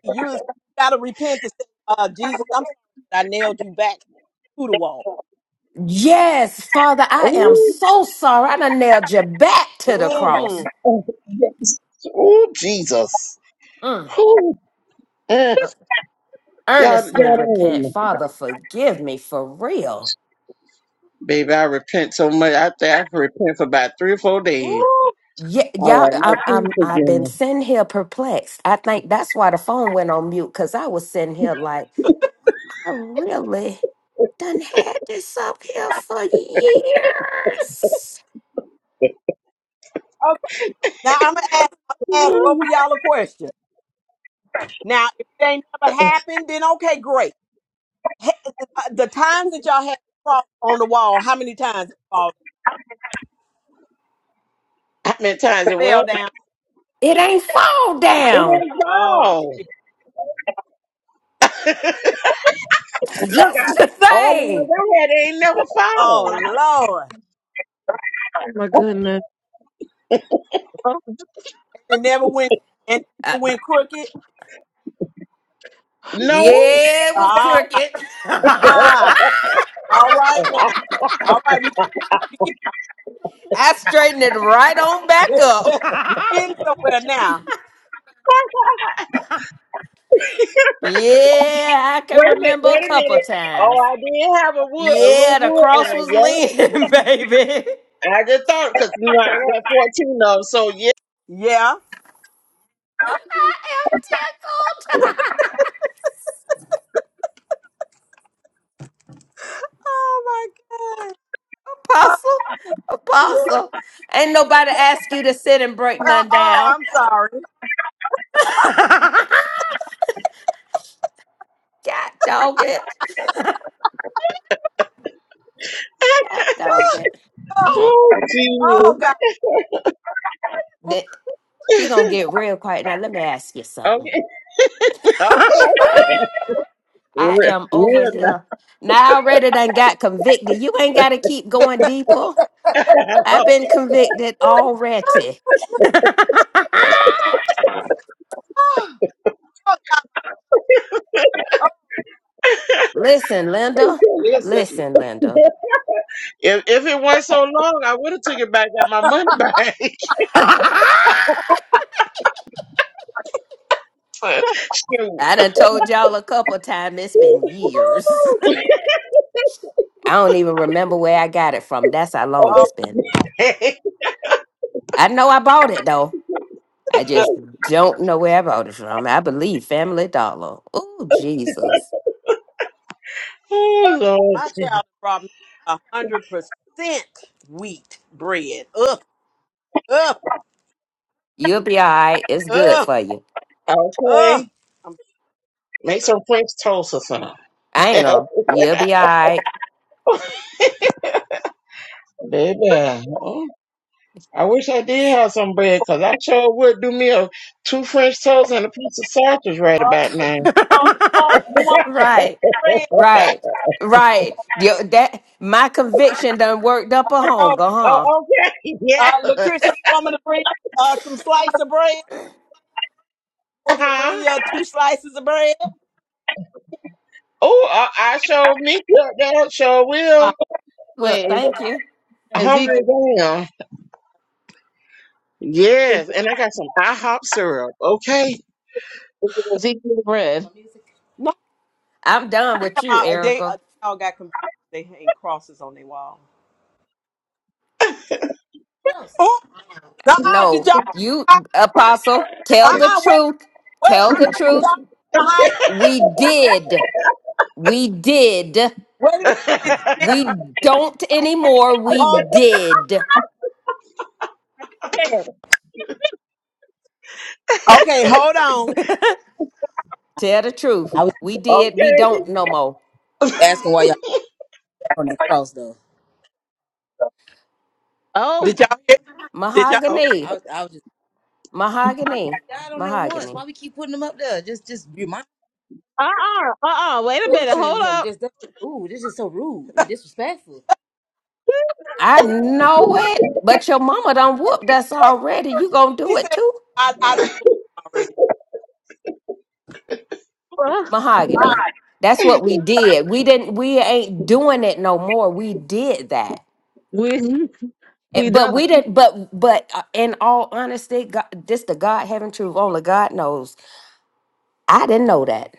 Speaker 1: you was- gotta repent to say, uh, Jesus, I'm sorry that I nailed you back to the wall.
Speaker 2: Yes, Father,
Speaker 3: Oh,
Speaker 2: I am
Speaker 3: oh,
Speaker 2: so sorry. I done nailed you back
Speaker 1: hmm
Speaker 2: to the cross.
Speaker 3: oh, yes. Oh, Jesus.
Speaker 2: Mm.
Speaker 3: Oh, eh.
Speaker 2: uh,
Speaker 3: y'all, y'all
Speaker 2: Earnestly
Speaker 3: don't
Speaker 2: repent,
Speaker 3: know.
Speaker 2: Father. Forgive me for real.
Speaker 3: Baby, I repent so much. I think I repent for about three or four days.
Speaker 2: Yeah,
Speaker 3: All
Speaker 2: y'all.
Speaker 3: right, now
Speaker 2: I'm,
Speaker 3: please
Speaker 2: I'm. I've
Speaker 3: forgive
Speaker 2: been sitting here perplexed. I think that's why the phone went on mute because I was sitting here like, I really done had this up here for years.
Speaker 1: Okay. Now I'm gonna ask, I'm gonna ask
Speaker 3: me.
Speaker 1: both of y'all a question. Now, if it ain't never happened, then okay, great. Uh, the times that y'all had to cross on the wall, how many times it fall,
Speaker 3: I meant times it
Speaker 1: fell
Speaker 3: well,
Speaker 1: down?
Speaker 2: It ain't fall
Speaker 3: it
Speaker 2: down.
Speaker 3: ain't
Speaker 1: Oh
Speaker 3: fall.
Speaker 1: dear.
Speaker 2: It's
Speaker 3: Look, I,
Speaker 2: Just the
Speaker 3: all the ones
Speaker 2: thing.
Speaker 3: I had ain't never fall.
Speaker 1: Oh Lord. It never went and it
Speaker 2: Uh,
Speaker 1: never went crooked.
Speaker 3: No.
Speaker 2: yeah, it was
Speaker 1: Ah,
Speaker 2: crooked.
Speaker 3: wait
Speaker 1: ah.
Speaker 2: I
Speaker 1: all right now.
Speaker 3: a
Speaker 1: All right, we
Speaker 2: straightened it right on back up.
Speaker 1: we getting somewhere now.
Speaker 2: yeah, I can
Speaker 3: minute,
Speaker 2: remember
Speaker 3: wait
Speaker 2: a
Speaker 3: a
Speaker 2: couple
Speaker 3: minute. Oh,
Speaker 2: times.
Speaker 3: I did have a wood, a
Speaker 2: Yeah,
Speaker 3: little
Speaker 2: the
Speaker 3: wood
Speaker 2: cross
Speaker 3: one,
Speaker 2: was
Speaker 3: yeah.
Speaker 2: leaning, baby.
Speaker 3: I just thought, cause you know, I had 14 of them, so yeah.
Speaker 1: Yeah.
Speaker 2: I am tickled.
Speaker 1: Oh my God. Oh,
Speaker 2: Apostle,
Speaker 1: yeah.
Speaker 2: apostle. Ain't nobody ask you to sit and break
Speaker 1: oh,
Speaker 2: none
Speaker 1: oh,
Speaker 2: down.
Speaker 1: I'm sorry.
Speaker 2: God dog it. God dog it.
Speaker 1: Oh,
Speaker 3: Oh,
Speaker 1: oh
Speaker 3: Jesus.
Speaker 1: God.
Speaker 2: that she gonna get real quiet. Now let me ask you something.
Speaker 3: Okay, okay.
Speaker 2: I
Speaker 3: Real,
Speaker 2: am over
Speaker 3: real nice.
Speaker 2: here. Now I already done got convicted. You ain't gotta keep going deeper. I've
Speaker 3: Okay.
Speaker 2: been convicted already.
Speaker 1: Oh,
Speaker 2: Listen, Linda.
Speaker 1: listen.
Speaker 2: Listen, Linda.
Speaker 3: If, if it wasn't so long, I would have took it back, got my money back.
Speaker 2: I
Speaker 3: But, shoot.
Speaker 2: done told y'all a couple times it's been years. I don't even remember where I got it from. That's how long
Speaker 1: Oh,
Speaker 2: it's been. I know I bought it though. I just don't know where I bought it from. I believe Family Dollar. Oh, Jesus.
Speaker 3: oh,
Speaker 1: my
Speaker 3: Lord.
Speaker 1: child brought me a hundred percent wheat bread. Ugh. Ugh,
Speaker 2: You'll be all right. It's good
Speaker 1: ugh,
Speaker 2: for you.
Speaker 3: Okay.
Speaker 1: ugh. You
Speaker 3: Make some French toast or something.
Speaker 2: Anal. You'll be all right.
Speaker 3: Baby, oh, I wish I did have some bread because I sure would do me a two French toasts and a piece of sausage right about now.
Speaker 1: want you want
Speaker 2: Right.
Speaker 1: the bread?
Speaker 2: Right. Right. Yo, that my conviction done worked up a
Speaker 1: I know.
Speaker 2: hunger, huh?
Speaker 3: oh, okay, yeah.
Speaker 1: Uh, Latricia, you want me to bring uh, some slice of bread? You want me to
Speaker 3: Uh-huh.
Speaker 1: bring uh, two slices of bread?
Speaker 3: Oh, I, I sure meet you up there. Sure
Speaker 1: Uh,
Speaker 3: will.
Speaker 2: Look,
Speaker 4: Wait, is
Speaker 2: thank you.
Speaker 4: Ezekiel
Speaker 3: Hungry down.
Speaker 4: is
Speaker 3: Yes, and I got some IHOP syrup. Okay.
Speaker 4: Ezekiel bread?
Speaker 1: no,
Speaker 2: I'm done with
Speaker 1: come
Speaker 2: you,
Speaker 1: on. They, uh,
Speaker 2: Erica.
Speaker 1: they all got confused. They hang crosses on their wall. Oh, uh-uh, did
Speaker 2: No,
Speaker 1: y'all?
Speaker 2: you apostle, tell the
Speaker 1: Uh-uh, wait,
Speaker 2: truth. Tell
Speaker 1: wait.
Speaker 2: the
Speaker 1: Did
Speaker 2: truth.
Speaker 1: y'all hide?
Speaker 2: We did. We did.
Speaker 1: Wait a minute.
Speaker 3: okay.
Speaker 1: Did,
Speaker 2: We don't anymore. We
Speaker 1: hold,
Speaker 2: did.
Speaker 4: Hey,
Speaker 1: okay, hold on.
Speaker 2: Tell the truth.
Speaker 1: I was
Speaker 2: We did. We don't no more.
Speaker 1: asking why y'all kept on that cross though.
Speaker 4: oh,
Speaker 1: Did y'all hear? Did y'all? Oh,
Speaker 2: Mahogany.
Speaker 1: I was, I was just
Speaker 2: Mahogany.
Speaker 1: died on there once.
Speaker 2: Mahogany.
Speaker 1: Why we keep putting them up there? Just just remind.
Speaker 4: uh, uh-uh, uh, uh, wait a minute,
Speaker 1: torturing
Speaker 4: hold
Speaker 1: him.
Speaker 4: up.
Speaker 1: Just, that's just ooh, this is so rude and disrespectful.
Speaker 2: I know it, but your mama done whooped us already. You gonna
Speaker 1: He
Speaker 2: do it
Speaker 1: said,
Speaker 2: too?
Speaker 1: I, I already.
Speaker 4: Uh,
Speaker 1: I,
Speaker 2: Mahogany. That's what we did. We didn't we ain't doing it no more. We did that.
Speaker 4: We we
Speaker 2: And- But
Speaker 4: done.
Speaker 2: we didn't but but uh, in all honesty, God, this the God heaven truth, only God knows. I didn't know that.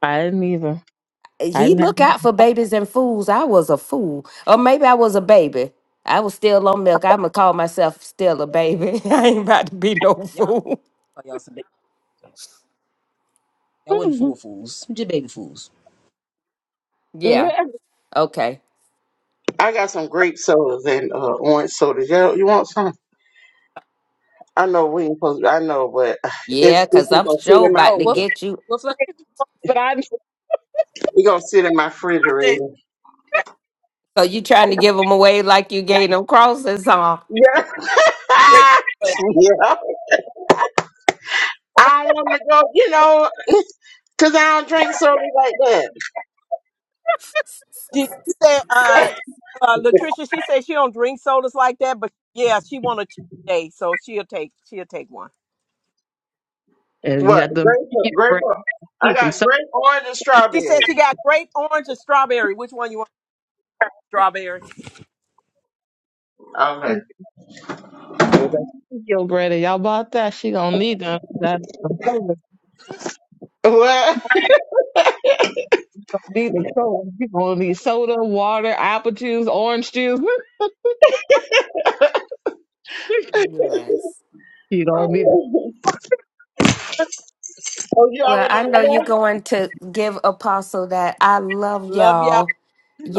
Speaker 4: I didn't either. I
Speaker 2: He
Speaker 4: didn't
Speaker 2: look
Speaker 4: have.
Speaker 2: out for babies and fools. I was a fool. Or maybe I was a baby. I was still on milk. I'ma call myself still a baby. I ain't about to be no
Speaker 1: Y'all,
Speaker 2: fool.
Speaker 1: oh, y'all some baby. Y'all wasn't fool fools. Just baby fools.
Speaker 2: Yeah. Okay.
Speaker 3: I got some grape sodas and uh, orange sodas. You, you want some? I know we ain't supposed. to, I know, but it's,
Speaker 2: Yeah,
Speaker 3: it's
Speaker 2: cause
Speaker 3: just
Speaker 2: I'm
Speaker 3: gonna sit
Speaker 2: sure
Speaker 3: in my
Speaker 1: Oh,
Speaker 2: about to
Speaker 1: what? Fl-
Speaker 3: freezer.
Speaker 2: get you.
Speaker 1: what? Fl-
Speaker 4: but I.
Speaker 3: It's gonna sit in my
Speaker 1: he said,
Speaker 3: refrigerator.
Speaker 1: "Yeah,
Speaker 2: So you trying to give them away like you gave them crosses huh?
Speaker 3: Yeah,
Speaker 1: great." But
Speaker 3: yeah. I want to go, you know, because I don't drink soda like that.
Speaker 1: she, she said, uh, uh, Latricia, she said she don't drink sodas like that, but yeah, she want a cheat day, so she'll take, she'll take one.
Speaker 4: You
Speaker 3: What
Speaker 4: got them.
Speaker 3: grape?
Speaker 4: You get
Speaker 3: Grape?
Speaker 4: bread. You
Speaker 3: I
Speaker 4: Need some
Speaker 3: got
Speaker 4: stuff.
Speaker 3: grape, orange, and
Speaker 1: She said she
Speaker 3: strawberry.
Speaker 1: got grape, orange, and strawberry. Which one you want? Strawberry.
Speaker 3: Okay.
Speaker 4: Ezekiel bread. And y'all bought that. She gonna need them. That.
Speaker 3: What?
Speaker 4: gonna need the soda. You gonna need soda, water, apple juice, orange juice.
Speaker 2: Yes.
Speaker 4: you don't need
Speaker 3: oh, you
Speaker 2: Well,
Speaker 3: already
Speaker 2: I
Speaker 3: know
Speaker 2: know you're
Speaker 3: that?
Speaker 2: going to give Apostle that. I love
Speaker 1: Love y'all.
Speaker 2: y'all.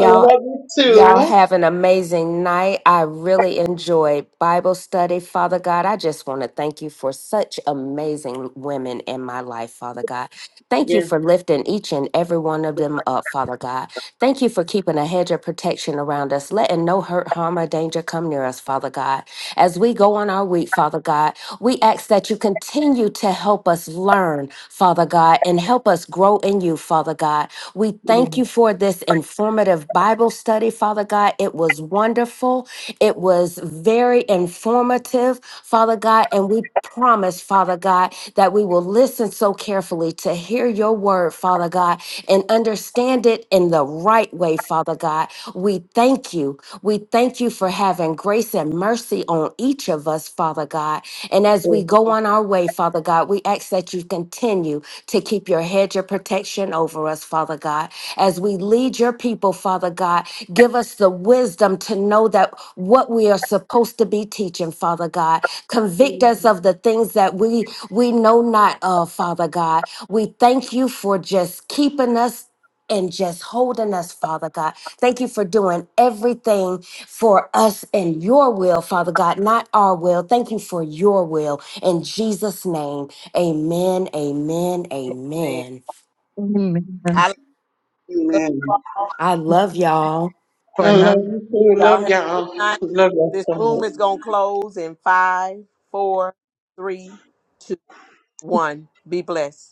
Speaker 3: I love you
Speaker 4: ice
Speaker 2: Y'all
Speaker 3: too.
Speaker 2: have an amazing night. I really enjoyed Bible study. Father God, I just want to thank you for such amazing women in my life, Father God. Thank you
Speaker 3: Yeah.
Speaker 2: for lifting each and every one of them up, Father God. Thank you for keeping a hedge of protection around us, letting no hurt, harm, or danger come near us, Father God. As we go on our week, Father God, we ask that you continue to help us learn, Father God, and help us grow in you, Father God. We thank you
Speaker 3: Mm-hmm.
Speaker 2: for this informative Bible study, Father God. It was wonderful. It was very informative, Father God. And we promise, Father God, that we will listen so carefully to hear your word, Father God, and understand it in the right way, Father God. We thank you. We thank you for having grace and mercy on each of us, Father God. And as we go on our way, Father God, we ask that you continue to keep your hedge of protection over us, Father God. As we lead your people, Father God, give us the wisdom to know that what we are supposed to be teaching, Father God. Convict us of the things that we we know not of, Father God. We thank you for just keeping us and just holding us, Father God. Thank you for doing everything for us in your will, Father God, not our will. Thank you for your will. In Jesus' name. Amen, amen,
Speaker 1: Man,
Speaker 2: amen.
Speaker 4: cream man,
Speaker 1: I love
Speaker 3: Amen.
Speaker 2: I love y'all.
Speaker 4: for
Speaker 3: I
Speaker 4: nothing.
Speaker 3: love you too.
Speaker 1: y'all.
Speaker 3: Love
Speaker 1: Have a good
Speaker 3: y'all.
Speaker 1: night.
Speaker 3: Love y'all.
Speaker 1: This
Speaker 3: so much.
Speaker 1: room is gonna close in five, four, three, two, one. Be blessed.